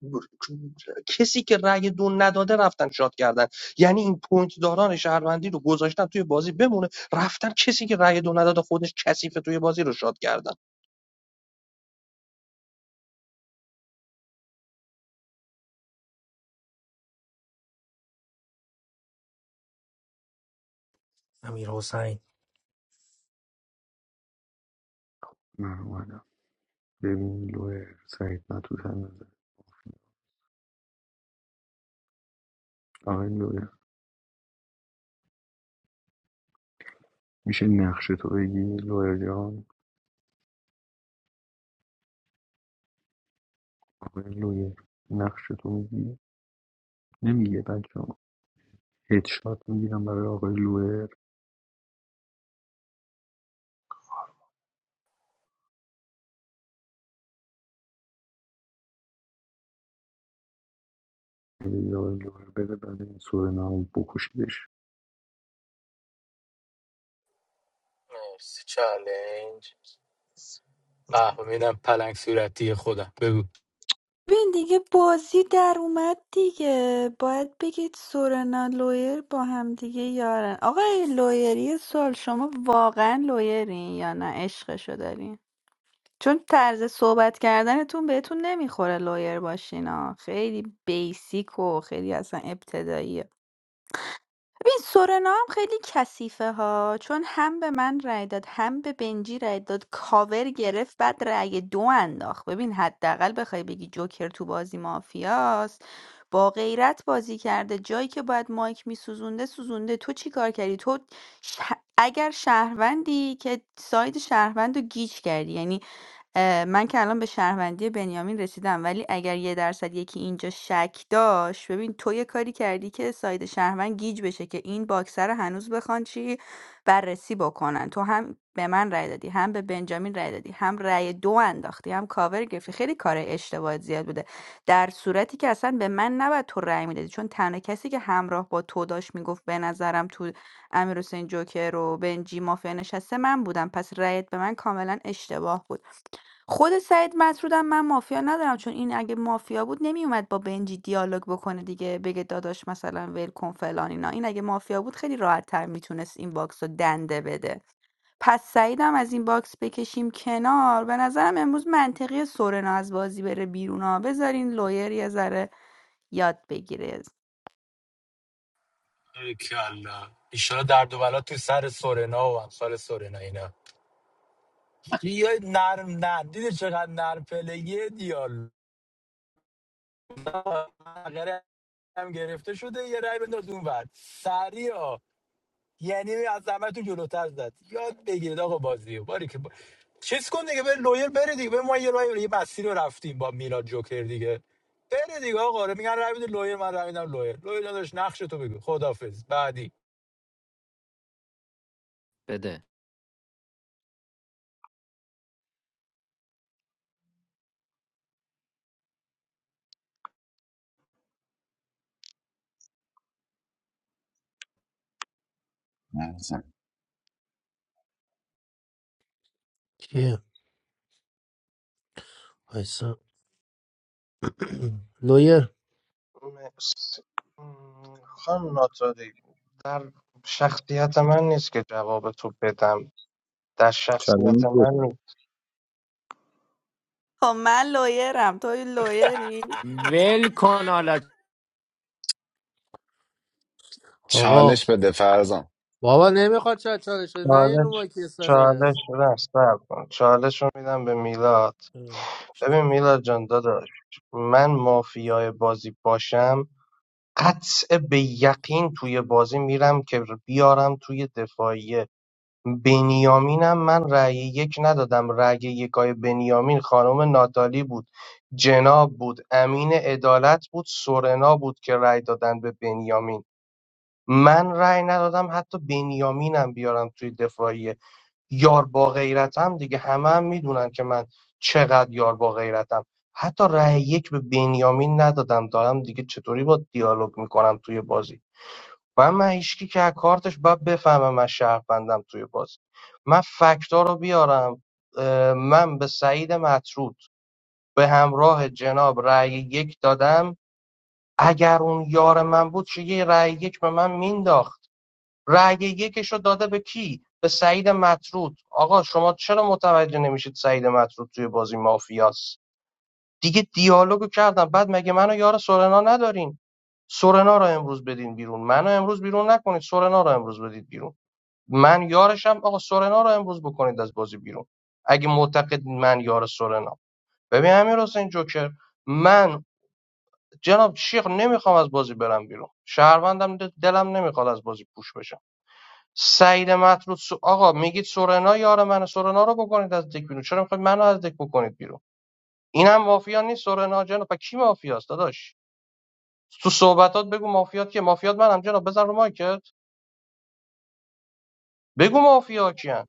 کسی که رأی دو نداده رفتن شاد کردن یعنی این پوینت داران شهروندی رو گذاشتن توی بازی بمونه رفتن کسی که رأی دو نداده خودش کثیفه توی بازی رو شاد کردن
امیر حسین
من اومدم ببین لویر سعید مطوطن نزد آقای لویر میشه نقش تو بگی لویر جان آقای لویر نقش تو میگی نمیگه بچه هدشات میگیرم برای آقای لوئر اگه آقای لوئر بره بعد این سورنا بکشیدش
مرسی چالنج به میدم پلنگ صورتی خودم بگو
ببین دیگه بازی در اومد دیگه باید بگید سورنا لویر با هم دیگه یارن آقای لویری یه سوال شما واقعا لویرین یا نه عشقشو دارین چون طرز صحبت کردنتون بهتون نمیخوره لویر باشین ها خیلی بیسیک و خیلی اصلا ابتداییه ببین سورنا هم خیلی کثیفه ها چون هم به من رأی داد هم به بنجی رأی داد کاور گرفت بعد رای دو انداخت ببین حداقل بخوای بگی جوکر تو بازی مافیاست با غیرت بازی کرده جایی که باید مایک میسوزونده سوزونده تو چی کار کردی تو شه- اگر شهروندی که ساید شهروند رو گیج کردی یعنی اه، من که الان به شهروندی بنیامین رسیدم ولی اگر یه درصد یکی اینجا شک داشت ببین تو یه کاری کردی که ساید شهروند گیج بشه که این باکسر رو هنوز بخوان چی بررسی بکنن تو هم به من رأی دادی هم به بنجامین رأی دادی هم رأی دو انداختی هم کاور گرفتی خیلی کار اشتباهات زیاد بوده در صورتی که اصلا به من نباید تو رأی میدادی چون تنها کسی که همراه با تو داشت میگفت به نظرم تو امیر حسین جوکر و بنجی مافیا نشسته من بودم پس رأیت به من کاملا اشتباه بود خود سعید مطرودم من مافیا ندارم چون این اگه مافیا بود نمیومد با بنجی دیالوگ بکنه دیگه بگه داداش مثلا ول کن فلان اینا این اگه مافیا بود خیلی راحت تر میتونست این باکس رو دنده بده پس سعیدم از این باکس بکشیم کنار به نظرم امروز منطقی سورنا از بازی بره بیرون ها بذارین لویر یه ذره یاد بگیره
ای کلا ایشالا درد و بلا تو سر سورنا و امثال سورنا اینا یه نرم نه دیده چقدر نرم پلگی دیال غیره هم گرفته شده یه رای بنداز اون ور سریع ها. یعنی از همه تو جلوتر زد یاد بگیرید آقا بازی رو باری که با... چیز کن دیگه به لویر بره دیگه به ما یه رای بره. یه مسیر رو رفتیم با میلاد جوکر دیگه بره دیگه آقا رو میگن رای بده لویر من رای میدم لویر لویر داداش نقش تو بگو خدافظ بعدی
بده
نظر.
کیه وایسا لویر
مرسی. م، خانم ناتاری در شخصیت من نیست که جواب تو بدم در شخصیت
چالش بده
من نیست
خب من لویرم توی لویری
ول کن حالت
چالش
آقا
به فرزام
بابا نمیخواد چه چاله شده نه یه
چالش
نوبا کی سره
چالش نه صبر کن چالش رو میدم به میلاد
اه،
ببین میلاد جان داداش من مافیای بازی باشم قطع بیقین توی بازی میرم که بیارم توی دفاعیه بنیامینم من رأی یک ندادم رأی یکای بنیامین خانم ناتالی بود جناب بود امین عدالت بود سورنا بود که رأی دادن به بنیامین من رأی ندادم حتی بنیامینم بیارم توی دفاعیه یار با غیرتم دیگه همه هم میدونن که من چقدر یار با غیرتم حتی رأی یک به بنیامین ندادم دارم دیگه چطوری با دیالوگ میکنم توی بازی و من هیچکی که از کارتش باید بفهمه من شهروندم توی بازی من فکتا رو بیارم اه، من به سعید مطرود به همراه جناب رأی یک دادم اگر اون یار من بود چه یه رأی یک به من مینداخت رأی یکش رو داده به کی به سعید مطرود آقا شما چرا متوجه نمیشید سعید مطرود توی بازی مافیاست دیگه دیالوگو کردم بعد مگه منو یار سورنا ندارین سورنا رو امروز بدین بیرون منو امروز بیرون نکنید سورنا رو امروز بدید بیرون من یارشم آقا سورنا رو امروز بکنید از بازی بیرون اگه معتقد من یار سورنا ببین امیر حسین جوکر من جناب شیخ نمیخوام از بازی برم بیرون شهروندم دلم نمیخواد از بازی پوش بشم سعید مطرود سو... آقا میگید سورنا یار من سورنا رو بکنید از دک بیرون چرا میخواید منو از دک بکنید بیرون اینم مافیا نیست سورنا جناب پس کی مافیاست داداش تو صحبتات بگو مافیات که مافیات منم جناب بزن رو مایکت بگو مافیا کیان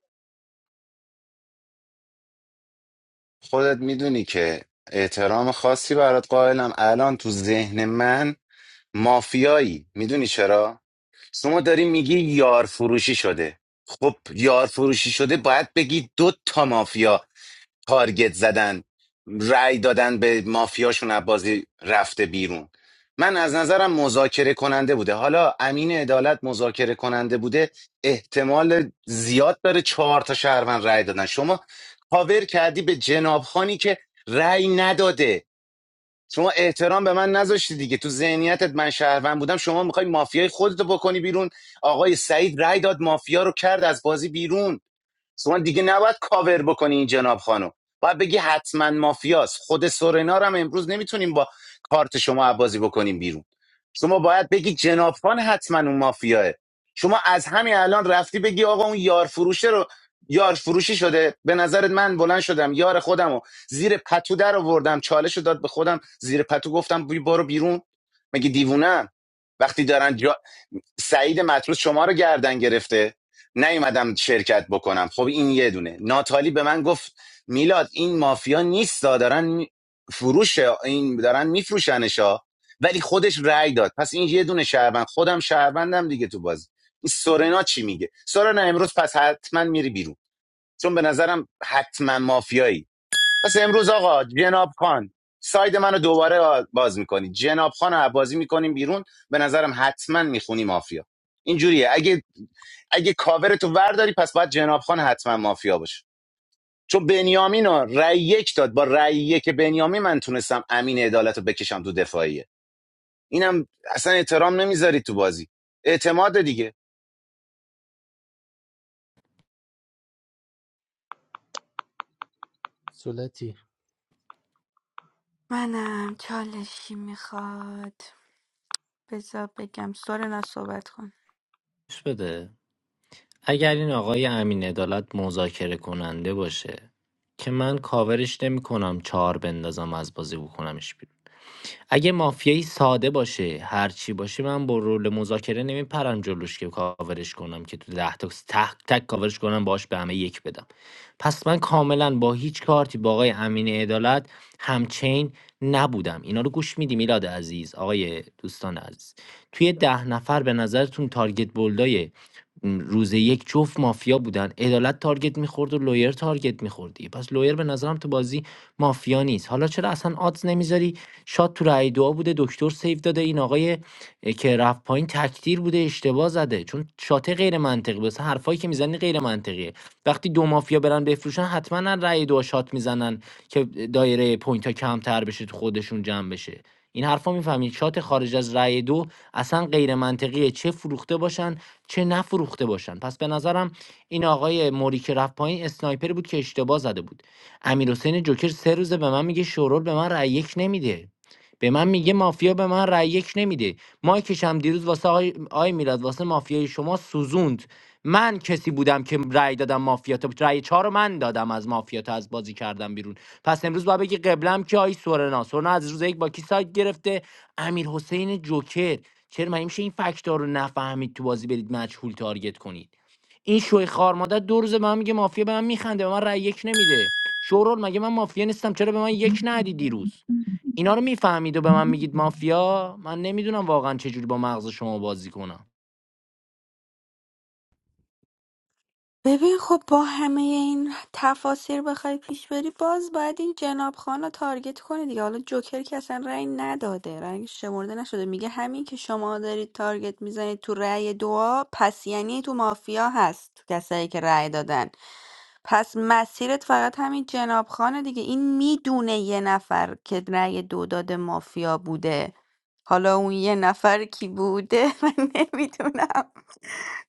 خودت میدونی که احترام خاصی برات قائلم الان تو ذهن من مافیایی میدونی چرا شما داری میگی یار فروشی شده خب یار فروشی شده باید بگی دو تا مافیا تارگت زدن رأی دادن به مافیاشون از بازی رفته بیرون من از نظرم مذاکره کننده بوده حالا امین عدالت مذاکره کننده بوده احتمال زیاد داره چهار تا شهروند رأی دادن شما کاور کردی به جناب خانی که رأی نداده شما احترام به من نذاشتی دیگه تو ذهنیتت من شهروند بودم شما میخوای مافیای خودتو بکنی بیرون آقای سعید رأی داد مافیا رو کرد از بازی بیرون شما دیگه نباید کاور بکنی این جناب خانم باید بگی حتما مافیاست خود سورنا رو هم امروز نمیتونیم با کارت شما بازی بکنیم بیرون شما باید بگی جناب خان حتما اون مافیاه شما از همین الان رفتی بگی آقا اون یار فروشه رو یار فروشی شده به نظرت من بلند شدم یار خودم رو زیر پتو در آوردم چالش رو داد به خودم زیر پتو گفتم بی- برو بیرون مگه دیوونم وقتی دارن سعید مطرود شما رو گردن گرفته نیومدم شرکت بکنم خب این یه دونه ناتالی به من گفت میلاد این مافیا نیست دارن می- فروش این دارن میفروشنشا ولی خودش رأی داد پس این یه دونه شهروند خودم شهروندم دیگه تو بازی این سورنا چی میگه سورنا امروز پس حتما میری بیرون چون به نظرم حتما مافیایی پس امروز آقا جناب خان ساید منو دوباره باز میکنی جناب خان رو بازی میکنیم بیرون به نظرم حتما میخونی مافیا اینجوریه اگه اگه کاور تو ورداری پس باید جناب خان حتما مافیا باشه چون بنیامین رو رأی یک داد با رأی یک بنیامین من تونستم امین عدالت رو بکشم تو دفاعیه اینم اصلا احترام نمیذاری تو بازی اعتماد دیگه
سولتی
منم چالشی میخواد بذار بگم سورنا صحبت کن
بده اگر این آقای امین عدالت مذاکره کننده باشه که من کاورش نمی کنم چهار بندازم از بازی بکنمش بیرون اگه مافیایی ساده باشه هر چی باشه من با رول مذاکره نمیپرم جلوش که کاورش کنم که تو ده تا تک تک کاورش کنم باش به همه یک بدم پس من کاملا با هیچ کارتی با آقای امین عدالت همچین نبودم اینا رو گوش میدی میلاد عزیز آقای دوستان عزیز توی ده نفر به نظرتون تارگت بولدای روز یک جفت مافیا بودن عدالت تارگت میخورد و لویر تارگت میخورد دیگه پس لویر به نظرم تو بازی مافیا نیست حالا چرا اصلا آدز نمیذاری شات تو رای دعا بوده دکتر سیو داده این آقای اه، که رفت پایین تکتیر بوده اشتباه زده چون شات غیر منطقی بس حرفایی که میزنی غیر منطقیه وقتی دو مافیا برن بفروشن حتما رای دعا شات میزنن که دایره پوینت ها کمتر بشه تو خودشون جمع بشه این حرفا میفهمید شات خارج از رأی دو اصلا غیر منطقیه چه فروخته باشن چه نفروخته باشن پس به نظرم این آقای موری که رفت پایین اسنایپر بود که اشتباه زده بود امیر حسین جوکر سه روزه به من میگه شورول به من رأی یک نمیده به من میگه مافیا به من رأی یک نمیده مایکش هم دیروز واسه آی, آی میلاد واسه مافیای شما سوزوند من کسی بودم که رأی دادم مافیا تو رأی چهار رو من دادم از مافیا تو از بازی کردم بیرون پس امروز باید بگی قبلم که آی سورنا سورنا از روز یک با کی سایت گرفته امیر حسین جوکر چرا من میشه این فکتار رو نفهمید تو بازی برید مجهول تارگت کنید این شوی خار مادر دو روزه به من میگه مافیا به من میخنده به من رأی یک نمیده شورول مگه من مافیا نیستم چرا به من یک ندی دیروز اینا رو میفهمید و به من میگید مافیا من نمیدونم واقعا چجوری با مغز شما بازی کنم
ببین خب با همه این تفاسیر بخوای پیش بری باز باید این جناب خان رو تارگت کنی دیگه حالا جوکر که اصلا رأی نداده رأی شمرده نشده میگه همین که شما دارید تارگت میزنید تو رأی دعا پس یعنی تو مافیا هست کسایی که رأی دادن پس مسیرت فقط همین جناب خانه دیگه این میدونه یه نفر که رأی دو داده مافیا بوده حالا اون یه نفر کی بوده من نمیدونم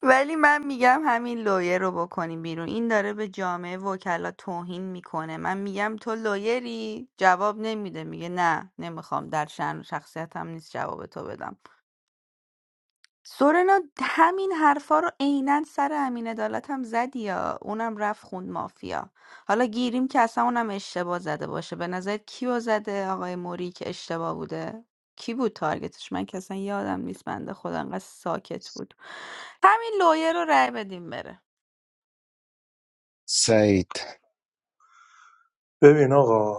ولی من میگم همین لویه رو بکنیم بیرون این داره به جامعه وکلا توهین میکنه من میگم تو لویری جواب نمیده میگه نه نمیخوام در شن شخصیتم نیست جواب تو بدم سورنا همین حرفا رو عینا سر امین عدالت هم زدی یا اونم رفت خوند مافیا حالا گیریم که اصلا اونم اشتباه زده باشه به نظرت کیو زده آقای موری که اشتباه بوده کی بود تارگتش من که اصلا یادم نیست بنده خدا انقدر ساکت بود همین لویه رو رای بدیم بره
سعید
ببین آقا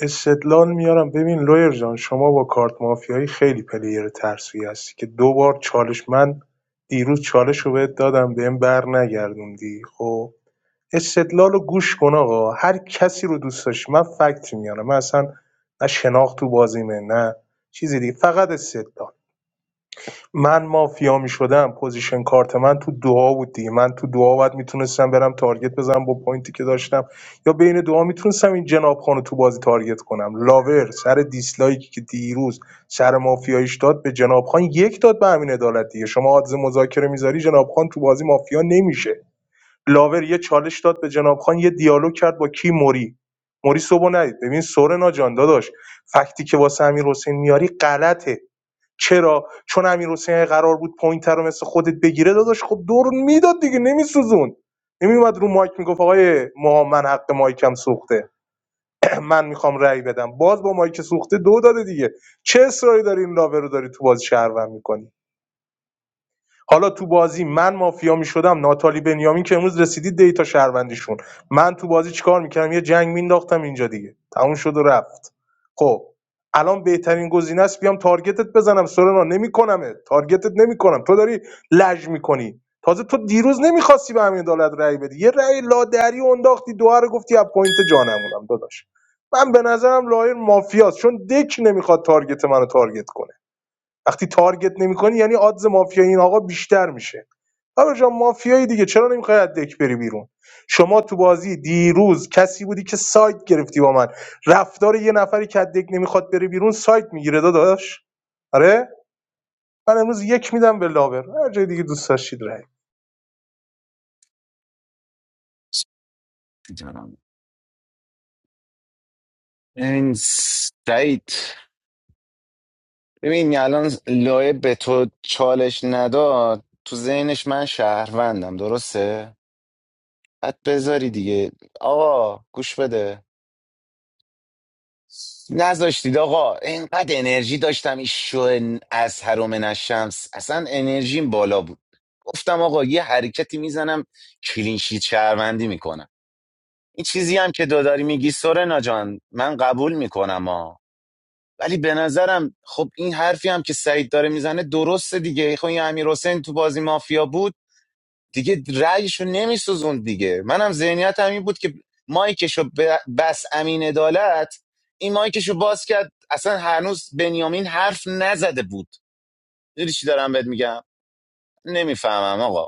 استدلال میارم ببین لویر جان شما با کارت مافیایی خیلی پلیر ترسویی هستی که دو بار چالش من دیروز چالش رو بهت دادم بهم بر نگردوندی خب استدلال رو گوش کن آقا هر کسی رو دوست داشت من فکت میارم من اصلا نه شناخت تو بازیمه نه چیزی دیگه فقط استدلال من مافیا می شدم، پوزیشن کارت من تو دعا بود دیگه من تو دعا باید میتونستم برم تارگت بزنم با پوینتی که داشتم یا بین دعا میتونستم این جناب خانو تو بازی تارگت کنم لاور سر دیسلایکی که دیروز سر مافیاییش داد به جناب خان یک داد به همین عدالت دیگه شما عادز مذاکره میذاری جناب خان تو بازی مافیا نمیشه لاور یه چالش داد به جناب خان یه دیالوگ کرد با کی موری موری صبح ندید ببین سورنا جان داداش فکتی که واسه امیر حسین میاری غلطه چرا چون امیر حسین قرار بود پوینت رو مثل خودت بگیره داداش خب دور میداد دیگه نمیسوزون نمیومد رو مایک میگفت آقای محمد حق مایکم سوخته من میخوام رأی بدم باز با مایک سوخته دو داده دیگه چه اصراری داری این لاوه رو داری تو باز شهروند میکنی حالا تو بازی من مافیا میشدم ناتالی بنیامین که امروز رسیدید دیتا شهروندیشون من تو بازی چیکار میکردم یه جنگ مینداختم اینجا دیگه تموم شد و رفت خب الان بهترین گزینه است بیام تارگتت بزنم سورنا نمیکنمه تارگتت نمیکنم تو داری لج میکنی تازه تو دیروز نمیخواستی به همین عدالت رأی بدی یه رأی لادری و انداختی دوها رو گفتی از پوینت جانمونم داداش من به نظرم لایر مافیاست چون دک نمیخواد تارگت منو تارگت کنه وقتی تارگت نمیکنی یعنی آدز مافیای این آقا بیشتر میشه آقا جان مافیایی دیگه چرا نمیخوای از دک بری بیرون شما تو بازی دیروز کسی بودی که سایت گرفتی با من رفتار یه نفری که از دک نمیخواد بره بیرون سایت میگیره داداش آره من امروز یک میدم به لاور هر جای دیگه دوست داشتید رای
جانم این سعید ببین الان لایه به تو چالش نداد تو ذهنش من شهروندم درسته؟ بعد بذاری دیگه آقا گوش بده نذاشتید آقا اینقدر انرژی داشتم این شو از هرومن شمس اصلا انرژیم بالا بود گفتم آقا یه حرکتی میزنم کلینشیت شهروندی میکنم این چیزی هم که دو داری میگی سورنا جان من قبول میکنم ولی به نظرم خب این حرفی هم که سعید داره میزنه درسته دیگه خب این امیر تو بازی مافیا بود دیگه رأیشو نمیسوزوند دیگه منم ذهنیت همین بود که مایکشو ب- بس امین عدالت این مایکشو باز کرد اصلا هنوز بنیامین حرف نزده بود میدونی چی دارم بهت میگم نمیفهمم آقا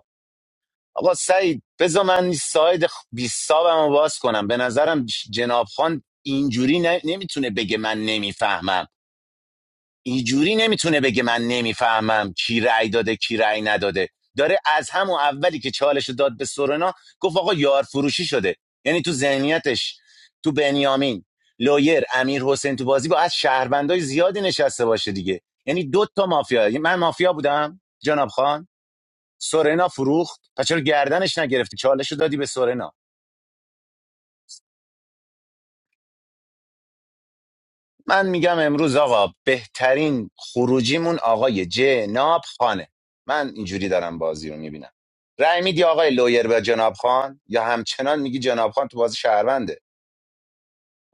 آقا سعید بذار من این ساید بیستابم رو باز کنم به نظرم جناب خان اینجوری ن- نمیتونه بگه من نمیفهمم اینجوری نمیتونه بگه من نمیفهمم کی رأی داده کی رأی نداده داره از همون اولی که چالش داد به سورنا گفت آقا یار فروشی شده یعنی تو ذهنیتش تو بنیامین لویر امیر حسین تو بازی با از شهروندای زیادی نشسته باشه دیگه یعنی دو تا مافیا یعنی من مافیا بودم جناب خان سورنا فروخت پس چرا گردنش نگرفتی چالش دادی به سورنا من میگم امروز آقا بهترین خروجیمون آقای جناب خانه من اینجوری دارم بازی رو میبینم رأی میدی آقای لویر به جناب خان یا همچنان میگی جناب خان تو بازی شهرونده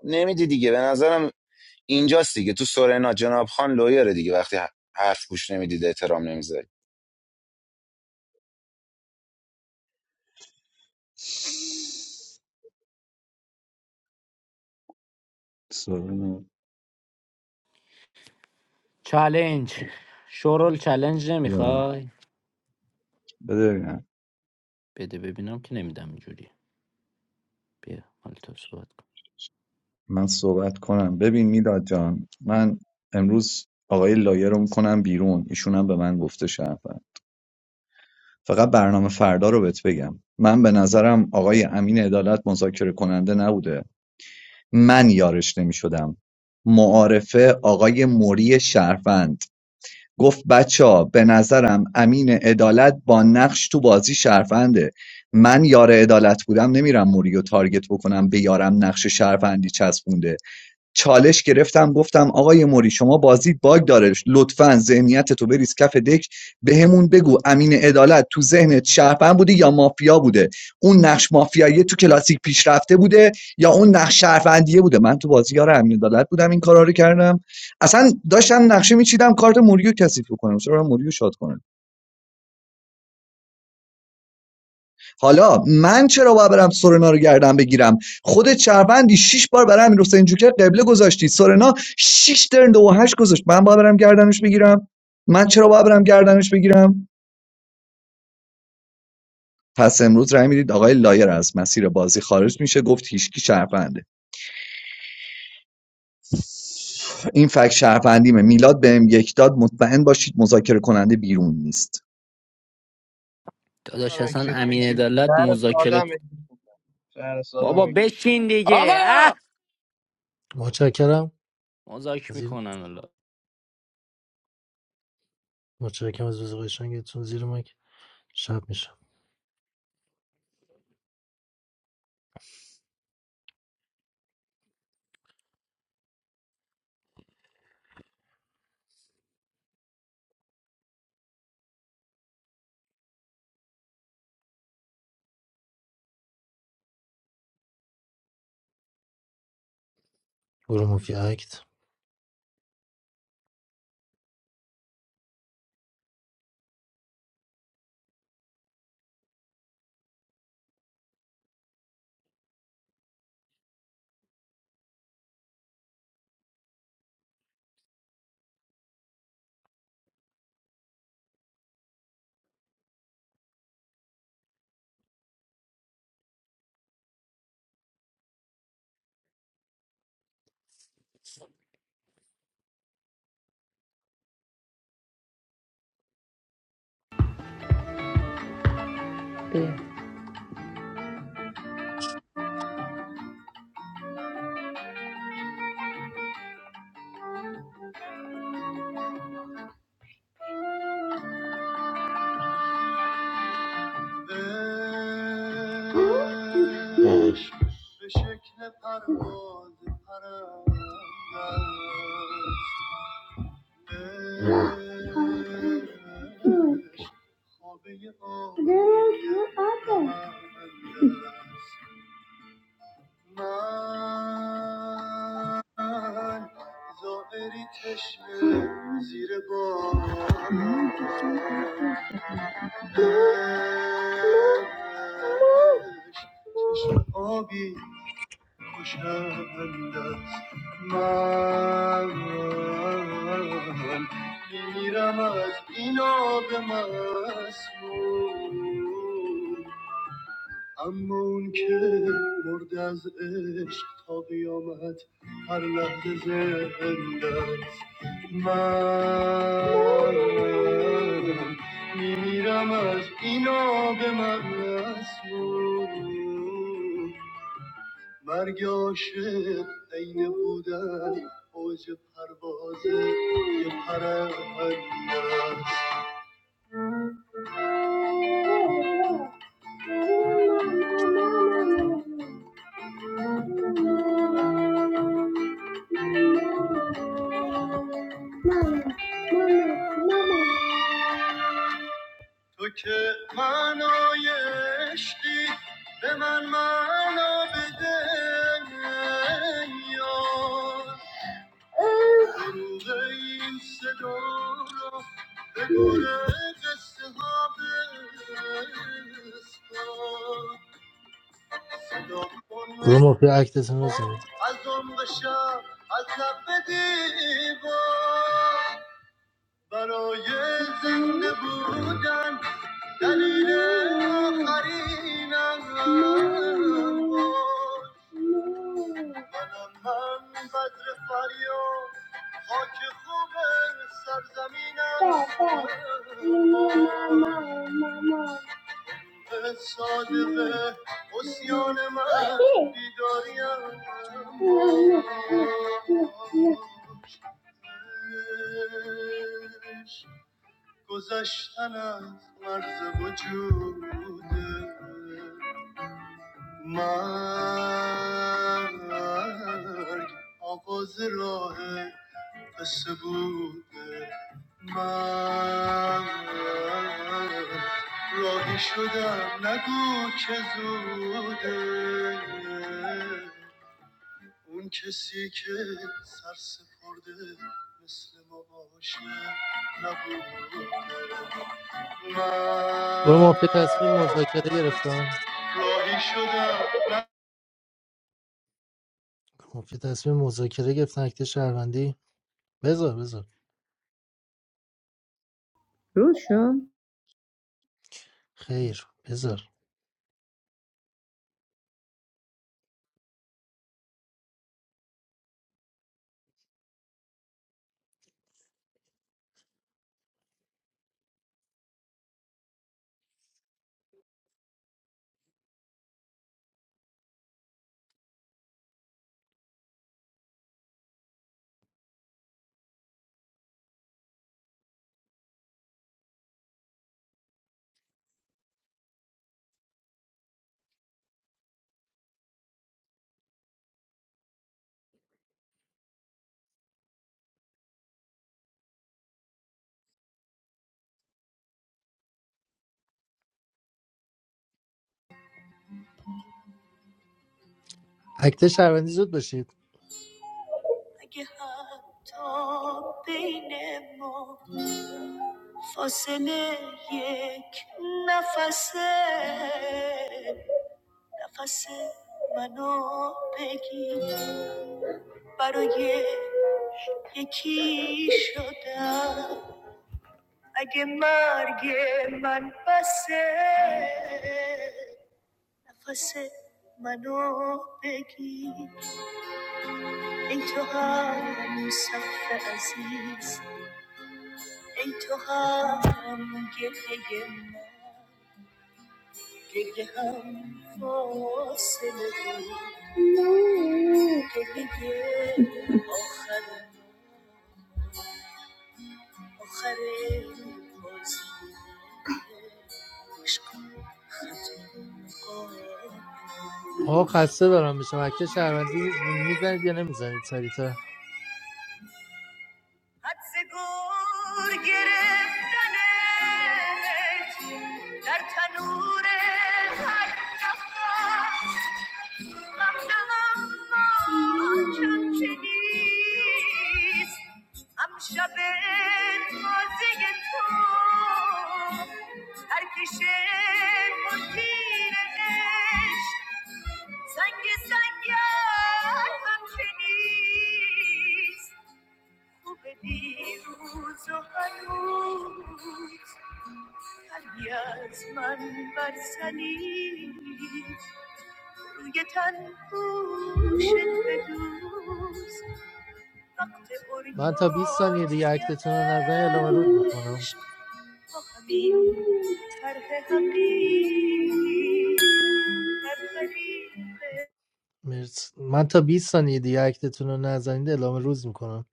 نمیدی دیگه به نظرم اینجاست دیگه تو سورنا جناب خان لویره دیگه وقتی ح- حرف گوش نمیدید احترام نمیذاری
سورنا،
چلنج شورل چلنج
بده
نمیخوای
ببینم.
بده ببینم که نمیدم اینجوری بیا مال تو صحبت کن
من صحبت کنم ببین میلاد جان من امروز آقای لایر رو میکنم بیرون ایشونم به من گفته شرفن فقط برنامه فردا رو بهت بگم من به نظرم آقای امین عدالت مذاکره کننده نبوده من یارش نمی شدم معارفه آقای موری شرفند گفت بچه ها به نظرم امین عدالت با نقش تو بازی شرفنده من یار عدالت بودم نمیرم موری و تارگت بکنم به یارم نقش شرفندی چسبونده چالش گرفتم گفتم آقای موری شما بازیت باگ داره لطفا ذهنیتتو بریز کف دک بهمون بگو امین عدالت تو ذهنت شهروند بوده یا مافیا بوده اون نقش مافیایی تو کلاسیک پیشرفته بوده یا اون نقش شهروندیه بوده من تو بازیار امین عدالت بودم این کارا رو کردم اصلا داشتم نقشه میچیدم کارت موریو کثیف کنم، چرا موریو شاد کنم حالا من چرا باید برم سورنا رو گردن بگیرم خودت چربندی شش بار برای امیر حسین جوکر قبله گذاشتی سورنا شش ترن دو و هشت گذاشت من باید برم گردنش بگیرم من چرا باید برم گردنش بگیرم پس امروز رای میدید آقای لایر از مسیر بازی خارج میشه گفت هیچکی شرفنده این فکت شرفندیمه میلاد بهم یک داد مطمئن باشید مذاکره کننده بیرون نیست
داداش
آدم
اصلا
اگزییت.
امین عدالت
در ساده
مذاکره
شهرستادم
بابا
اگزیت میدم
بشین دیگه اه
آقا
متشکرم
مذاکره
زیر
میکنن الله
متشکرم از بز قشنگتون زیر مایک شب میشه برو مفی اکت
Yes. Yes. من زائری چشم زیر بارش چشم آبی خوشند است من میمیرم از این آب مسموم Amoon ke mor das ich tavjomat harlahe zendaz. Ma mimiram az inab emaras. Marga ashir einebudan oj parvaze ke paravan. Toke manaye shti be man man abdehne ya. Anu dayi shadro be neke shahdeh. Shadokan
گروه مافیا اکتتون رو
mo
زمین
azom besho azabdeh bo baraye zinbe bud darine harim bo. Bad, bad. You need my mama, mama.
گروه مافیا تصمیم مذاکره گرفتن مافیا تصمیم مذاکره گرفتن اکت شهروندی بذار بذار
Rushan.
خیر بذار اکت شهروندی زود باشید
Fosele yek nafase, nafase mano begi, paruye yeki shoda, aghe marghe man passe, nafase mano begi, e toham saf aziz, e toham gheye man. Ket ya ham faoselu, ket ya yeh o khare, o khare mozim, ishkhun khutun ko,
آه خسته برام میشم اکت شهروندی میزنید یا نمیزنید سریعتر
mozim ket ya danet, dar tanure ha. Am shalom, ma'am, I'm feliz. Am shabat, ma'aseh tov. Har kishet, po'kinech. Sanki sankya, I'm feliz. Ubedi uzo hayud. Al yasman, bar sani. Do you tend to shed a tear? When the Orion
من تا 20 ثانیه دیگه اکتتون رو نزنید اعلام روز میکنم
shines, my heart is happy.
مرس. من تا 20 ثانیه دیگه اکتتون رو نزنید اعلام روز میکنم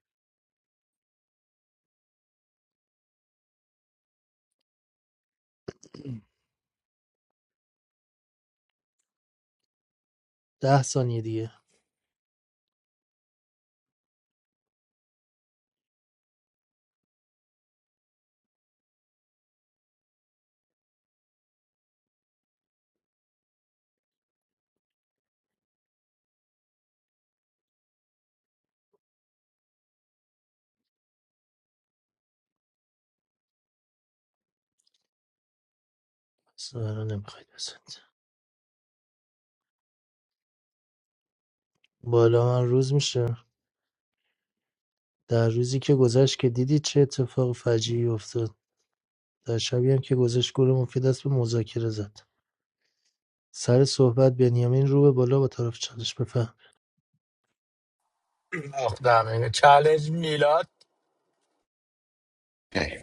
10 ثانیه دیگه سوال نمیخواید بزنید بالا من روز میشه در روزی که گذشت که دیدید چه اتفاق فجیعی افتاد در شبی هم که گذشت گل مفید دست به مذاکره زد سر صحبت بنیامین رو به بالا با طرف چالش بفهم
آخ دمه چالش میلاد
ای،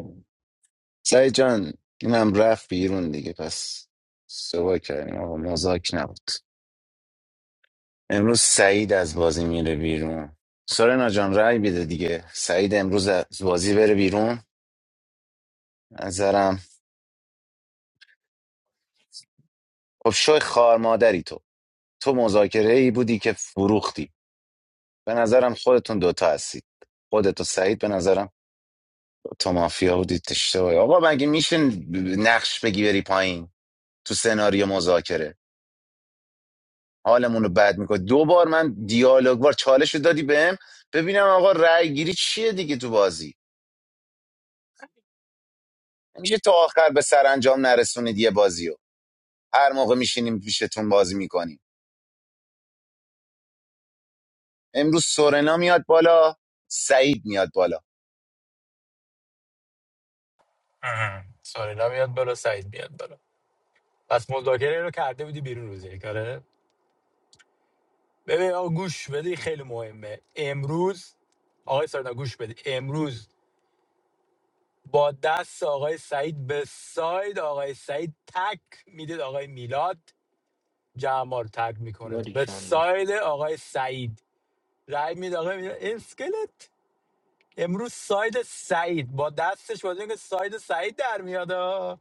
سعید جان اینم رفت بیرون دیگه پس سوا کردیم آقا مزاک نبود امروز سعید از بازی میره بیرون سارنا جان رأی بده دیگه سعید امروز از بازی بره بیرون از نظرم خب شوی خار مادری تو تو مذاکره ای بودی که فروختی به نظرم خودتون دوتا هستید خودت و سعید به نظرم تو مافیا بودید اشتباهی آقا مگه میشه نقش بگی بری پایین تو سناریو مذاکره حالمون رو بد میکنه دو بار من دیالوگ بار چالش رو دادی بهم ببینم آقا رای گیری چیه دیگه تو بازی میشه تا آخر به سرانجام نرسونید یه بازیو هر موقع میشینیم پیشتون بازی میکنیم امروز سورنا میاد بالا سعید میاد بالا
اه. سوری نمیاد بالا سعید میاد بالا پس مذاکره رو کرده بودی بیرون روز یک آره ببین آقا گوش بدی خیلی مهمه امروز آقای سارنا گوش بدی امروز با دست آقای سعید به ساید آقای سعید تک میدید آقای میلاد جمع رو تک میکنه به
باریکلا
ساید آقای سعید رای میده آقای میلاد اسکلت امروز ساید سعید با دستش بازی که ساید سعید در میاد آه.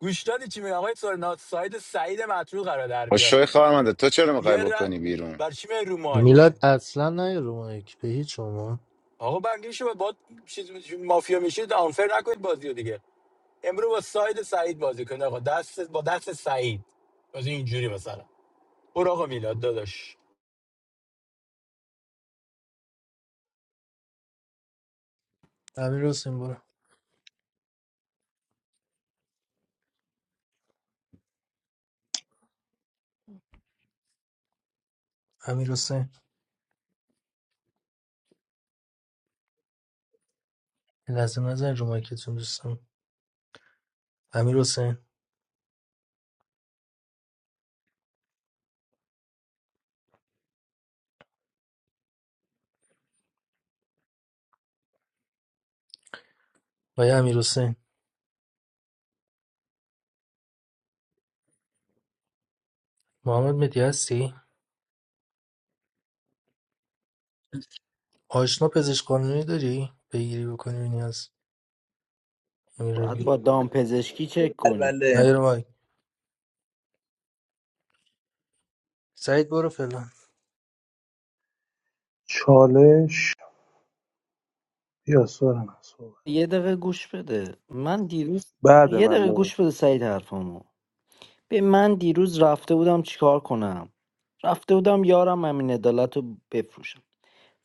گوش دادی چی میگه آقای سارنا ساید سعید مطرود قرار در
با
بیاد
شوی خارمانده تو چرا
یه
میخوای
ر...
بکنی بیرون
بر چی میای رو مایک
میلاد اصلا نه رو مایک به هیچ شما
آقا بقیه شما با چیز مافیا میشید آنفر نکنید بازی رو دیگه امرو با ساید سعید بازی کنید آقا دست با دست سعید بازی اینجوری مثلا برو آقا میلاد داداش
امیر حسین برو امیر حسین یه لحظه نزن رو دوستم امیر حسین وای امیر حسین محمد مدی هستی آشنا پزشک قانونی داری بگیری بکنی نیاز امیر
باید با
حسین
دام پزشکی چک
I
کنی
believe.
نه رو مایک سعید برو فلان
چالش بیا سارم صحبت
یه دقیقه گوش بده من دیروز
بعد
یه
من
دقیقه گوش
داداش
بده سعید حرفامو به من دیروز رفته بودم چیکار کنم رفته بودم یارم امین عدالت رو بفروشم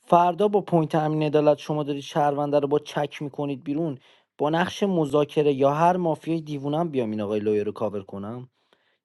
فردا با پوینت امین عدالت شما دارید شهرونده رو با چک میکنید بیرون با نقش مذاکره یا هر مافیای دیوونم بیام این آقای لویه رو کاور کنم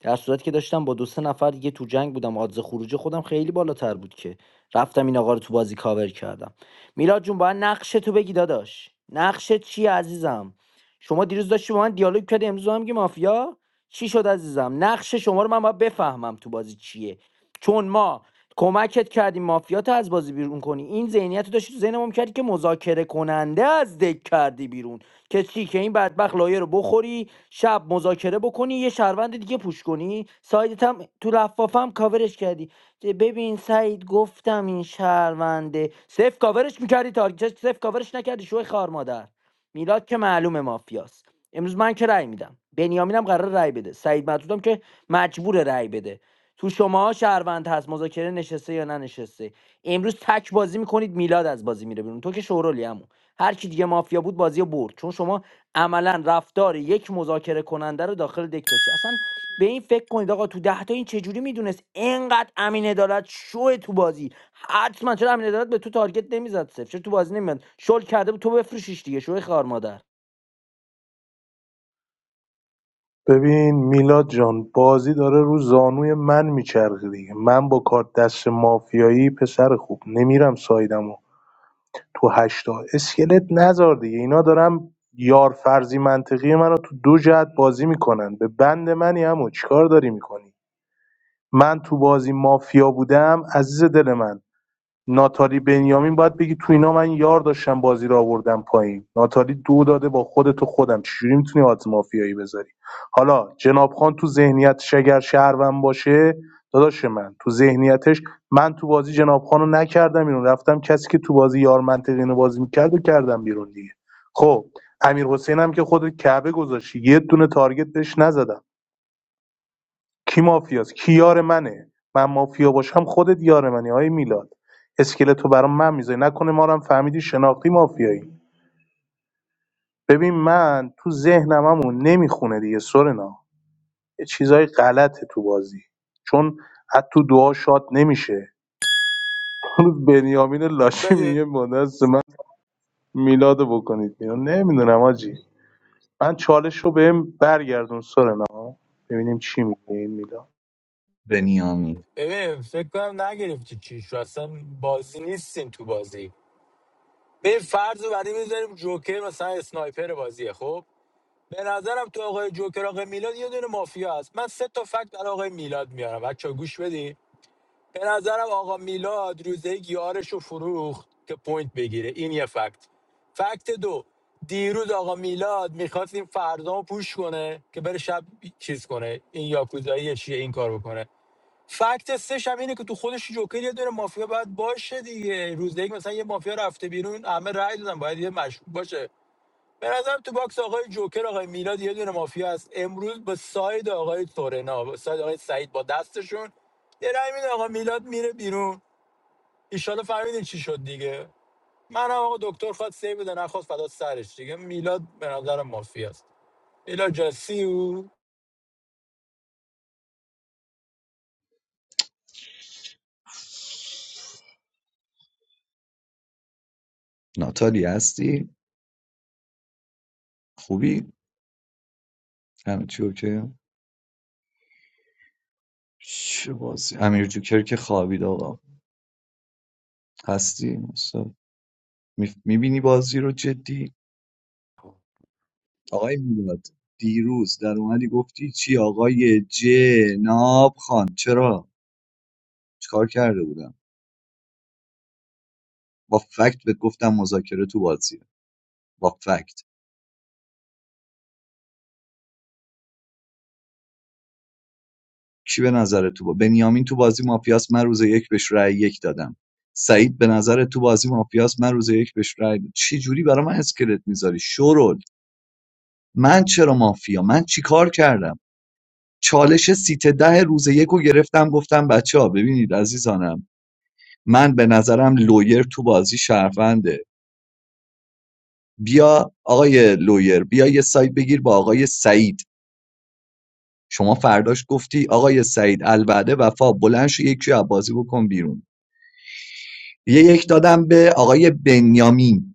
در صورتی که داشتم با دو سه نفر دیگه تو جنگ بودم آدز خروج خودم خیلی بالاتر بود که رفتم این آقا رو تو بازی کاور کردم میلاد جون باید نقش تو بگی داداش نقش چی عزیزم شما دیروز داشتی با من دیالوگ کردی امروز هم میگی مافیا چی شد عزیزم نقش شما رو من باید بفهمم تو بازی چیه چون ما کمکت کردیم مافیات از بازی بیرون کنی این ذهنیت رو داشتی تو ذهن کردی که مذاکره کننده از دک کردی بیرون که چی که این بدبخت لایه رو بخوری شب مذاکره بکنی یه شهروند دیگه پوش کنی سایدت هم تو لفافم کاورش کردی ببین سعید گفتم این شهرونده صفر کاورش میکردی تارگیت صفر کاورش نکردی شوی خار مادر میلاد که معلومه مافیاست امروز من که رأی میدم بنیامینم قرار رأی بده سعید مطلودم که مجبور رأی بده تو شما شهروند هست مذاکره نشسته یا ننشسته امروز تک بازی میکنید میلاد از بازی میره بیرون تو که شورولی عمو. هر کی دیگه مافیا بود بازی رو برد چون شما عملا رفتار یک مذاکره کننده رو داخل دک داشتی اصلا به این فکر کنید آقا تو ده تا این چجوری میدونست اینقدر امین عدالت شو تو بازی حتما چرا امین عدالت به تو تارگت نمیزد صفر چرا تو بازی نمیاد شل کرده بود تو بفروشیش دیگه شوی خار مادر
ببین میلاد جان بازی داره رو زانوی من میچرخه دیگه من با کارت دست مافیایی پسر خوب نمیرم سایدمو تو هشتا اسکلت نذار دیگه اینا دارم یار فرضی منطقی منو تو دو جهت بازی میکنن به بند منی همو چیکار داری میکنی من تو بازی مافیا بودم عزیز دل من ناتالی بنیامین باید بگی تو اینا من یار داشتم بازی رو آوردم پایین ناتالی دو داده با خودت و خودم چجوری میتونی آت مافیایی بذاری حالا جناب خان تو ذهنیت شگر شهروند باشه داداش من تو ذهنیتش من تو بازی جناب خان رو نکردم بیرون رفتم کسی که تو بازی یار منطقی اینو بازی میکرد و کردم بیرون دیگه خب امیر حسین هم که خودت کعبه گذاشتی یه دونه تارگت بهش نزدم کی مافیاست کی یار منه من مافیا باشم خودت یار منی آی میلاد اسکلتو برام من میذاری نکنه ما رو هم فهمیدی شناختی مافیایی ببین من تو ذهنم همون نمیخونه دیگه سورنا یه چیزای غلطه تو بازی چون حتی تو دعا شاد نمیشه اون بنیامین لاشی
بده
میگه مادست من میلاد بکنید بیرون نمیدونم آجی من چالش رو بهم برگردون سورنا ببینیم چی میگه این میلاد
بنیامین
ببین فکر کنم نگرفتی چیش رو اصلا بازی نیستیم تو بازی به فرض رو بعدی میذاریم جوکر مثلا اسنایپر بازیه خب به نظرم تو آقای جوکر آقای میلاد یه دونه مافیا هست من سه تا فکت برای آقای میلاد میارم بچا گوش بدین به نظرم آقا میلاد روزه یک یارش رو فروخت که پوینت بگیره این یه فکت فکت دو دیروز آقا میلاد میخواست این فرزام رو پوش کنه که بره شب چیز کنه این یاکوزایی چیه این کار بکنه فکت سش هم اینه که تو خودش جوکر یه دونه مافیا باید باشه دیگه روز یک مثلا یه مافیا رفته بیرون همه رأی دادن باید یه مشکوک باشه به نظرم تو باکس آقای جوکر آقای میلاد یه دونه مافیا هست امروز با ساید آقای سورنا با ساید آقای سعید با دستشون یه رای میده آقا میلاد میره بیرون ایشالا فهمیدین چی شد دیگه منم آقا دکتر خواست سی بده نخواست فدا سرش دیگه میلاد به نظرم مافیا است میلاد جاسی او
ناتالی هستی خوبی همه چی اوکی چه بازی امیر جوکر که خوابید آقا هستی استاد میف- میبینی بازی رو جدی آقای میلاد دیروز در اومدی گفتی چی آقای جناب خان چرا چیکار کرده بودم با فکت بهت گفتم مذاکره تو بازیه با فکت کی به نظر تو با بنیامین تو بازی مافیاس من روز یک بهش رأی یک دادم سعید به نظر تو بازی مافیاس من روز یک بهش رأی دادم. چی جوری برای من اسکلت میذاری شورل من چرا مافیا من چیکار کردم چالش سیت ده روز یک رو گرفتم گفتم بچه ها ببینید عزیزانم من به نظرم لویر تو بازی شهرونده بیا آقای لویر بیا یه سایت بگیر با آقای سعید شما فرداش گفتی آقای سعید الوعده وفا بلند شو یکی از بازی بکن بیرون یه یک دادم به آقای بنیامین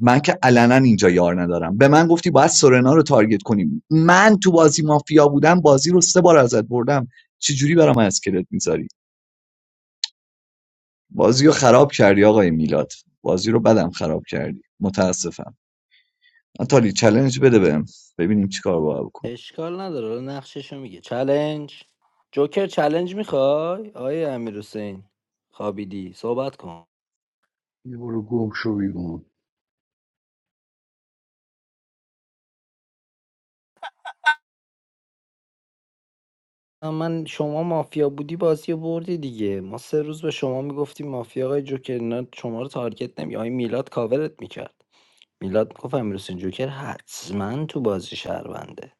من که علنا اینجا یار ندارم به من گفتی باید سورنا رو تارگت کنیم من تو بازی مافیا بودم بازی رو سه بار ازت بردم چجوری برام اسکلت میذاری بازی رو خراب کردی آقای میلاد بازی رو بدم خراب کردی متاسفم آتالی چالش بده بهم ببینیم چی کار باید بکنیم
اشکال نداره حالا نقششو میگه چلنج جوکر چلنج میخوای آیه امیر حسین خوابیدی صحبت کن
یه برو گم شو بیرون
من شما مافیا بودی بازی رو بردی دیگه ما سه روز به شما میگفتیم مافیا آقای جوکر اینا شما رو تارگت نمی آقای میلاد کاورت میکرد میلاد میگفت امیر حسین جوکر حتما تو بازی شهرونده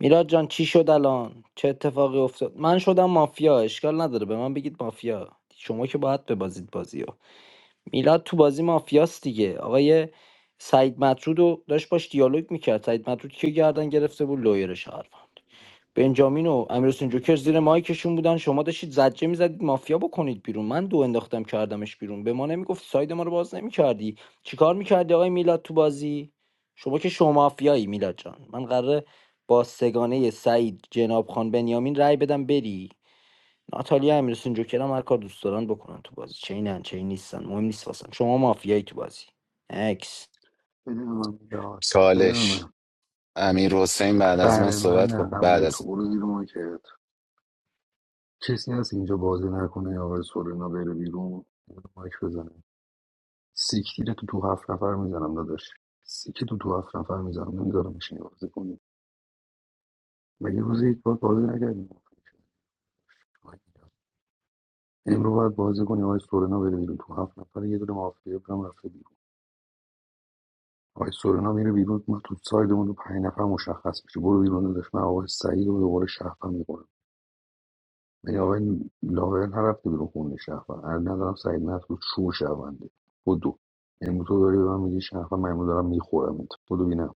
میلاد جان چی شد الان چه اتفاقی افتاد من شدم مافیا اشکال نداره به من بگید مافیا شما که باید ببازید بازی رو میلاد تو بازی مافیاست دیگه آقای سعید مطرود رو داشت باش دیالوگ میکرد سعید مطرود که گردن گرفته بود لویر شهروند بنجامین و امیرحسین جوکر زیر مایکشون بودن شما داشتید زجه میزدید مافیا بکنید بیرون من دو انداختم کردمش بیرون به ما نمیگفت ساید ما رو باز نمیکردی چیکار میکردی آقای میلاد تو بازی شما که شما مافیایی میلاد جان من قراره با سگانه سعید جناب خان بنیامین رای بدم بری ناتالیا امیرحسین جوکر هم هر کار دوست دارن بکنن تو بازی چه اینن چه این نیستن مهم نیست واسن شما مافیایی تو بازی اکس
بده به من میداد بده به
چالش
من
امیر حسین بعد از من
بله من
صحبت
نه
کن بعد
قبل
از
تو برو زیر مایکت کسی هست اینجا بازی نکنه یا آقای سورنا بره بیرون برو مایک بزنه سیکتیر تو تو هفت نفر میزنم داداش سیکی تو تو هفت نفر میزنم نمیذارم ماشین بازی کنی مگه روز یک بار بازی نکردیم امروز باید بازی کنی آقای سورنا بره بیرون تو هفت نفر یه دونه مافیا بگم رفته بیرون. آقای سورنا میره بیرون ما تو سایدمون رو پنج نفر مشخص میشه برو بیرون داشت من آقای سعید رو دوباره شهروند میکنم ولی آقای لاور نرفته بیرون خونه شهروند از نظرم سعید مسعود شو شهرونده بدو امروز تو داری به من میگی شهروند من امروز دارم میخورم بدو بینم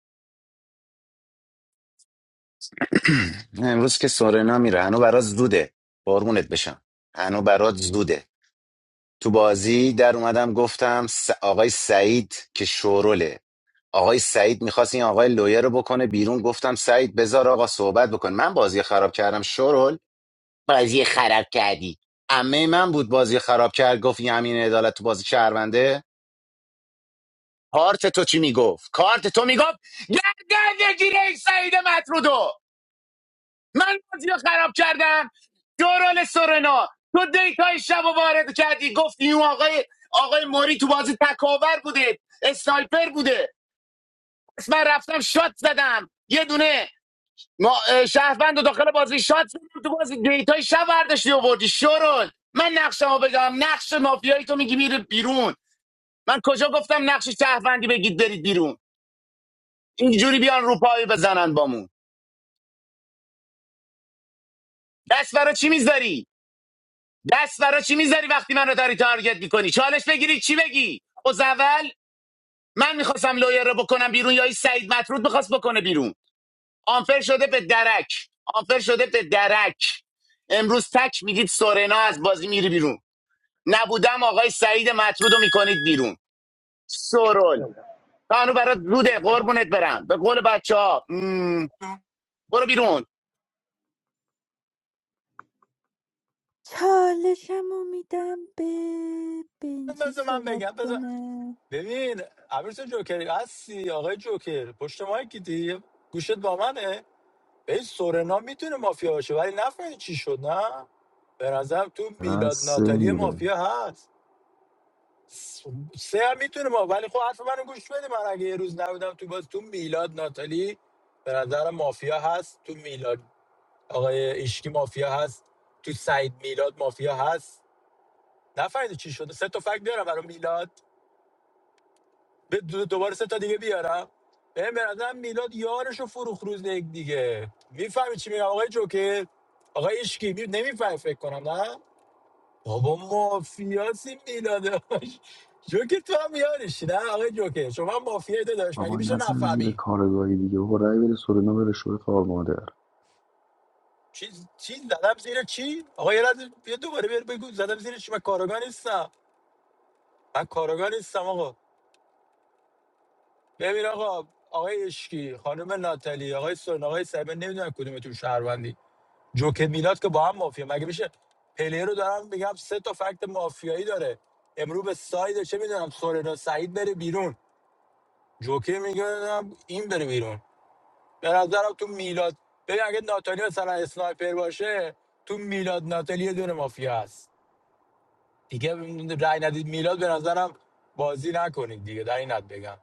من. امروز که سورنا میره هنو برات زوده بارمونت بشم هنو برات زوده تو بازی در اومدم گفتم س- آقای سعید که شوروله آقای سعید میخواست این آقای لویه رو بکنه بیرون گفتم سعید بذار آقا صحبت بکن من بازی خراب کردم شرول بازی خراب کردی عمه من بود بازی خراب کرد گفت یمین عدالت تو بازی شهرونده کارت تو چی میگفت کارت تو میگفت گردن بگیره این سعید مطرودو من بازی رو خراب کردم شرول سورنا تو دیتای شب رو وارد کردی گفتی اون آقای آقای موری تو بازی تکاور بوده اسنایپر بوده پس من رفتم شات زدم یه دونه ما اه، شهروند و داخل بازی شات زدیم تو بازی دیتای شب برداشتی آوردی شورول من نقشمو بگم نقش مافیایی تو میگی میره بیرون من کجا گفتم نقش شهروندی بگید برید بیرون اینجوری بیان رو پای بزنن بامون دست برا چی میذاری دست برا چی میذاری وقتی من رو داری تارگت میکنی چالش بگیری چی بگی از اول من میخواستم لویر رو بکنم بیرون یا این سعید مطرود میخواست بکنه بیرون آنفر شده به درک آنفر شده به درک امروز تک میدید سورنا از بازی میری بیرون نبودم آقای سعید مطرود رو میکنید بیرون سرول قانون برات روده قربونت برم به قول بچه ها برو بیرون
چالشم رو میدم به بنجی
بذار من
صحبت
بگم بذار
کنه
ببین عبرس جوکر هستی آقای جوکر پشت مایکی دی گوشت با منه به سورنا میتونه مافیا باشه ولی نفهمید چی شد نه به نظرم تو
از
میلاد ناتالی
میره
مافیا هست س- سه هم میتونه ما ولی خب حرف منو گوش بده من اگه یه روز نبودم تو باز تو میلاد ناتالی به نظرم مافیا هست تو میلاد آقای ایشکی مافیا هست تو سعید میلاد مافیا هست نفهمیدی چی شده سه تا فکت بیارم برای میلاد به دو- دوباره سه تا دیگه بیارم بهم به نظرم میلاد یارش رو فروخ روز یک دیگه میفهمی چی میگم آقای جوکر آقای اشکی می... نمیفهمی فکر کنم نه بابا مافیاسی میلادش جوکر تو هم یارشی نه آقای جوکر شما هم مافیایی داداش مگه
بابا
میشه
نزن زیر
نفهمی
کارگاهی دیگه بابا رای بره سورنا بره شوی خار مادر
چی چی زدم زیر چی آقا یه لحظه بیا دوباره بیا بگو زدم زیر چی من کاراگاه نیستم من کاراگاه نیستم آقا ببین آقا آقای اشکی خانم ناتالی آقای سرنا آقای سایبر نمیدونم کدومتون شهروندی جوکر میلاد که با هم مافیا مگه میشه پلیر رو دارم میگم سه تا فکت مافیایی داره امرو به ساید چه میدونم سورنا سعید بره بیرون جوکر میگه نه، این بره بیرون به نظرم تو میلاد ببین اگه ناتالی مثلا اسنایپر باشه تو میلاد ناتالی یه دونه مافیا هست دیگه رای ندید میلاد به نظرم بازی نکنید دیگه در اینت بگم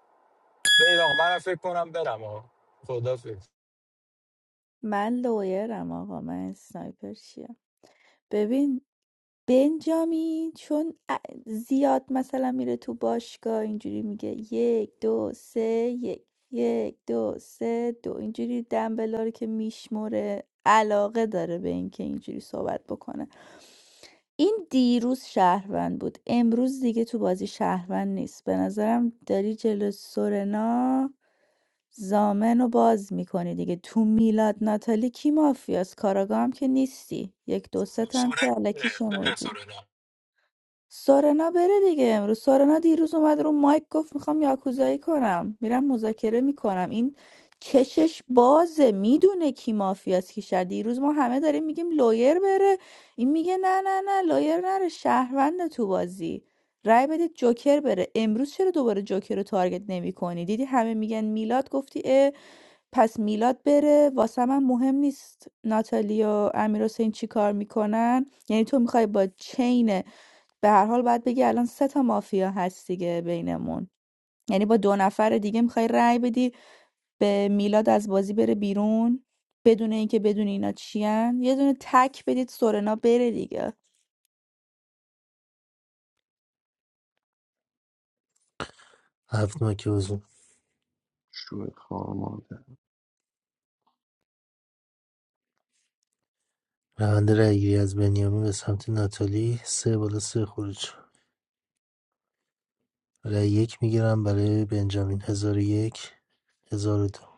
بریم آقا منم فکر کنم برم آقا خدا فکر
من لویرم آقا من سنایپر ببین بنجامین چون ا- زیاد مثلا میره تو باشگاه اینجوری میگه یک دو سه یک یک دو سه دو اینجوری دنبلا رو که میشموره علاقه داره به اینکه اینجوری صحبت بکنه این دیروز شهروند بود امروز دیگه تو بازی شهروند نیست به نظرم داری جلو سورنا زامن رو باز میکنی دیگه تو میلاد ناتالی کی مافیاست کاراگاه هم که نیستی یک دو سه هم
سورنا
که
بره
علکی
بره
شمردی
سورنا
سارنا بره دیگه امروز سارنا دیروز اومد رو مایک گفت میخوام یاکوزایی کنم میرم مذاکره میکنم این کشش بازه میدونه کی مافیاست کی شهر دیروز ما همه داریم میگیم لایر بره این میگه نه نه نه لایر نره شهروند تو بازی رای بدید جوکر بره امروز چرا دوباره جوکر رو تارگت نمیکنی دیدی همه میگن میلاد گفتی اه پس میلاد بره واسه من مهم نیست ناتالی و امیر حسین چی کار میکنن یعنی تو میخوای با چین به هر حال باید بگی الان سه تا مافیا هست دیگه بینمون یعنی با دو نفر دیگه میخوای رأی بدی به میلاد از بازی بره بیرون بدون اینکه بدون اینا چیان یه دونه تک بدید سورنا بره دیگه
هفت مایک
شوی خار مادر
روند رأیگیری از بنیامین به سمت ناتالی سه بالا سه خروج رأی یک میگیرم برای بنجامین هزار و یک هزار و دو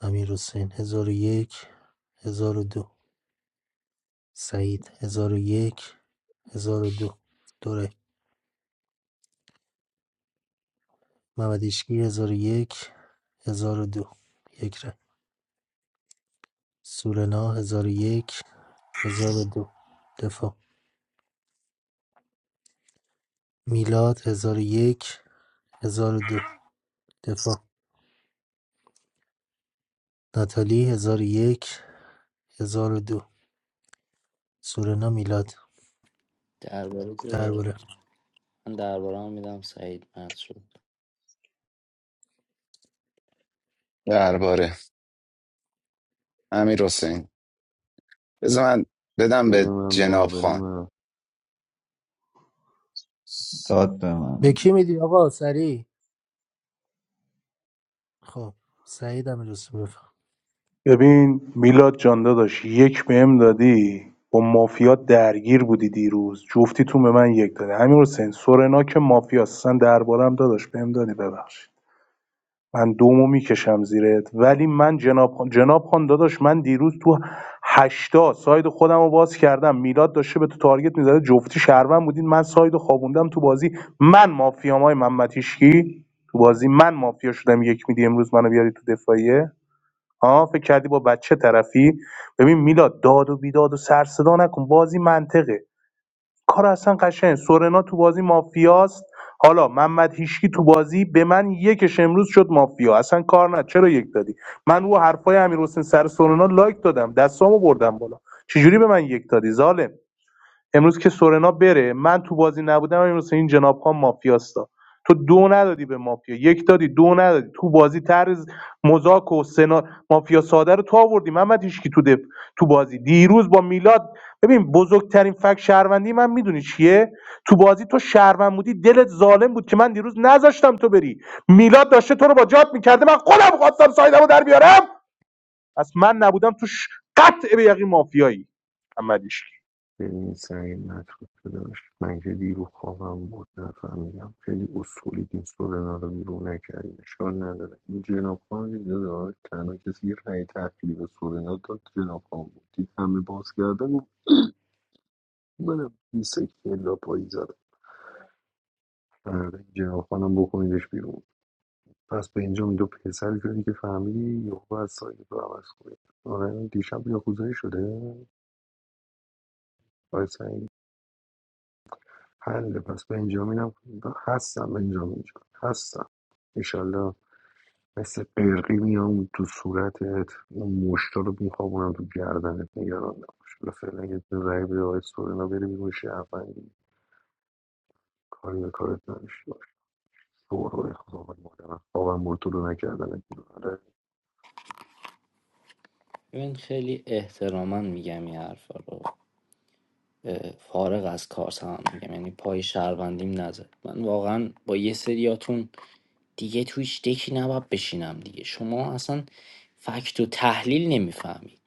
امیر حسین هزار و یک هزار و دو سعید هزار و یک هزار و دو دو رأی محمد هیشکی هزار و یک هزار و دو یک رأی سورنا هزار و یک هزار و دو دفاع میلاد هزار و یک هزار و دو دفاع ناتالی هزار و یک هزار و دو سورنا میلاد
درباره داره
درباره
من درباره هم میدم سعید مدرو
درباره امیر حسین بذار من بدم
بده
به
من بابا
جناب
بده
خان
من
داد به
به
من
کی میدی آقا سریع خب سعید هم رسول
ببین میلاد جان داداش یک بهم دادی با مافیا درگیر بودی دیروز جفتیتون به من یک دادی همین حسین سورنا که مافیا اصلا دربارم داداش بهم دادی ببخشید من دومو میکشم زیرت ولی من جناب خان جناب خان داداش من دیروز تو هشتا ساید خودم رو باز کردم میلاد داشته به تو تارگت میزده جفتی شهروند بودین من ساید رو خوابوندم تو بازی من مافیام های محمد هیشکی. تو بازی من مافیا شدم یک میدی امروز منو بیاری تو دفاعیه ها فکر کردی با بچه طرفی ببین میلاد داد و بیداد و سر صدا نکن بازی منطقه کار اصلا قشنگ سورنا تو بازی مافیاست حالا محمد هیشکی تو بازی به من یکش امروز شد مافیا اصلا کار نه چرا یک دادی من رو حرفای امیر حسین سر سورنا لایک دادم دستامو بردم بالا چجوری به من یک دادی ظالم امروز که سورنا بره من تو بازی نبودم امروز این جناب خان مافیاستا تو دو ندادی به مافیا یک دادی دو ندادی تو بازی طرز مزاک و سنا مافیا ساده رو تو آوردی محمد هیچکی تو دف... تو بازی دیروز با میلاد ببین بزرگترین فک شهروندی من میدونی چیه تو بازی تو شهروند بودی دلت ظالم بود که من دیروز نذاشتم تو بری میلاد داشته تو رو با جات میکرده من خودم خواستم سایدمو در بیارم پس من نبودم تو ش... قطع به یقین مافیایی محمد هیچکی.
ببین سعید مطلوب که داشت من که دیرو خوابم بود نفهمیدم خیلی اصولی این سورنا رو بیرون نکردیم اشکال نداره این جناب خان که داداش تنها کسی که رأی تأخیری به سورنا داد جناب خان بود دید همه باز کردن گفت منم این سکه لا پایی زدم آره، این جناب خانم بکنیدش بیرون پس به اینجا دو پسر شدی که فهمیدی یهو از سایت رو عوض کنید آره دیشب یاکوزایی شده آره حله پس بنجامینم هستم بنجامین جان هستم ایشالله مثل قرقی میام تو صورتت اون مشتا رو میخوابونم تو گردنت نگران نباش حالا فعلا یه دونه رای به آقای سورنا بری بیرون شهروندی کاری به کارت نداشته باش شورای خدا من مادرم خوابم برد تو رو نکردنت بیرون آره.
ببین خیلی احتراما میگم این حرفا رو فارغ از کار هم میگم یعنی پای شهروندیم نزد من واقعا با یه سریاتون دیگه تویش دکی نباید بشینم دیگه شما اصلا فکت و تحلیل نمیفهمید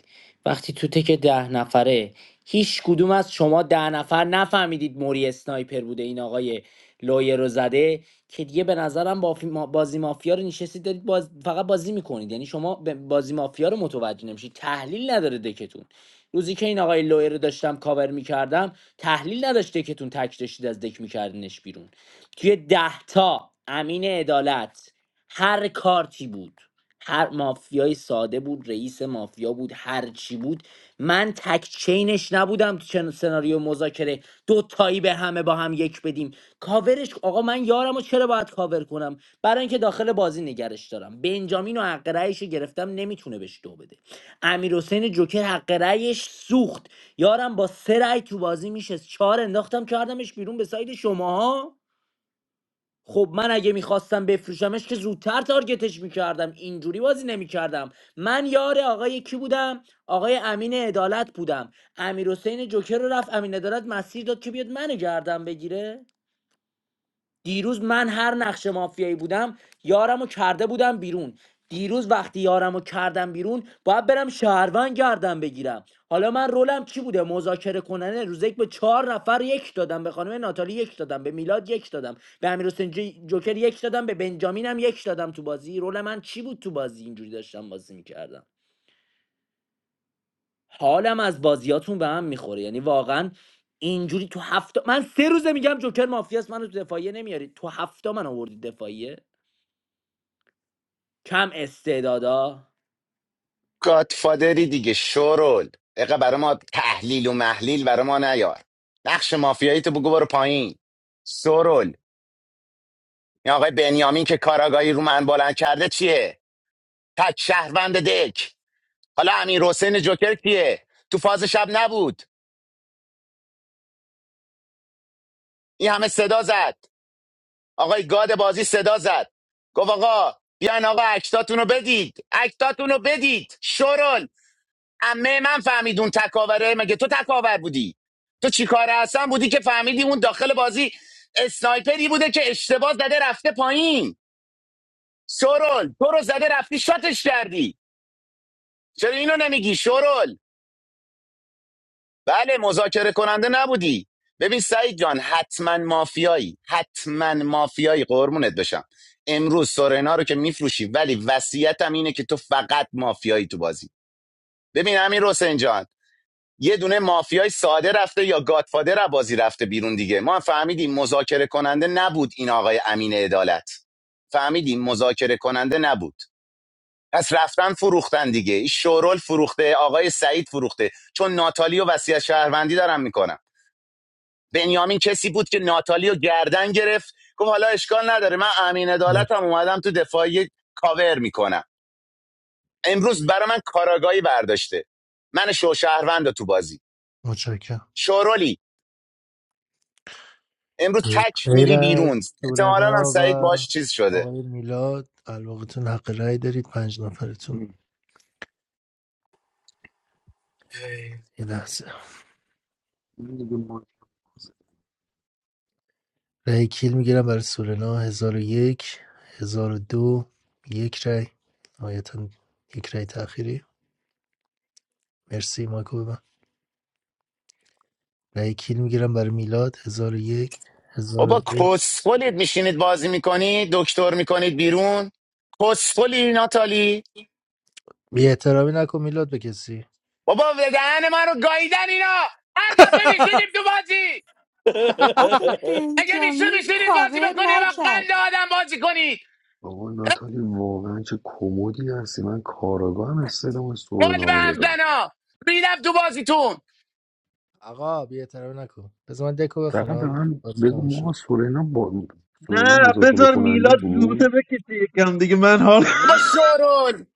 وقتی تو تک ده نفره هیچ کدوم از شما ده نفر نفهمیدید موری اسنایپر بوده این آقای لایر رو زده که دیگه به نظرم بافی ما- بازی مافیا رو نشستید دارید باز... فقط بازی میکنید یعنی شما به بازی مافیا رو متوجه نمیشید تحلیل نداره دکتون روزی که این آقای لایر رو داشتم کاور میکردم تحلیل نداشت دکتون تک داشتید از دک میکردنش بیرون توی ده تا امین عدالت هر کارتی بود هر مافیای ساده بود رئیس مافیا بود هر چی بود من تک چینش نبودم تو چن- سناریو مذاکره دو تایی به همه با هم یک بدیم کاورش آقا من یارم و چرا باید کاور کنم برای اینکه داخل بازی نگرش دارم بنجامین و حق رأیش گرفتم نمیتونه بهش دو بده امیر جوکر حق رأیش سوخت یارم با سه رأی تو بازی میشه چهار انداختم کردمش بیرون به ساید شماها خب من اگه میخواستم بفروشمش که زودتر تارگتش میکردم اینجوری بازی نمیکردم من یار آقای کی بودم آقای امین عدالت بودم امیر حسین جوکر رو رفت امین عدالت مسیر داد که بیاد منو گردم بگیره دیروز من هر نقش مافیایی بودم یارمو کرده بودم بیرون دیروز وقتی یارمو کردم بیرون باید برم شهروند گردم بگیرم حالا من رولم چی بوده مذاکره کننده روز یک به چهار نفر یک دادم به خانم ناتالی یک دادم به میلاد یک دادم به امیر حسین جوکر یک دادم به بنجامینم یک دادم تو بازی رول من چی بود تو بازی اینجوری داشتم بازی میکردم حالم از بازیاتون به هم میخوره یعنی واقعا اینجوری تو هفته من سه روزه میگم جوکر مافیاس منو تو دفاعیه نمیارید تو هفته من آوردی دفاعیه کم استعدادا
گادفادری دیگه شورول اقا برای ما تحلیل و محلیل برای ما نیار نقش مافیایی تو بگو برو پایین شورول این آقای بنیامین که کاراگاهی رو من بلند کرده چیه تک شهروند دک حالا امیر حسین جوکر کیه تو فاز شب نبود این همه صدا زد آقای گاد بازی صدا زد گفت آقا بیاین آقا اکتاتون رو بدید اکتاتون رو بدید شرل امه من فهمید اون تکاوره مگه تو تکاور بودی تو چیکار هستن بودی که فهمیدی اون داخل بازی اسنایپری بوده که اشتباه زده رفته پایین شرل تو رو زده رفتی شاتش کردی چرا اینو نمیگی شرل بله مذاکره کننده نبودی ببین سعید جان حتما مافیایی حتما مافیایی قرمونت بشم امروز سورنا رو که میفروشی ولی وصیتم اینه که تو فقط مافیایی تو بازی ببین امیر حسین جان یه دونه مافیای ساده رفته یا گادفادر از بازی رفته بیرون دیگه ما هم فهمیدیم مذاکره کننده نبود این آقای امین عدالت فهمیدیم مذاکره کننده نبود پس رفتن فروختن دیگه این شورول فروخته آقای سعید فروخته چون ناتالی و وصیت شهروندی دارم میکنم بنیامین کسی بود که ناتالی رو گردن گرفت گفت حالا اشکال نداره من امین
مرسی
عدالتم اومدم تو دفاعی کاور میکنم امروز برا من کاراگاهی برداشته من شوشهروند تو بازی
متشکرم
شورولی امروز تک
غیر
میری
از
بیرون احتمالاً هم
سورنا و
سعید باش چیز شده
آقای میلاد الواقعتون حق رأی دارید پنج نفرتون
این
یه لحظه
دیگه ما
رأی کیل میگیرم برای سورنا هزار و یک هزار و دو یک رأی نهایتا یک رأی تأخیری مرسی مایکو ببن رأی کیل میگیرم برای میلاد هزار و یک هزار و
بابا
دو
کسخلید میشینید بازی میکنید دکتر میکنید بیرون کسخلی ناتالی
بی احترامی نکن میلاد به کسی
بابا ودهن من رو گاییدن اینا هر دفعه میشینیم تو بازی
آخه
اگه میشه
بنجامین
میشینید بازی
کاور
بکنی و قند
نکرد
آدم بازی کنی
بابا ناتالی واقعا چه کمدی هستی من کاراگاه هم استعلام
قلب
سورنا رو
هم
دادم
زنا ریدم تو بازیتون
آقا بی احترامی نکن بذار من دکو
فقط به
بخونم
من
بازی تموم
بگو
شد
ما سورنا با
نه
سورنا مذاکره
بذار
کننده
میلاد زوزه
بود
بکشه یکم دیگه من حال
بابا شورول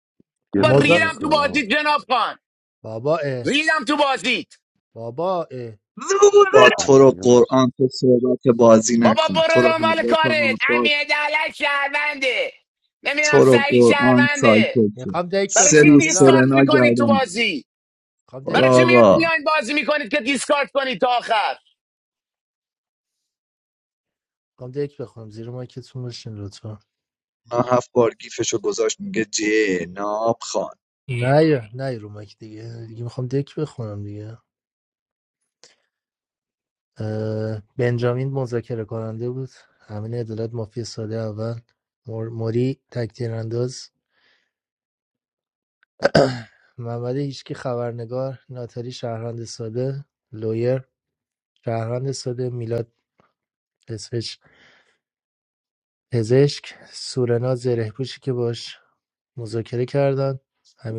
یه
بابا
دقیقه
موزه
ریدم تو
وایسا
بازیت جناب خان
بابا اه
ریدم تو بازیت
بابا اه
زوزه
با تو رو
مافیاست
قرآن تو صحبت بازی
بابا
نکن تو
برو
رو
دنبال
حضرت
کارت
عباس
امیر دلک شهرونده نمیدونم
تو رو
سعید
قرآن
شهرونده
سایکل شد
میخوام دک
برای
سه
چی
بخونم
روز
میلاد
دیسکارت
سرنا
میکنید تو
گردم
بازی
میخوام
برو
دک
برای چی میاد
بخونم
آقا
میاین بازی میکنید که دیسکارت کنید تا آخر
میخوام دک بخونم زیر مایکتون باشین لطفا
من هفت بار گیفشو گذاشت میگه جناب خان
نه یا- نه یا رو مایک دیگه دیگه میخوام دک بخونم دیگه اه، بنجامین مذاکره کننده بود همین عدالت مافی ساله اول مور- موری تکتیر انداز محمد هیچکی خبرنگار ناتالی شهروند ساده لویر شهروند ساده میلاد پزشک، سورنا زرهپوشی که باش مذاکره کردن،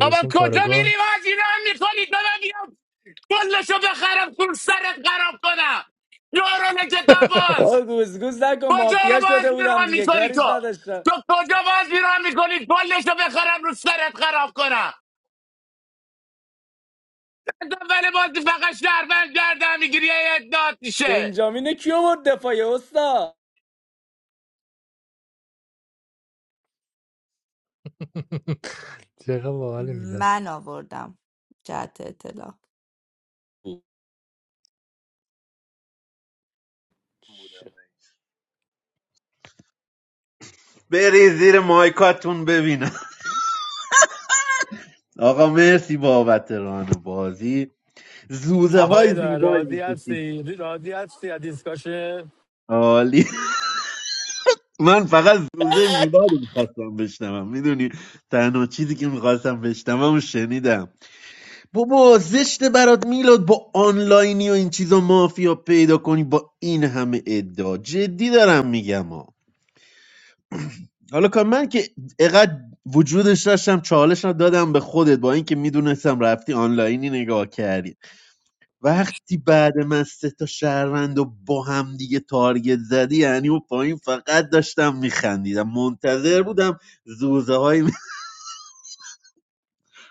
بابا کجا
کاراگاه
میری بازی رو میکنید بابا بیام کلشو بخرم کل سرت خراب کنم یارو کتاب باز
آه گوزگوز نکن
کجا
مافیا
رو باز
شده بودم
بیرون
دیگه
میکنی
کاریت
تو
نداشتم
تو کجا باز بیرون میکنی پلش رو بخرم رو سرت خراب کنم از اول بازی فقط شهروند گردم میگیری اداد میشه
بنجامین کیو برد دفاعی استا
چقدر باحال
من آوردم جهت اطلاع
بری زیر مایکاتون ببینم آقا مرسی بابت ران بازی زوزه
آقای
های
دار
زیبایی
راضی
میکشید
هستی؟ راضی هستی از دیسکاشه؟
عالی من فقط زوزه میلاد رو میخواستم بشنوم میدونی تنها چیزی که میخواستم بشنوم و شنیدم بابا زشت برات میلاد با آنلاینی و این چیزا مافیا پیدا کنی با این همه ادعا جدی دارم میگم ها حالا کار من که اقد وجودش داشتم چالش رو دادم به خودت با اینکه میدونستم رفتی آنلاینی نگاه کردی وقتی بعد من سه تا شهروند و با هم دیگه تارگت زدی یعنی و پایین فقط داشتم میخندیدم منتظر بودم زوزه های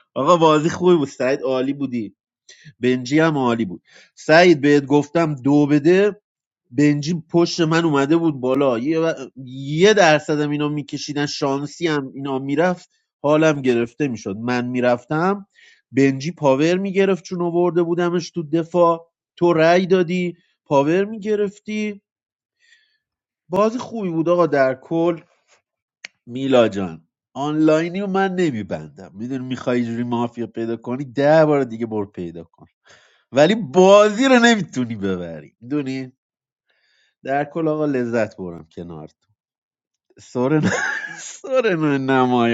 آقا بازی خوبی بود سعید عالی بودی بنجی هم عالی بود سعید بهت گفتم دو بده بنجی پشت من اومده بود بالا یه, و- یه درصدم اینا میکشیدن شانسی هم اینا میرفت حالم گرفته میشد من میرفتم بنجی پاور میگرفت چون آورده بودمش تو دفاع تو رأی دادی پاور میگرفتی بازی خوبی بود آقا در کل میلا جان آنلاینی رو من نمیبندم میدونی میخوای جوری مافیا پیدا کنی ده بار دیگه بر پیدا کن ولی بازی رو نمیتونی ببری میدونی در کل آقا لذت برم کنارت سورن سورن نمایان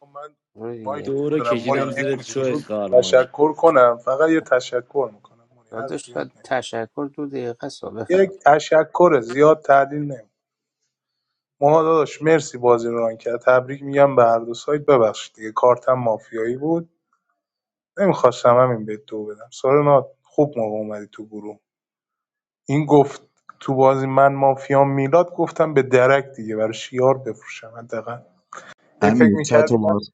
خب من
آره
مایک
دیگه
دورو
نمیدارم موری
کشیدم
یک
زیر شوی
کوچولو
خار مادر
تشکر کنم فقط یه تشکر میکنم موری حرف
داداش
زیاد نمیزنم
تشکر دو دقیقه است
یک
بفهم
تشکر زیاد تعدیل نمی ما داداش مرسی بازی رو ران کرد تبریک میگم به هر دو سایت ببخشید دیگه کارتم مافیایی بود نمیخواستم همین به تو بدم سارنا خوب موقع اومدی تو گروه این گفت تو بازی من مافیام میلاد گفتم به درک دیگه برای شیار بفروشم حداقل ای فکر
امیر چه
میکردی
تو
من
باز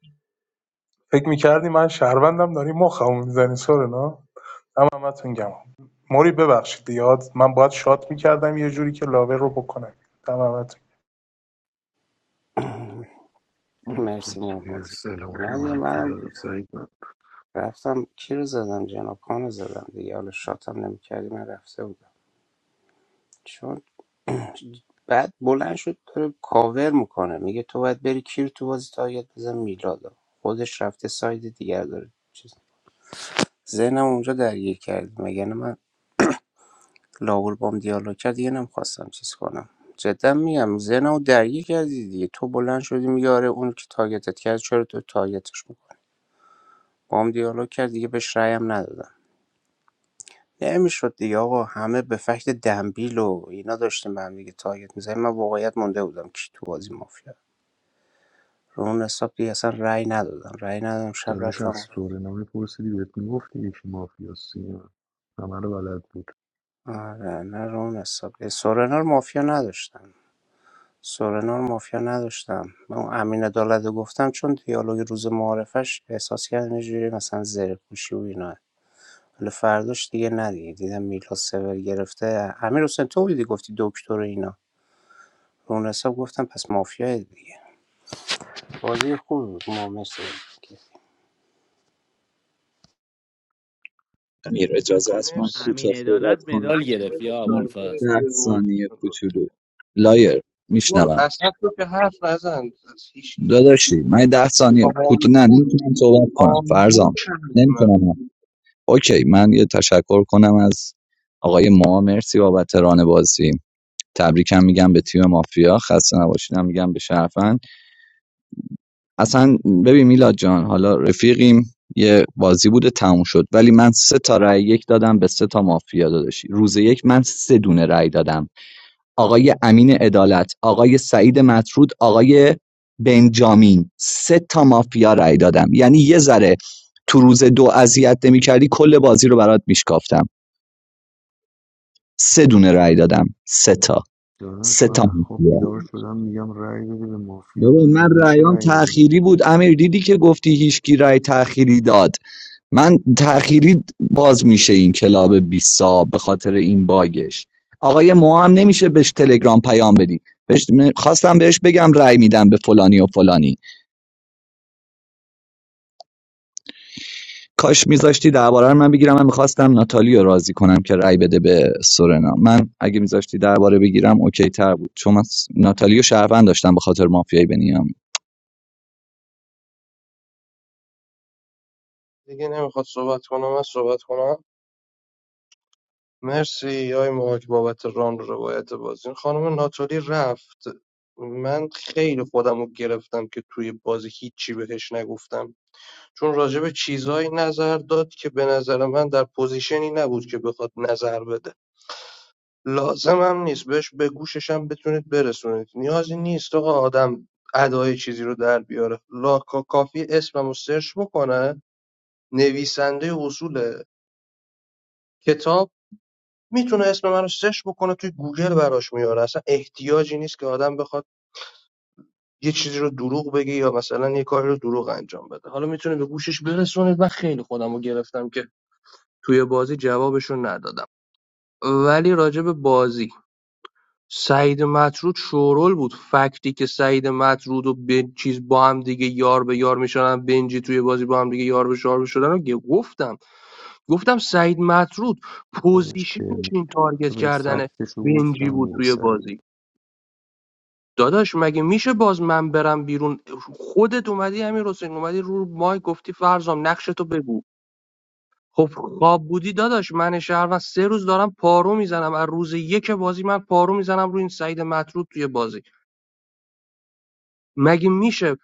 فکر میکردی من شهروندم داری مخمو میزنی سارنا هم همتون گم موری ببخشید یاد، من باید شات میکردم یه جوری که لاور رو بکنم دمت
آه،
مرسی
تو
من
یه
بازی
سلامت و
نه یه-
منفی
من
داد سعید من
رفتم کی رو زدم جناب خان رو زدم دیگه حالا شاتم نمیکردی من رفته بودم چون بعد بلند شد داره کاور میکنه میگه تو باید بری کیر تو بازی تارگت بزن میلادا خودش رفته ساید دیگر داره چیز ذهنم اونجا درگیر کرد مگه نه من لاول بام دیالوگ کرد دیگه نمیخواستم چیز کنم جدا میگم زنمو درگیر کردی دیگه تو بلند شدی میگه آره اون که تاگتت کرد چرا تو تاگتش میکنی بام دیالوگ کرد دیگه بهش رأیم ندادم نمیشد دیگه آقا همه به فکت دنبیل و اینا داشتیم به هم دیگه تاگت میزنیم من واقعیت مونده بودم کی تو بازی مافیا رو اون حساب دیگه اصلا رأی ندادم رأی ندادم شب
داداش از
رفتم
سورنا میپرسیدی بهت میگفتی یکی مافیاستی من همه رو بلد بود
آره نه رو اون حساب سورنا رو مافیا نداشتم سورنا رو مافیا نداشتم من اون امین عدالت رو گفتم چون دیالوگ روز معارفش احساس کردم یه جوری مثلا زره پوشی و اینا ولی فرداش دیگه ندیگه دیدم میلا سور گرفته امیر حسین تو بودی گفتی دکتر و اینا رو اون حساب گفتم پس مافیا دیگه بازی خوب بود ما مثل
امیر اجازه است من
مرسی
امین
کوتاه صحبت
عدالت
کنم
مدال
خیلی
گرفت
خیلی
یا
من
تو.
ابوالفضل
برید
ده
زیر مایک
ثانیه
کلا.
کوچولو لایر
برو
میشنوم
اصلا تو که حرف نزن از هیچی
داداشی من ده ثانیه کوت نه
آمبول
نمیتونم صحبت کنم
آمبول
فرزام
کردی منو
نمیتونم اوکی من یه تشکر کنم از آقای ما مرسی بابت ران بازی تبریکم میگم به تیم مافیا خسته نباشیدم میگم به شرفن اصلا ببین میلاد جان حالا رفیقیم یه بازی بوده تموم شد ولی من سه تا رأی یک دادم به سه تا مافیا داداشی روز یک من سه دونه رأی دادم آقای امین عدالت، آقای سعید مطرود، آقای بنجامین سه تا مافیا رأی دادم یعنی یه ذره تو روز دو اذیت نمی‌کردی کل بازی رو برات میشکافتم سه دونه رأی دادم سه تا
داداش
سه تا
من از خواب
مافیا
بیدار شدم میگم رأی بده به مافیا
ببین
من
من
میشه
رأیام
رأی ندی
تأخیری بود امیر دیدی که گفتی هیچکی رأی تأخیری داد من تأخیری باز میشه این کلاب 20 به خاطر این باگش آقای مو نمیشه بهش تلگرام پیام بدی بهش خواستم بهش بگم رأی میدم به فلانی و فلانی کاش میذاشتی درباره رو من بگیرم من میخواستم ناتالی رو راضی کنم که رأی بده به سورنا من اگه میذاشتی درباره بگیرم اوکی تر بود چون من س- ناتالی رو شهروند داشتم به خاطر مافیای بنیام
دیگه نمیخواد صحبت کنم من صحبت کنم مرسی آی ماک بابت ران و روایت بازی این خانم ناتالی رفت من خیلی خودم رو گرفتم که توی بازی هیچی بهش نگفتم چون راجع به چیزهایی نظر داد که به نظر من در پوزیشنی نبود که بخواد نظر بده لازم هم نیست بهش به گوششم بتونید برسونید نیازی نیست آقا آدم ادای چیزی رو در بیاره لا کا- کافی اسمم رو سرچ بکنه نویسنده اصول کتاب میتونه اسم من رو سرچ بکنه توی گوگل براش میاره اصلا احتیاجی نیست که آدم بخواد یه چیزی رو دروغ بگه یا مثلا یه کاری رو دروغ انجام بده حالا میتونه به گوشش برسونید من خیلی خودم رو گرفتم که توی بازی جوابشون ندادم ولی راجع به بازی سعید مطرود شورول بود فکتی که سعید مطرود و بن چیز با هم دیگه یار به یار میشدن بنجی توی بازی با هم دیگه یار به یار شدن رو گفتم گفتم سعید مطرود
داداش
پوزیشنش
ترم
این
معرفه
تارگت
بهت
کردن
فکتش رو گفتم
بنجی بود
میگه
توی
سعید
بازی داداش مگه میشه باز من برم بیرون خودت اومدی همین حسین اومدی رو مای گفتی فرزام نقشتو بگو خب خواب بودی داداش من شهروند سه روز دارم پارو میزنم از روز یک بازی من پارو میزنم روی این سعید مطرود توی بازی مگه میشه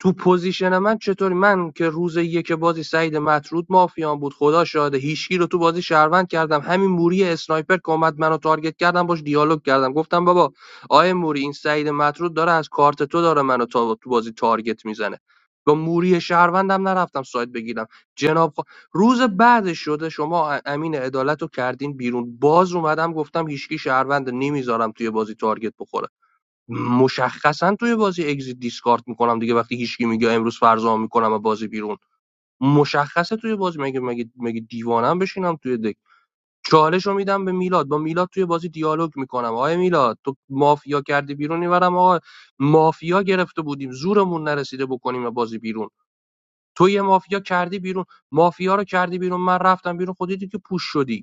تو پوزیشن من چطوری من که روز یک بازی سعید مطرود مافیان بود خدا شاده هیچکی رو تو بازی شهروند کردم همین موری اسنایپر که اومد منو تارگت کردم باش دیالوگ کردم گفتم بابا آیه موری این سعید مطرود داره از کارت تو داره منو تا تو بازی تارگت میزنه با موری شهروندم نرفتم سایت بگیرم جناب خوا- روز بعد شده شما امین عدالت رو کردین بیرون باز اومدم گفتم هیچکی شهروند نمیذارم توی بازی تارگت بخوره مشخصا توی بازی اگزیت دیسکارد میکنم دیگه وقتی هیچکی میگه امروز فرضا میکنم و بازی بیرون مشخصه توی بازی مگه مگه مگه دیوانم بشینم توی دک چالش رو میدم به میلاد با میلاد توی بازی دیالوگ میکنم آقای میلاد تو مافیا کردی بیرون میبرم آقا مافیا گرفته بودیم زورمون نرسیده بکنیم و بازی بیرون تو یه مافیا کردی بیرون مافیا رو کردی بیرون من رفتم بیرون خودی که پوش شدی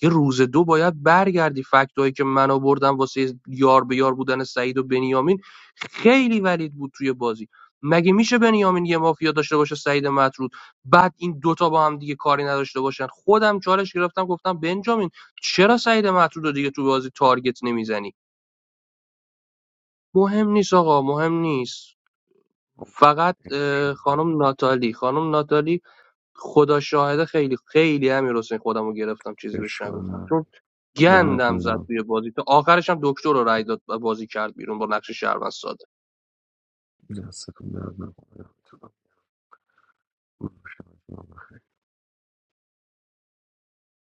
دیگه روز دو باید برگردی فکتایی که من آوردم واسه یار به یار بودن سعید و بنیامین خیلی ولید بود توی بازی مگه میشه بنیامین یه مافیا داشته باشه سعید مطرود بعد این دوتا با هم دیگه کاری نداشته باشن خودم چالش گرفتم گفتم بنجامین چرا سعید مطرود رو دیگه تو بازی تارگت نمیزنی مهم نیست آقا مهم نیست
آه،
فقط
عشق نداره.
خانم ناتالی خانم ناتالی خدا شاهده خیلی خیلی امیر حسین خودم رو گرفتم چیزی بهش
اشکال
نگفتم چون
نداره
گندم
دمتون
زد
گرم
توی بازی تا آخرش هم دکتر رو رای داد و بازی کرد بیرون با نقش شهروند ساده
亚斯科没的办法让这个故事上的希望